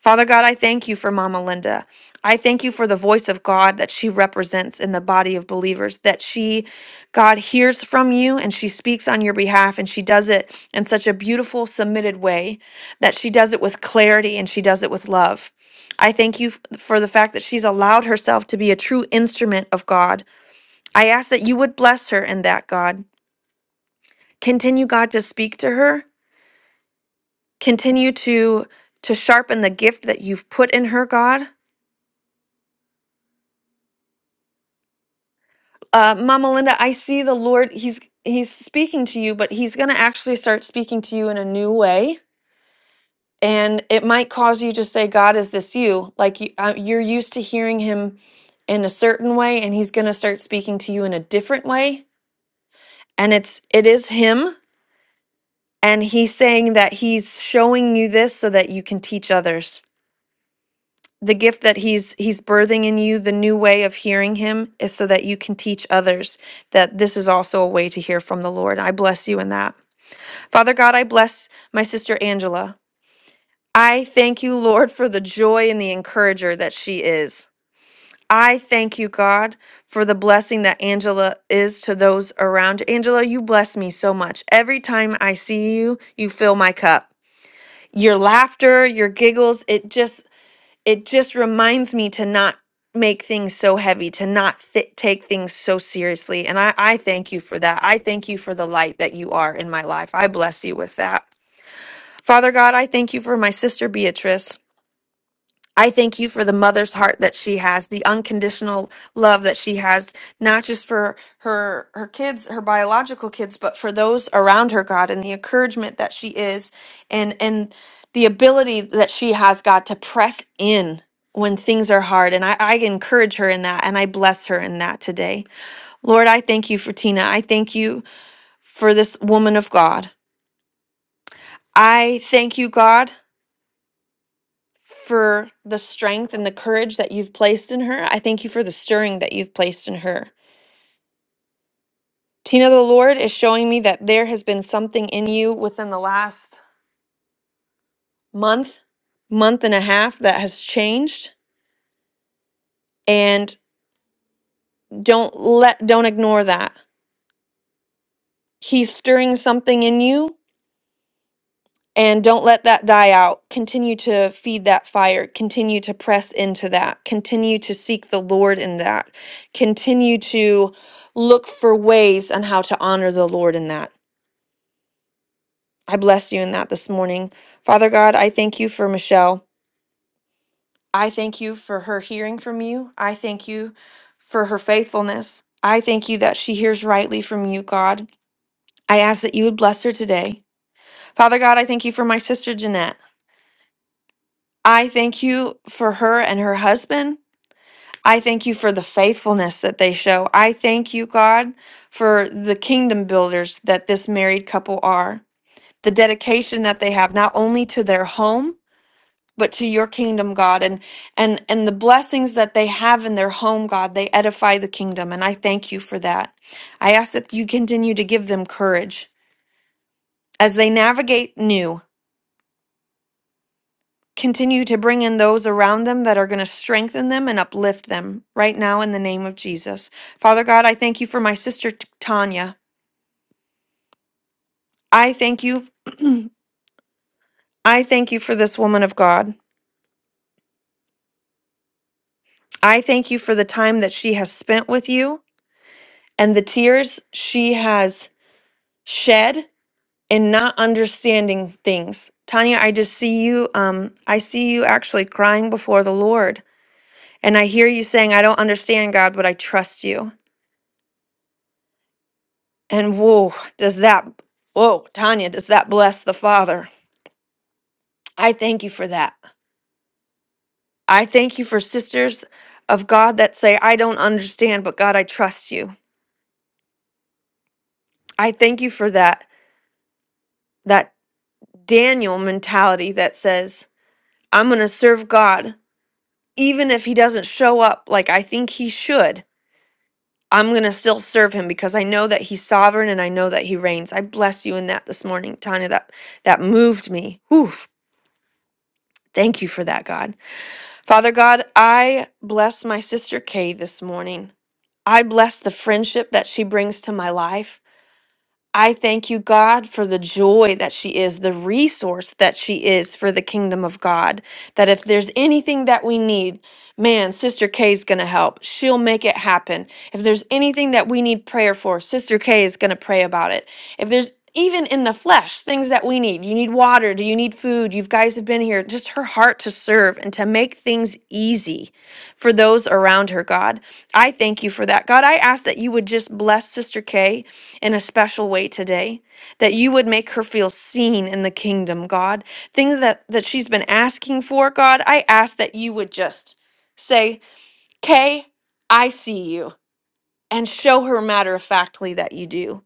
S10: Father God, I thank you for Mama Linda. I thank you for the voice of God that she represents in the body of believers, that she, God, hears from you and she speaks on your behalf and she does it in such a beautiful, submitted way that she does it with clarity and she does it with love. I thank you f- for the fact that she's allowed herself to be a true instrument of God. I ask that you would bless her in that, God. Continue, God, to speak to her. Continue to to sharpen the gift that you've put in her, God. uh, Mama Linda, I see the Lord. He's He's speaking to you, but He's going to actually start speaking to you in a new way, and it might cause you to say, "God, is this you?" Like you, uh, you're used to hearing Him in a certain way, and He's going to start speaking to you in a different way, and it's it is Him, and He's saying that He's showing you this so that you can teach others. the gift that he's he's birthing in you the new way of hearing him is so that you can teach others that this is also a way to hear from the lord i bless you in that father god i bless my sister angela i thank you lord for the joy and the encourager that she is i thank you god for the blessing that angela is to those around angela you bless me so much every time i see you you fill my cup your laughter your giggles it just it just reminds me to not make things so heavy to not thi- take things so seriously and I, I thank you for that i thank you for the light that you are in my life i bless you with that father god i thank you for my sister beatrice I thank you for the mother's heart that she has, the unconditional love that she has, not just for her her kids, her biological kids, but for those around her, God, and the encouragement that she is and and the ability that she has, God, to press in when things are hard. And I, I encourage her in that and I bless her in that today. Lord, I thank you for Tina. I thank you for this woman of God. I thank you, God. for the strength and the courage that you've placed in her. I thank you for the stirring that you've placed in her. Tina, the Lord is showing me that there has been something in you within the last month, month and a half that has changed. And don't let, don't ignore that. He's stirring something in you And don't let that die out. Continue to feed that fire. Continue to press into that. Continue to seek the Lord in that. Continue to look for ways on how to honor the Lord in that. I bless you in that this morning. Father God, I thank you for Michelle. I thank you for her hearing from you. I thank you for her faithfulness. I thank you that she hears rightly from you, God. I ask that you would bless her today. Father God, I thank you for my sister Jeanette. I thank you for her and her husband. I thank you for the faithfulness that they show. I thank you, God, for the kingdom builders that this married couple are, the dedication that they have not only to their home, but to your kingdom, God, and and and the blessings that they have in their home, God, they edify the kingdom, and I thank you for that. I ask that you continue to give them courage as they navigate new. Continue to bring in those around them that are going to strengthen them and uplift them right now in the name of Jesus. Father God, I thank you for my sister T- Tanya. I thank you. I thank you for this woman of God. I thank you for the time that she has spent with you and the tears she has shed in not understanding things. Tanya, I just see you um I see you actually crying before the Lord and I hear you saying I don't understand God, but I trust you. And whoa, does that, whoa, Tanya, does that bless the Father? I thank you for that. I thank you for sisters of God that say, I don't understand, but God, I trust you. I thank you for that, that Daniel mentality that says, I'm going to serve God, even if he doesn't show up like I think he should. I'm going to still serve him because I know that he's sovereign and I know that he reigns. I bless you in that this morning, Tanya. That that moved me. Oof. Thank you for that, God. Father God, I bless my sister Kay this morning. I bless the friendship that she brings to my life. I thank you, God, for the joy that she is, the resource that she is for the kingdom of God. That if there's anything that we need, man, Sister K is going to help. She'll make it happen. If there's anything that we need prayer for, Sister K is going to pray about it. If there's even in the flesh, things that we need. You need water. Do you need food? You guys have been here. Just her heart to serve and to make things easy for those around her, God. I thank you for that. God, I ask that you would just bless Sister K in a special way today that you would make her feel seen in the kingdom god things that that she's been asking for god i ask that you would just say kay i see you and show her matter of factly that you do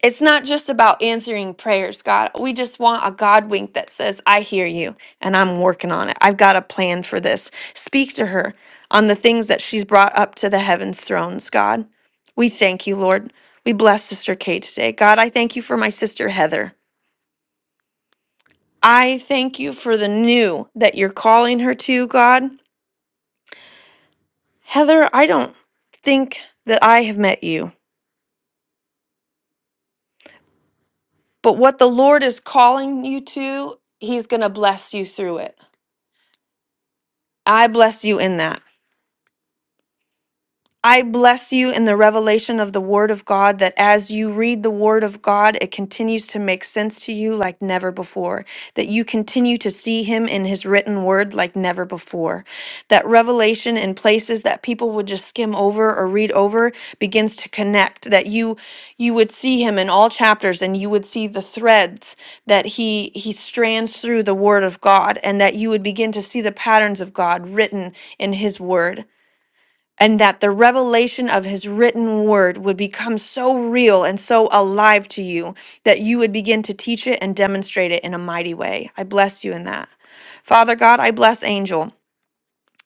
S10: it's not just about answering prayers, God. We just want a God wink that says, I hear you and I'm working on it. I've got a plan for this. Speak to her on the things that she's brought up to the heavens thrones, God. We thank you, Lord. We bless Sister Kay today. God, I thank you for my sister Heather. I thank you for the new that you're calling her to, God. Heather, I don't think that I have met you, but what the Lord is calling you to, He's going to bless you through it. I bless you in that. I bless you in the revelation of the Word of God that as you read the Word of God, it continues to make sense to you like never before. That you continue to see Him in His written Word like never before. That revelation in places that people would just skim over or read over begins to connect. That you you would see Him in all chapters, and you would see the threads that He He strands through the Word of God, and that you would begin to see the patterns of God written in His Word and that the revelation of his written word would become so real and so alive to you that you would begin to teach it and demonstrate it in a mighty way. I bless you in that. Father God, I bless Angel.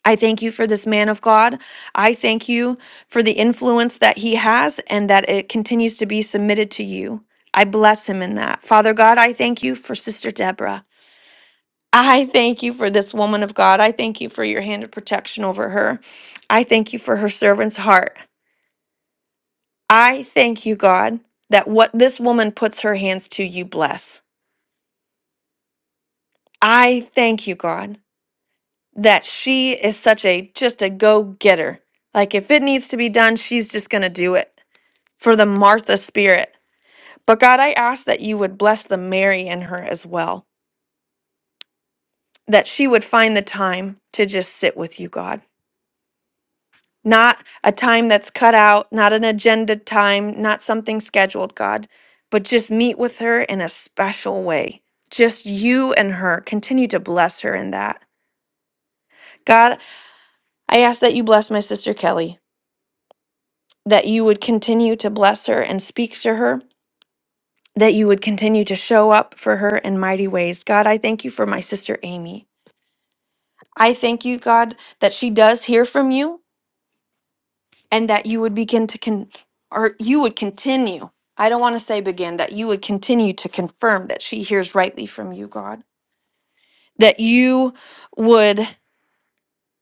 S10: I thank you for this man of God. I thank you for the influence that he has and that it continues to be submitted to you. I bless him in that. Father God, I thank you for Sister Deborah. I thank you for this woman of God. I thank you for your hand of protection over her. I thank you for her servant's heart. I thank you, God, that what this woman puts her hands to, you bless. I thank you, God, that she is such a just a go getter. Like if it needs to be done, she's just going to do it for the Martha spirit. But God, I ask that you would bless the Mary in her as well, that she would find the time to just sit with you, God not a time that's cut out, not an agenda time, not something scheduled, God, but just meet with her in a special way. Just you and her. Continue to bless her in that. God, I ask that you bless my sister Kelly, that you would continue to bless her and speak to her, that you would continue to show up for her in mighty ways. God, I thank you for my sister Amy. I thank you, God, that she does hear from you. and that you would begin to con or you would continue i don't want to say begin that you would continue to confirm that she hears rightly from you god that you would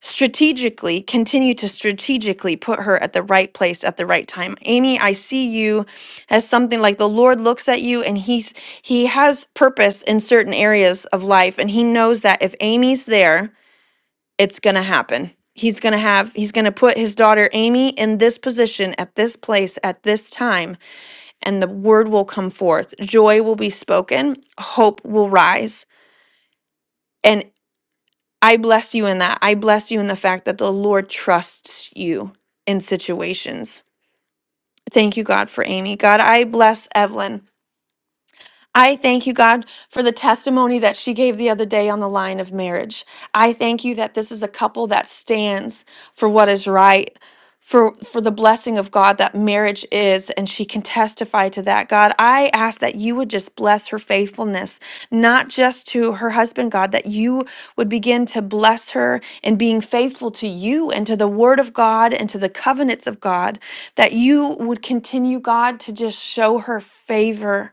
S10: strategically continue to strategically put her at the right place at the right time amy i see you as something like the lord looks at you and he's he has purpose in certain areas of life and he knows that if amy's there it's going to happen. He's going to have, he's going to put his daughter Amy in this position at this place at this time, and the word will come forth. Joy will be spoken, hope will rise. And I bless you in that. I bless you in the fact that the Lord trusts you in situations. Thank you, God, for Amy. God, I bless Evelyn. I thank you, God, for the testimony that she gave the other day on the line of marriage. I thank you that this is a couple that stands for what is right, for for the blessing of God that marriage is, and she can testify to that. God, I ask that you would just bless her faithfulness, not just to her husband, God, that you would begin to bless her in being faithful to you and to the word of God and to the covenants of God, that you would continue, God, to just show her favor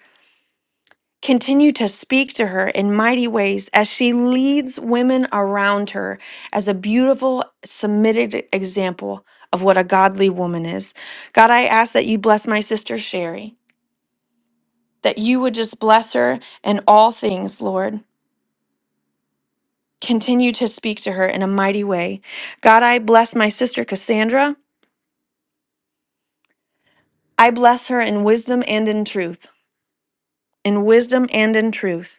S10: Continue to speak to her in mighty ways as she leads women around her as a beautiful, submitted example of what a godly woman is. God, I ask that you bless my sister Sherry, that you would just bless her in all things, Lord. Continue to speak to her in a mighty way. God, I bless my sister Cassandra. I bless her in wisdom and in truth. In wisdom and in truth.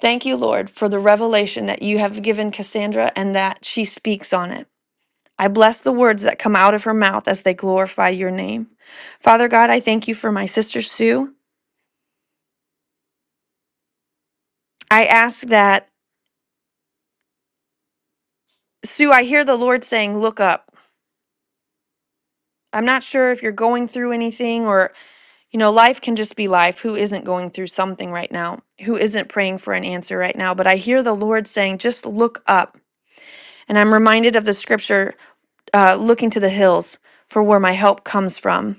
S10: Thank you, Lord, for the revelation that you have given Cassandra and that she speaks on it. I bless the words that come out of her mouth as they glorify your name. Father God, I thank you for my sister Sue. I ask that, Sue, I hear the Lord saying, Look up. I'm not sure if you're going through anything or, you know, life can just be life. Who isn't going through something right now? Who isn't praying for an answer right now? But I hear the Lord saying, Just look up. And I'm reminded of the scripture, uh, looking to the hills for where my help comes from.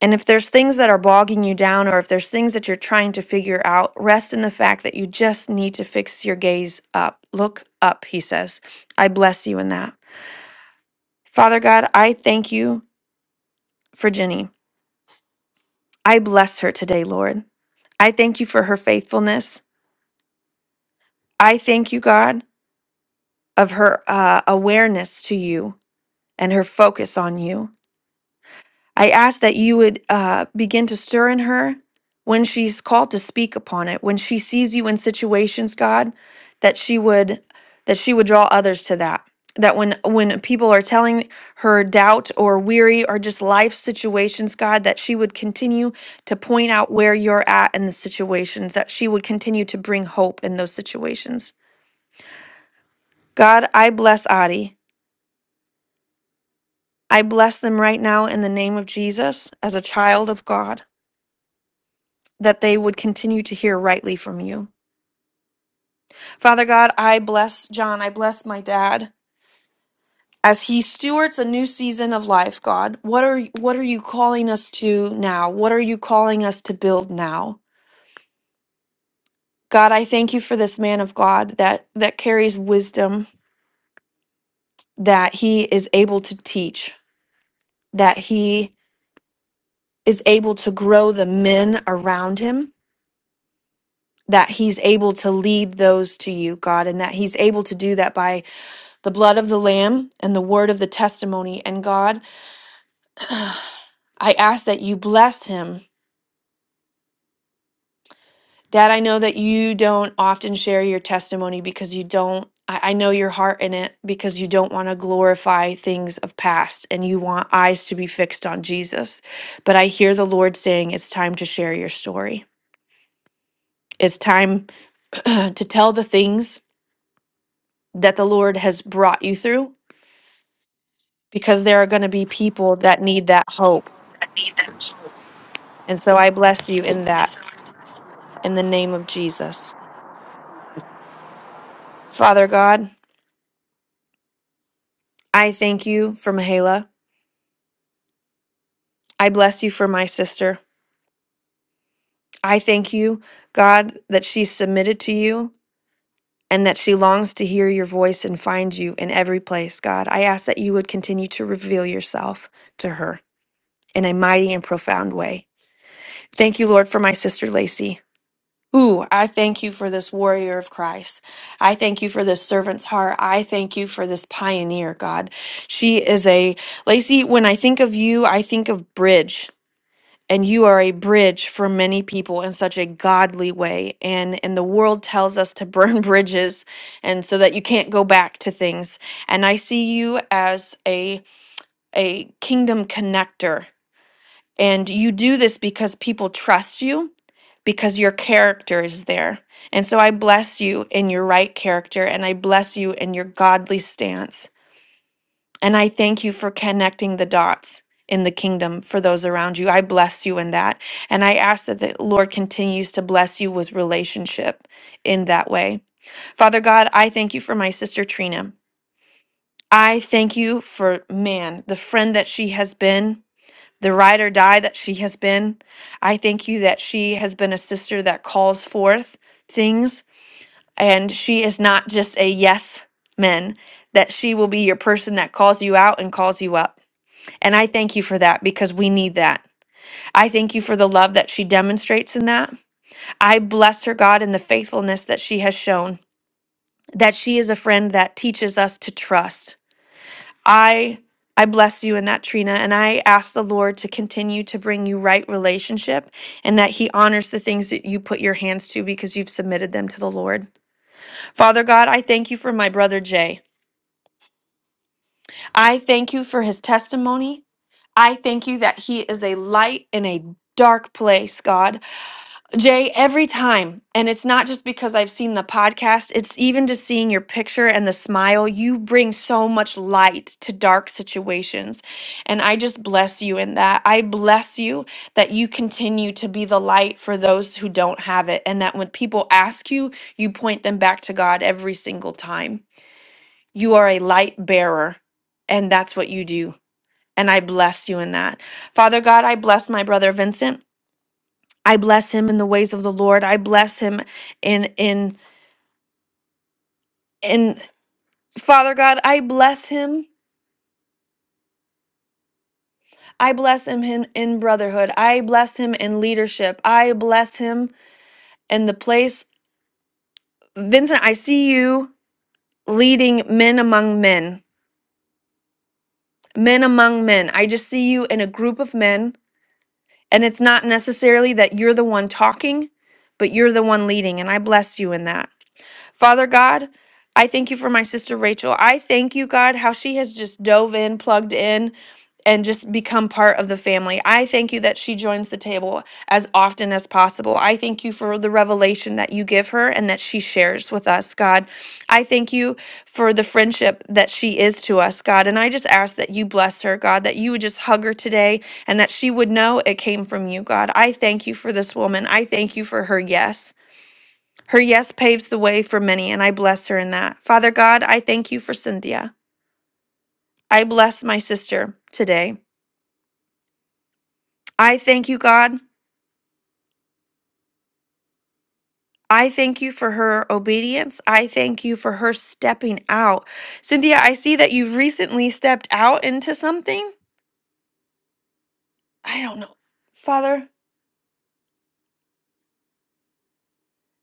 S10: And if there's things that are bogging you down, or if there's things that you're trying to figure out, rest in the fact that you just need to fix your gaze up. Look up, he says. I bless you in that. Father God, I thank you for Jenny. I bless her today, Lord. I thank you for her faithfulness. I thank you, God, of her uh, awareness to you and her focus on you. I ask that you would uh, begin to stir in her when she's called to speak upon it, when she sees you in situations, God, that she would that she would draw others to that. That when when people are telling her doubt or weary or just life situations, God, that she would continue to point out where you're at in the situations, that she would continue to bring hope in those situations. God, I bless Adi. I bless them right now in the name of Jesus as a child of God. that they would continue to hear rightly from you. Father God, I bless John. I bless my dad as he stewards a new season of life, God. What are what are you calling us to now? What are you calling us to build now? God, I thank you for this man of God that that carries wisdom that he is able to teach, that he is able to grow the men around him, that he's able to lead those to you, God, and that he's able to do that by the blood of the Lamb and the word of the testimony. And God, I ask that you bless him. Dad, I know that you don't often share your testimony because you don't. I I know your heart in it because you don't want to glorify things of past and you want eyes to be fixed on Jesus. But I hear the Lord saying it's time to share your story. It's time to tell the things that the Lord has brought you through because there are going to be people that need that hope. And so I bless you in that. in the name of Jesus. Father God, I thank you for Mahela. I bless you for my sister. I thank you, God, that she's submitted to you and that she longs to hear your voice and find you in every place, God. I ask that you would continue to reveal yourself to her in a mighty and profound way. Thank you, Lord, for my sister Lacey. Ooh, I thank you for this warrior of Christ. I thank you for this servant's heart. I thank you for this pioneer, God. She is a, Lacey, when I think of you, I think of bridge. And you are a bridge for many people in such a godly way. And, and the world tells us to burn bridges and so that you can't go back to things. And I see you as a, a kingdom connector. And you do this because people trust you because your character is there. And so I bless you in your right character and I bless you in your godly stance. And I thank you for connecting the dots in the kingdom for those around you. I bless you in that. And I ask that the Lord continues to bless you with relationship in that way. Father God, I thank you for my sister Trina. I thank you for, man, the friend that she has been the ride or die that she has been. I thank you that she has been a sister that calls forth things and she is not just a yes man, that she will be your person that calls you out and calls you up. And I thank you for that because we need that. I thank you for the love that she demonstrates in that. I bless her, God, in the faithfulness that she has shown, that she is a friend that teaches us to trust I I bless you in that Trina and I ask the Lord to continue to bring you right relationship and that he honors the things that you put your hands to because you've submitted them to the Lord. Father God, I thank you for my brother Jay. I thank you for his testimony. I thank you that he is a light in a dark place, God. Jay, every time, and it's not just because I've seen the podcast, it's even just seeing your picture and the smile. You bring so much light to dark situations. And I just bless you in that. I bless you that you continue to be the light for those who don't have it. And that when people ask you, you point them back to God every single time. You are a light bearer, and that's what you do. And I bless you in that. Father God, I bless my brother Vincent. I bless him in the ways of the Lord. I bless him in in in Father God, I bless him. I bless him in, in brotherhood. I bless him in leadership. I bless him in the place. Vincent, I see you leading men among men. Men among men. I just see you in a group of men, and it's not necessarily that you're the one talking, but you're the one leading, and I bless you in that. Father God, I thank you for my sister Rachel. I thank you, God, how she has just dove in, plugged in, and just become part of the family. I thank you that she joins the table as often as possible. I thank you for the revelation that you give her and that she shares with us, God. I thank you for the friendship that she is to us, God. And I just ask that you bless her, God, that you would just hug her today and that she would know it came from you, God. I thank you for this woman. I thank you for her yes. Her yes paves the way for many, and I bless her in that. Father God, I thank you for Cynthia. I bless my sister today. I thank you, God. I thank you for her obedience. I thank you for her stepping out. Cynthia, I see that you've recently stepped out into something. I don't know. Father,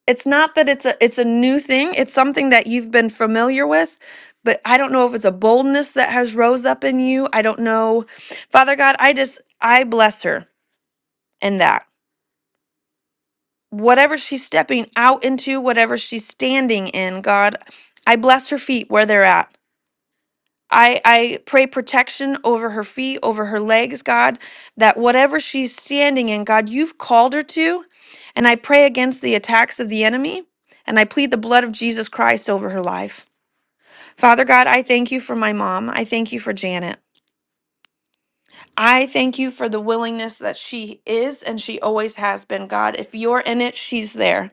S10: it's not that it's a it's a new thing. It's something that you've been familiar with, but I don't know if it's a boldness that has rose up in you. I don't know. Father God, I just I bless her in that. whatever she's stepping out into, whatever she's standing in, God, I bless her feet where they're at. I, I pray protection over her feet, over her legs, God, that whatever she's standing in, God, you've called her to. And I pray against the attacks of the enemy, and I plead the blood of Jesus Christ over her life. Father God, I thank you for my mom. I thank you for Janet. I thank you for the willingness that she is and she always has been, God. If you're in it, she's there.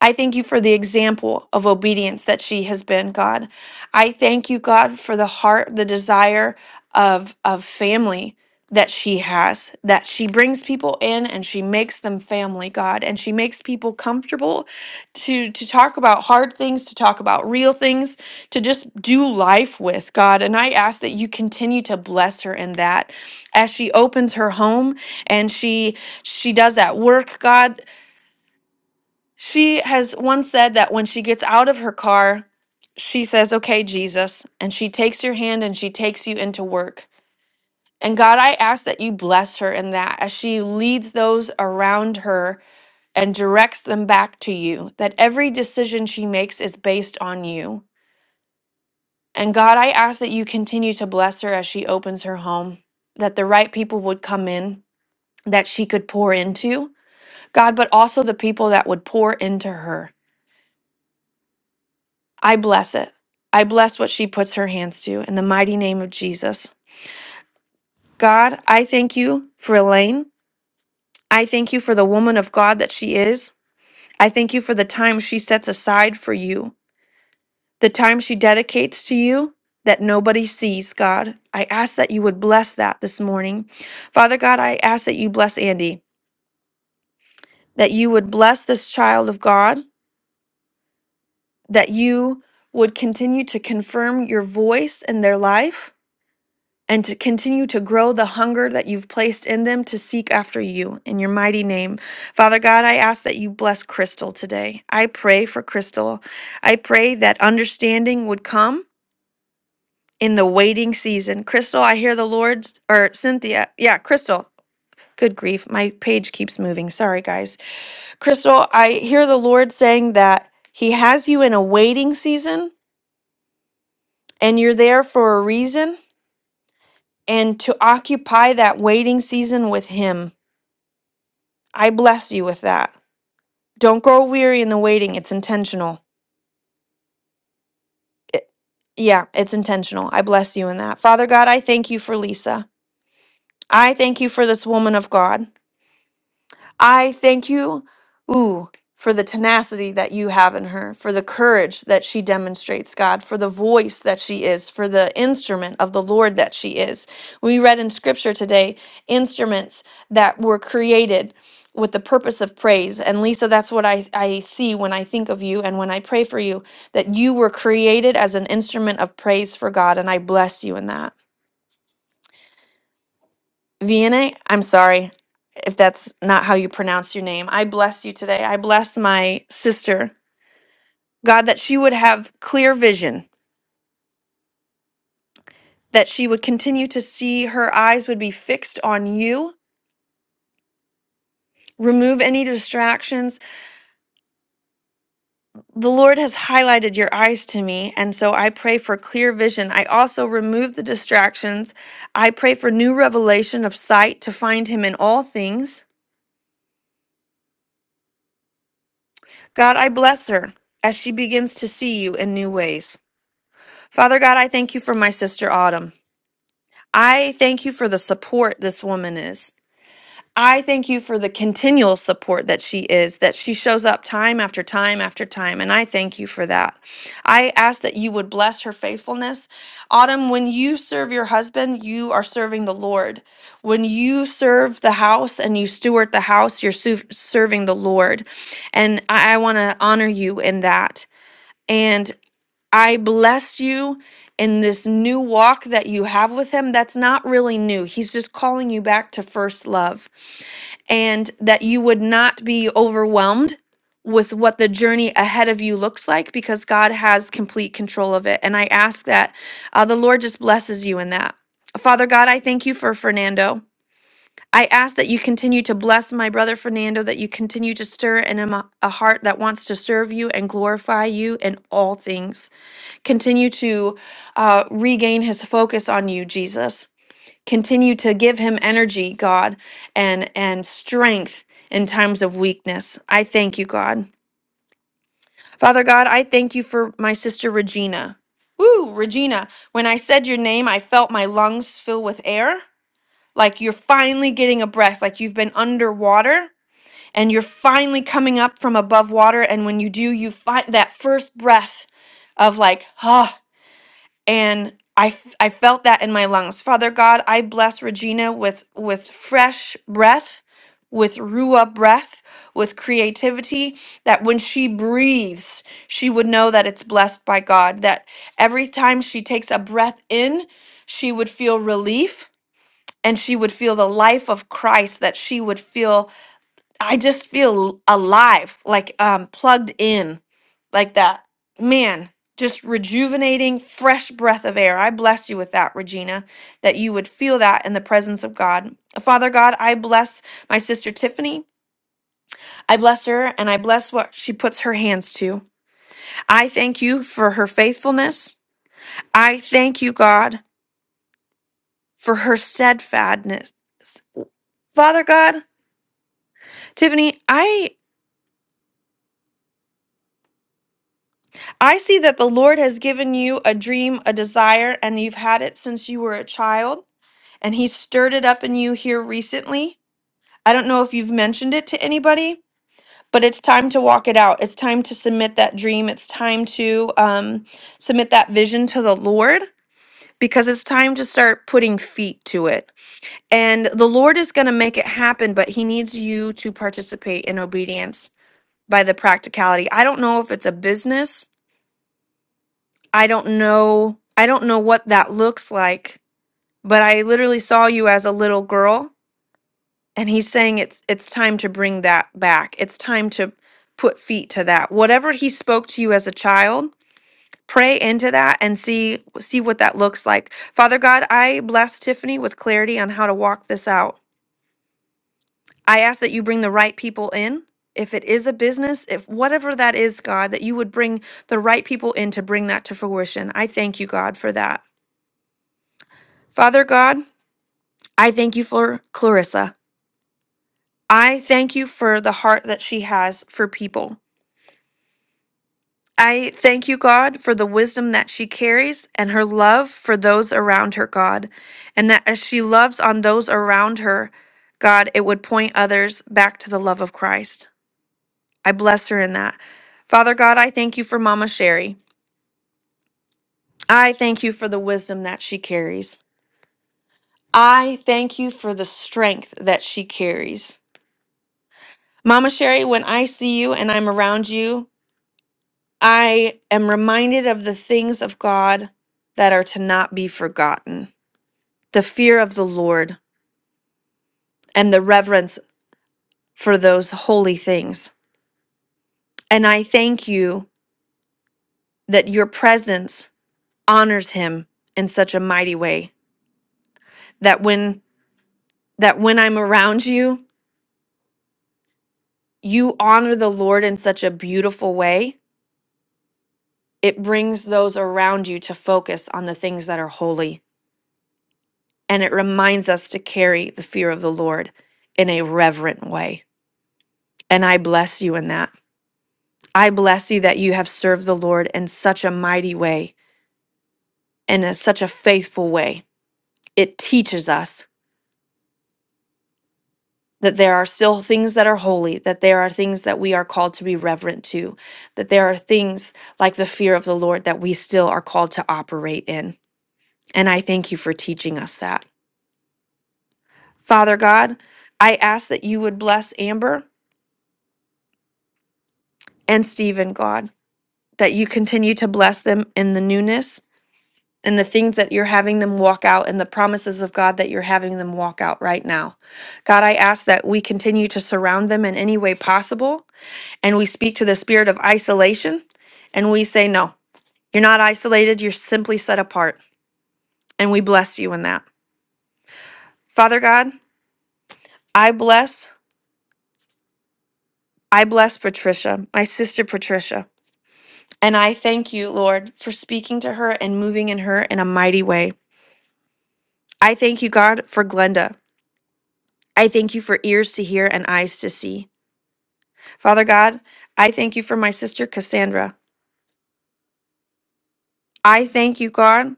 S10: I thank you for the example of obedience that she has been, God. I thank you, God, for the heart, the desire of, of family that she has, that she brings people in and she makes them family, God, and she makes people comfortable to to talk about hard things, to talk about real things, to just do life with, God. And I ask that you continue to bless her in that as she opens her home and she she does at work, God. She has once said that when she gets out of her car, she says, Okay, Jesus, and she takes your hand and she takes you into work. And God, I ask that you bless her in that as she leads those around her and directs them back to you, that every decision she makes is based on you. And God, I ask that you continue to bless her as she opens her home, that the right people would come in that she could pour into, God, but also the people that would pour into her. I bless it. I bless what she puts her hands to in the mighty name of Jesus. God, I thank you for Elaine. I thank you for the woman of God that she is. I thank you for the time she sets aside for you, the time she dedicates to you that nobody sees, God. I ask that you would bless that this morning. Father God, I ask that you bless Andy, that you would bless this child of God, that you would continue to confirm your voice in their life and to continue to grow the hunger that you've placed in them to seek after you in your mighty name. Father God, I ask that you bless Crystal today. I pray for Crystal. I pray that understanding would come in the waiting season. Crystal, I hear the Lord's, or Cynthia, yeah, Crystal. Good grief. My page keeps moving. Sorry, guys. Crystal, I hear the Lord saying that He has you in a waiting season and you're there for a reason and to occupy that waiting season with Him. I bless you with that. Don't grow weary in the waiting. It's intentional. It, yeah, it's intentional. I bless you in that. Father God, I thank you for Lisa. I thank you for this woman of God. I thank you, ooh, for the tenacity that you have in her, for the courage that she demonstrates, God, for the voice that she is, for the instrument of the Lord that she is. We read in scripture today instruments that were created with the purpose of praise. And Lisa, that's what I, I see when I think of you and when I pray for you, that you were created as an instrument of praise for God, and I bless you in that. Vienna, I'm sorry if that's not how you pronounce your name. I bless you today. I bless my sister. God, that she would have clear vision, that she would continue to see, her eyes would be fixed on you. Remove any distractions. The Lord has highlighted your eyes to me, and so I pray for clear vision. I also remove the distractions. I pray for new revelation of sight to find Him in all things. God, I bless her as she begins to see you in new ways. Father God, I thank you for my sister Autumn. I thank you for the support this woman is. I thank you for the continual support that she is, that she shows up time after time after time, and I thank you for that. I ask that you would bless her faithfulness. Autumn, when you serve your husband, you are serving the Lord. When you serve the house and you steward the house, you're su- serving the Lord. And I, I want to honor you in that. and. I bless you in this new walk that you have with him. That's not really new. He's just calling you back to first love and that you would not be overwhelmed with what the journey ahead of you looks like because God has complete control of it. And I ask that uh, the Lord just blesses you in that. Father God, I thank you for Fernando. I ask that you continue to bless my brother Fernando, that you continue to stir in him a a heart that wants to serve you and glorify you in all things. Continue to uh, regain his focus on you, Jesus. Continue to give him energy, God, and and strength in times of weakness. I thank you, God. Father God, I thank you for my sister Regina. Woo, Regina, when I said your name, I felt my lungs fill with air, like you're finally getting a breath, like you've been underwater and you're finally coming up from above water and when you do, you find that first breath of like, ah. and I, f- I felt that in my lungs. Father God, I bless Regina with with fresh breath, with ruah breath, with creativity. That when she breathes, she would know that it's blessed by God. That every time she takes a breath in, she would feel relief, and she would feel the life of Christ. That she would feel I just feel alive, like um, plugged in, like that. Man, just rejuvenating, fresh breath of air. I bless you with that, Regina, that you would feel that in the presence of God. Father God, I bless my sister Tiffany. I bless her and I bless what she puts her hands to. I thank you for her faithfulness. I thank you, God, for her steadfastness. Father God, Tiffany, I I see that the Lord has given you a dream, a desire, and you've had it since you were a child, and He stirred it up in you here recently. I don't know if you've mentioned it to anybody, but it's time to walk it out. It's time to submit that dream. It's time to um, submit that vision to the Lord because it's time to start putting feet to it. And the Lord is going to make it happen, but He needs you to participate in obedience by the practicality. I don't know if it's a business I don't know. I don't know what that looks like, but I literally saw you as a little girl and he's saying it's it's time to bring that back. It's time to put feet to that. Whatever he spoke to you as a child, pray into that and see see what that looks like. Father God, I bless Tiffany with clarity on how to walk this out. I ask that you bring the right people in. If it is a business, if whatever that is, God, that you would bring the right people in to bring that to fruition. I thank you, God, for that. Father God, I thank you for Clarissa. I thank you for the heart that she has for people. I thank you, God, for the wisdom that she carries and her love for those around her, God. And that as she loves on those around her, God, it would point others back to the love of Christ. I bless her in that. Father God, I thank you for Mama Sherry. I thank you for the wisdom that she carries. I thank you for the strength that she carries. Mama Sherry, when I see you and I'm around you, I am reminded of the things of God that are to not be forgotten, the fear of the Lord, and the reverence for those holy things. And I thank you that your presence honors him in such a mighty way that when that when I'm around you, you honor the Lord in such a beautiful way. It brings those around you to focus on the things that are holy, and it reminds us to carry the fear of the Lord in a reverent way. And I bless you in that. I bless you that you have served the Lord in such a mighty way and in such a faithful way. It teaches us that there are still things that are holy, that there are things that we are called to be reverent to, that there are things like the fear of the Lord that we still are called to operate in. And I thank you for teaching us that. Father God, I ask that you would bless Amber and Stephen, God, that you continue to bless them in the newness and the things that you're having them walk out and the promises of God that you're having them walk out right now. God, I ask that we continue to surround them in any way possible and we speak to the spirit of isolation and we say, No, you're not isolated, you're simply set apart. And we bless you in that. Father God, I bless, I bless Patricia, my sister Patricia. And I thank you, Lord, for speaking to her and moving in her in a mighty way. I thank you, God, for Glenda. I thank you for ears to hear and eyes to see. Father God, I thank you for my sister Cassandra. I thank you, God.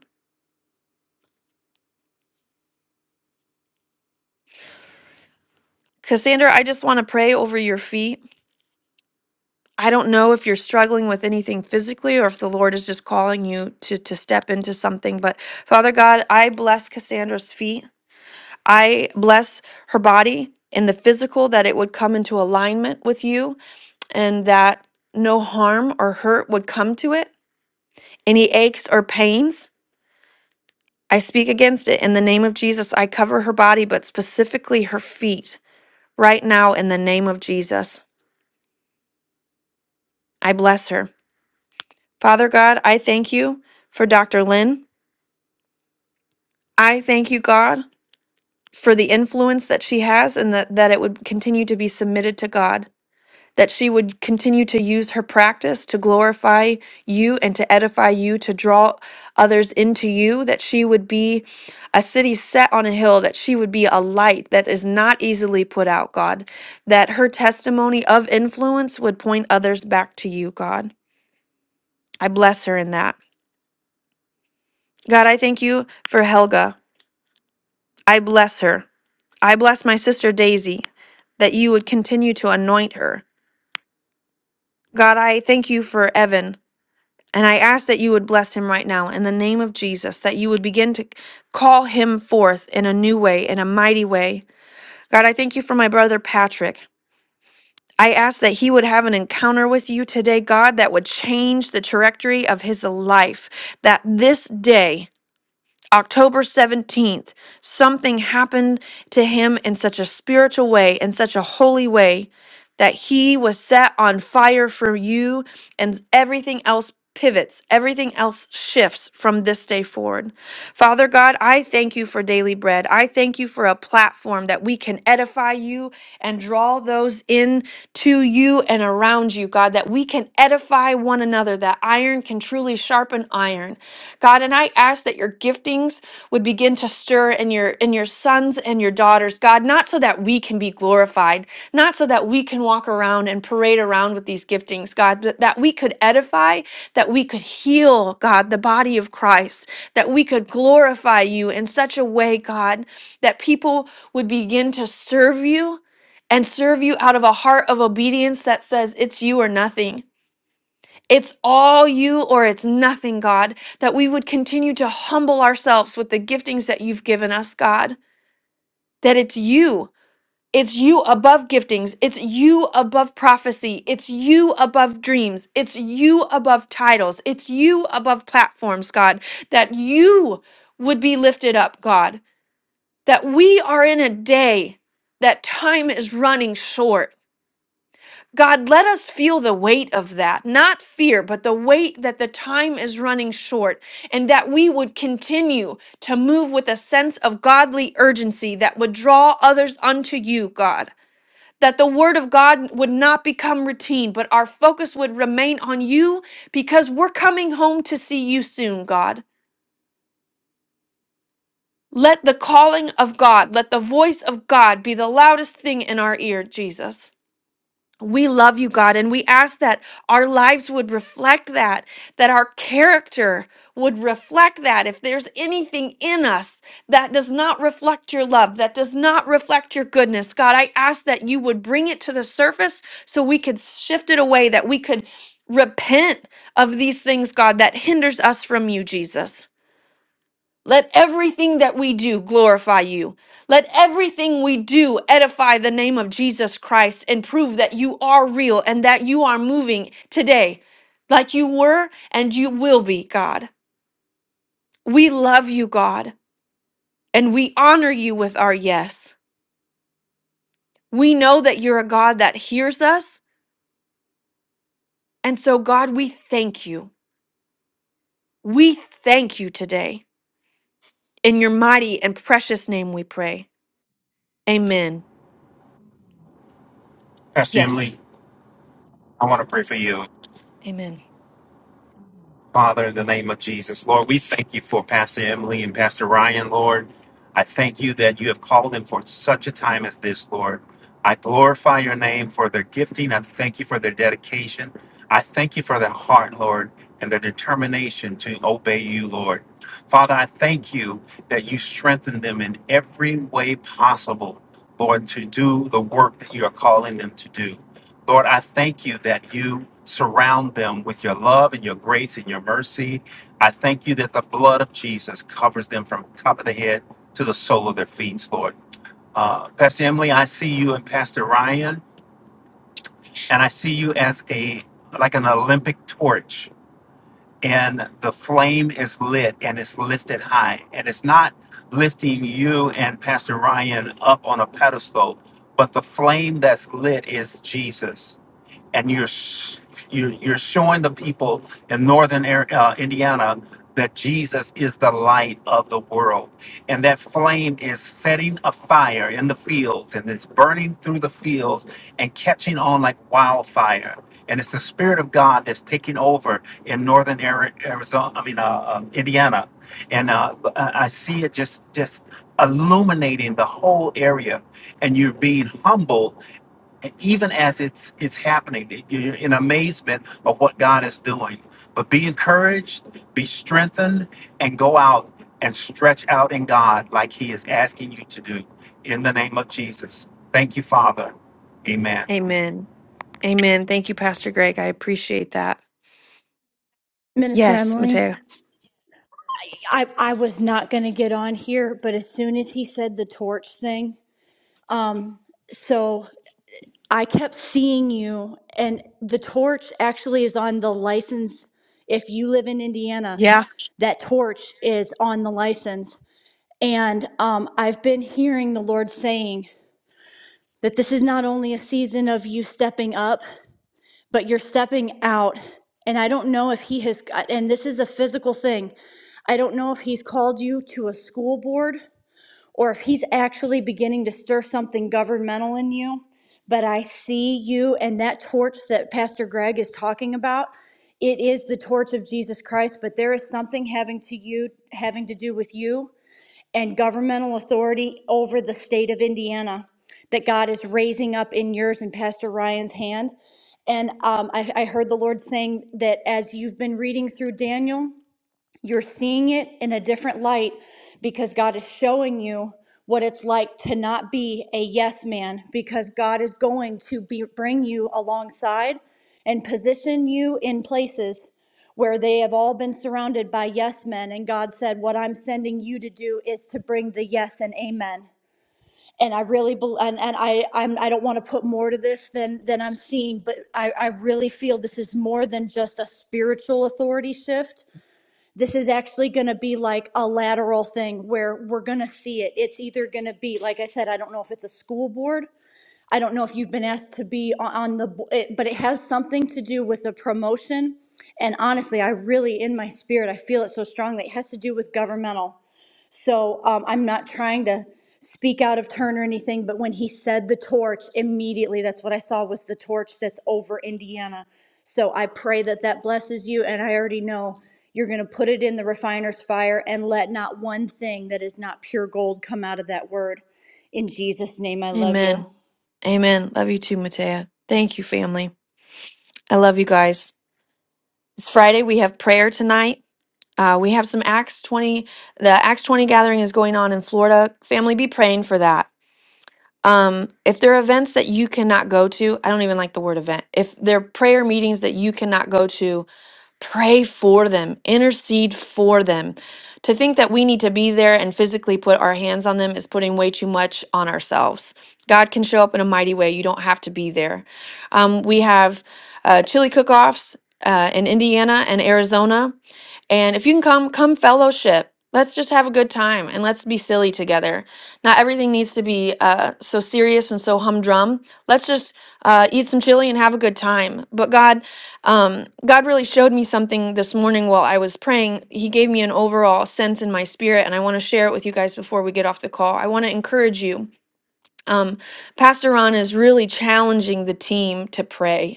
S10: Cassandra, I just want to pray over your feet. I don't know if you're struggling with anything physically or if the Lord is just calling you to, to step into something, but Father God, I bless Cassandra's feet. I bless her body and the physical that it would come into alignment with you and that no harm or hurt would come to it, any aches or pains. I speak against it in the name of Jesus. I cover her body, but specifically her feet, right now in the name of Jesus. I bless her. Father God, I thank you for Dr. Lynn. I thank you, God, for the influence that she has and that, that it would continue to be submitted to God. that she would continue to use her practice to glorify you and to edify you, to draw others into you, that she would be a city set on a hill, that she would be a light that is not easily put out, God, that her testimony of influence would point others back to you, God. I bless her in that. God, I thank you for Helga. I bless her. I bless my sister Daisy that you would continue to anoint her. God, I thank you for Evan. And I ask that you would bless him right now in the name of Jesus, that you would begin to call him forth in a new way, in a mighty way. God, I thank you for my brother Patrick. I ask that he would have an encounter with you today, God, that would change the trajectory of his life. That this day, October 17th, something happened to him in such a spiritual way, in such a holy way, that he was set on fire for you, and everything else pivots, everything else shifts from this day forward. Father God, I thank you for daily bread. I thank you for a platform that we can edify you and draw those in to you and around you, God, that we can edify one another, that iron can truly sharpen iron. God, and I ask that your giftings would begin to stir in your in your sons and your daughters, God, not so that we can be glorified, not so that we can walk around and parade around with these giftings, God, but that we could edify, that we could heal, God, the body of Christ, that we could glorify you in such a way, God, that people would begin to serve you and serve you out of a heart of obedience that says it's you or nothing. It's all you or it's nothing, God, that we would continue to humble ourselves with the giftings that you've given us, God, that it's you. It's you above giftings. It's you above prophecy. It's you above dreams. It's you above titles. It's you above platforms, God, that you would be lifted up, God, that we are in a day that time is running short God, let us feel the weight of that, not fear, but the weight that the time is running short, and that we would continue to move with a sense of godly urgency that would draw others unto you, God. That the word of God would not become routine, but our focus would remain on you because we're coming home to see you soon, God. Let the calling of God, let the voice of God be the loudest thing in our ear, Jesus. We love you, God, and we ask that our lives would reflect that, that our character would reflect that. If there's anything in us that does not reflect your love, that does not reflect your goodness, God, I ask that you would bring it to the surface so we could shift it away, that we could repent of these things, God, that hinders us from you, Jesus. Let everything that we do glorify you. Let everything we do edify the name of Jesus Christ and prove that you are real and that you are moving today like you were and you will be, God. We love you, God, and we honor you with our yes. We know that you're a God that hears us. And so, God, we thank you. We thank you today. In your mighty and precious name we pray. Amen.
S2: Pastor
S10: Yes.
S2: Emily, I want to pray for you.
S10: Amen.
S2: Father, in the name of Jesus, Lord, we thank you for Pastor Emily and Pastor Ryan, Lord. I thank you that you have called them for such a time as this, Lord. I glorify your name for their gifting. I thank you for their dedication. I thank you for their heart, Lord, and their determination to obey you, Lord. Father, I thank you that you strengthen them in every way possible, Lord, to do the work that you are calling them to do. Lord, I thank you that you surround them with your love and your grace and your mercy. I thank you that the blood of Jesus covers them from top of the head to the sole of their feet, Lord. Uh, Pastor Emily, I see you and Pastor Ryan, and I see you as a like an Olympic torch, and the flame is lit and it's lifted high, and it's not lifting you and Pastor Ryan up on a pedestal, but the flame that's lit is Jesus and you're s- you're, you're showing the people in northern Ar- uh, Indiana that Jesus is the light of the world, and that flame is setting a fire in the fields, and it's burning through the fields and catching on like wildfire. And it's the Spirit of God that's taking over in northern Ari- Arizona, I mean uh, uh, Indiana, and uh, I I see it just just illuminating the whole area, and you're being humble and even as it's it's happening, you're in amazement of what God is doing. But be encouraged, be strengthened, and go out and stretch out in God like He is asking you to do. In the name of Jesus, thank you, Father. Amen.
S10: Amen. Amen. Thank you, Pastor Greg. I appreciate that.
S12: Minister
S10: Yes,
S12: Emily,
S10: Matea.
S12: I, I was not going to get on here, but as soon as he said the torch thing, um, so. I kept seeing you, and the torch actually is on the license. If you live in Indiana,
S10: Yeah.
S12: that torch is on the license. And um, I've been hearing the Lord saying that this is not only a season of you stepping up, but you're stepping out. And I don't know if He has, and this is a physical thing. I don't know if He's called you to a school board or if he's actually beginning to stir something governmental in you. But I see you and that torch that Pastor Greg is talking about. It is the torch of Jesus Christ, but there is something having to you having to do with you and governmental authority over the state of Indiana that God is raising up in yours and Pastor Ryan's hand. And um, I, I heard the Lord saying that as you've been reading through Daniel, you're seeing it in a different light because God is showing you what it's like to not be a yes man because God is going to be, bring you alongside and position you in places where they have all been surrounded by yes men. And God said, What I'm sending you to do is to bring the yes and amen. And I really bel and, and I I'm I don't want to put more to this than than I'm seeing, but I, I really feel this is more than just a spiritual authority shift this is actually going to be like a lateral thing where we're going to see it. It's either going to be, like I said, I don't know if it's a school board. I don't know if you've been asked to be on the, but it has something to do with the promotion. And honestly, I really, in my spirit, I feel it so strongly. It has to do with governmental. So um, I'm not trying to speak out of turn or anything, but when he said the torch, immediately that's what I saw was the torch that's over Indiana. So I pray that that blesses you, and I already know you're going to put it in the refiner's fire and let not one thing that is not pure gold come out of that word. In Jesus' name, I love you.
S10: Amen. Amen. Love you too, Matea. Thank you, family. I love you guys. It's Friday. We have prayer tonight. Uh, we have some Acts 20. The Acts 20 gathering is going on in Florida. Family, be praying for that. Um, if there are events that you cannot go to, I don't even like the word event. If there are prayer meetings that you cannot go to, Pray for them, intercede for them. To think that we need to be there and physically put our hands on them is putting way too much on ourselves. God can show up in a mighty way. You don't have to be there. Um, we have uh, chili cook offs uh, in Indiana and Arizona. And if you can come, come fellowship. Let's just have a good time and let's be silly together. Not everything needs to be uh, so serious and so humdrum. Let's just uh, eat some chili and have a good time. But God, um, God really showed me something this morning while I was praying. He gave me an overall sense in my spirit, and I want to share it with you guys before we get off the call. I want to encourage you. Um, Pastor Ron is really challenging the team to pray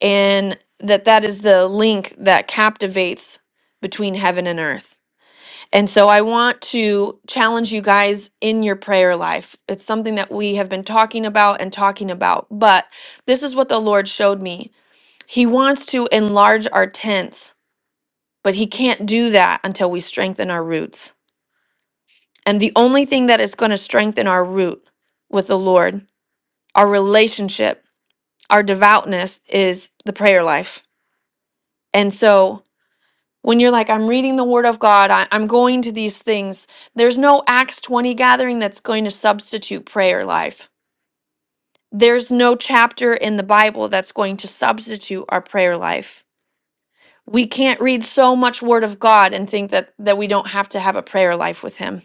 S10: and that that is the link that captivates between heaven and earth. And so I want to challenge you guys in your prayer life. It's something that we have been talking about and talking about, but this is what the Lord showed me. He wants to enlarge our tents, but he can't do that until we strengthen our roots. And the only thing that is going to strengthen our root with the Lord, our relationship, our devoutness is the prayer life. And so when you're like, I'm reading the Word of God, I, I'm going to these things, there's no Acts 20 gathering that's going to substitute prayer life. There's no chapter in the Bible that's going to substitute our prayer life. We can't read so much Word of God and think that, that we don't have to have a prayer life with Him.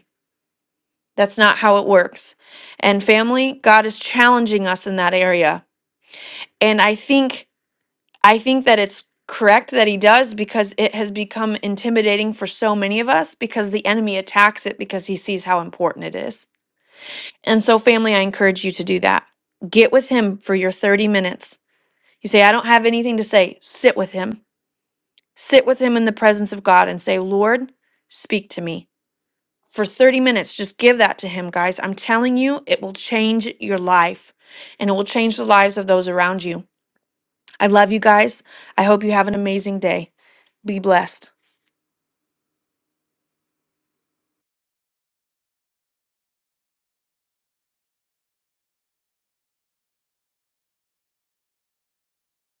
S10: That's not how it works. And family, God is challenging us in that area. And I think I think that it's correct that he does because it has become intimidating for so many of us because the enemy attacks it because he sees how important it is. And so, family, I encourage you to do that. Get with him for your 30 minutes. You say, I don't have anything to say. Sit with him. Sit with him in the presence of God and say, Lord, speak to me. For 30 minutes, just give that to him, guys. I'm telling you, it will change your life and it will change the lives of those around you. I love you guys. I hope you have an amazing day. Be blessed.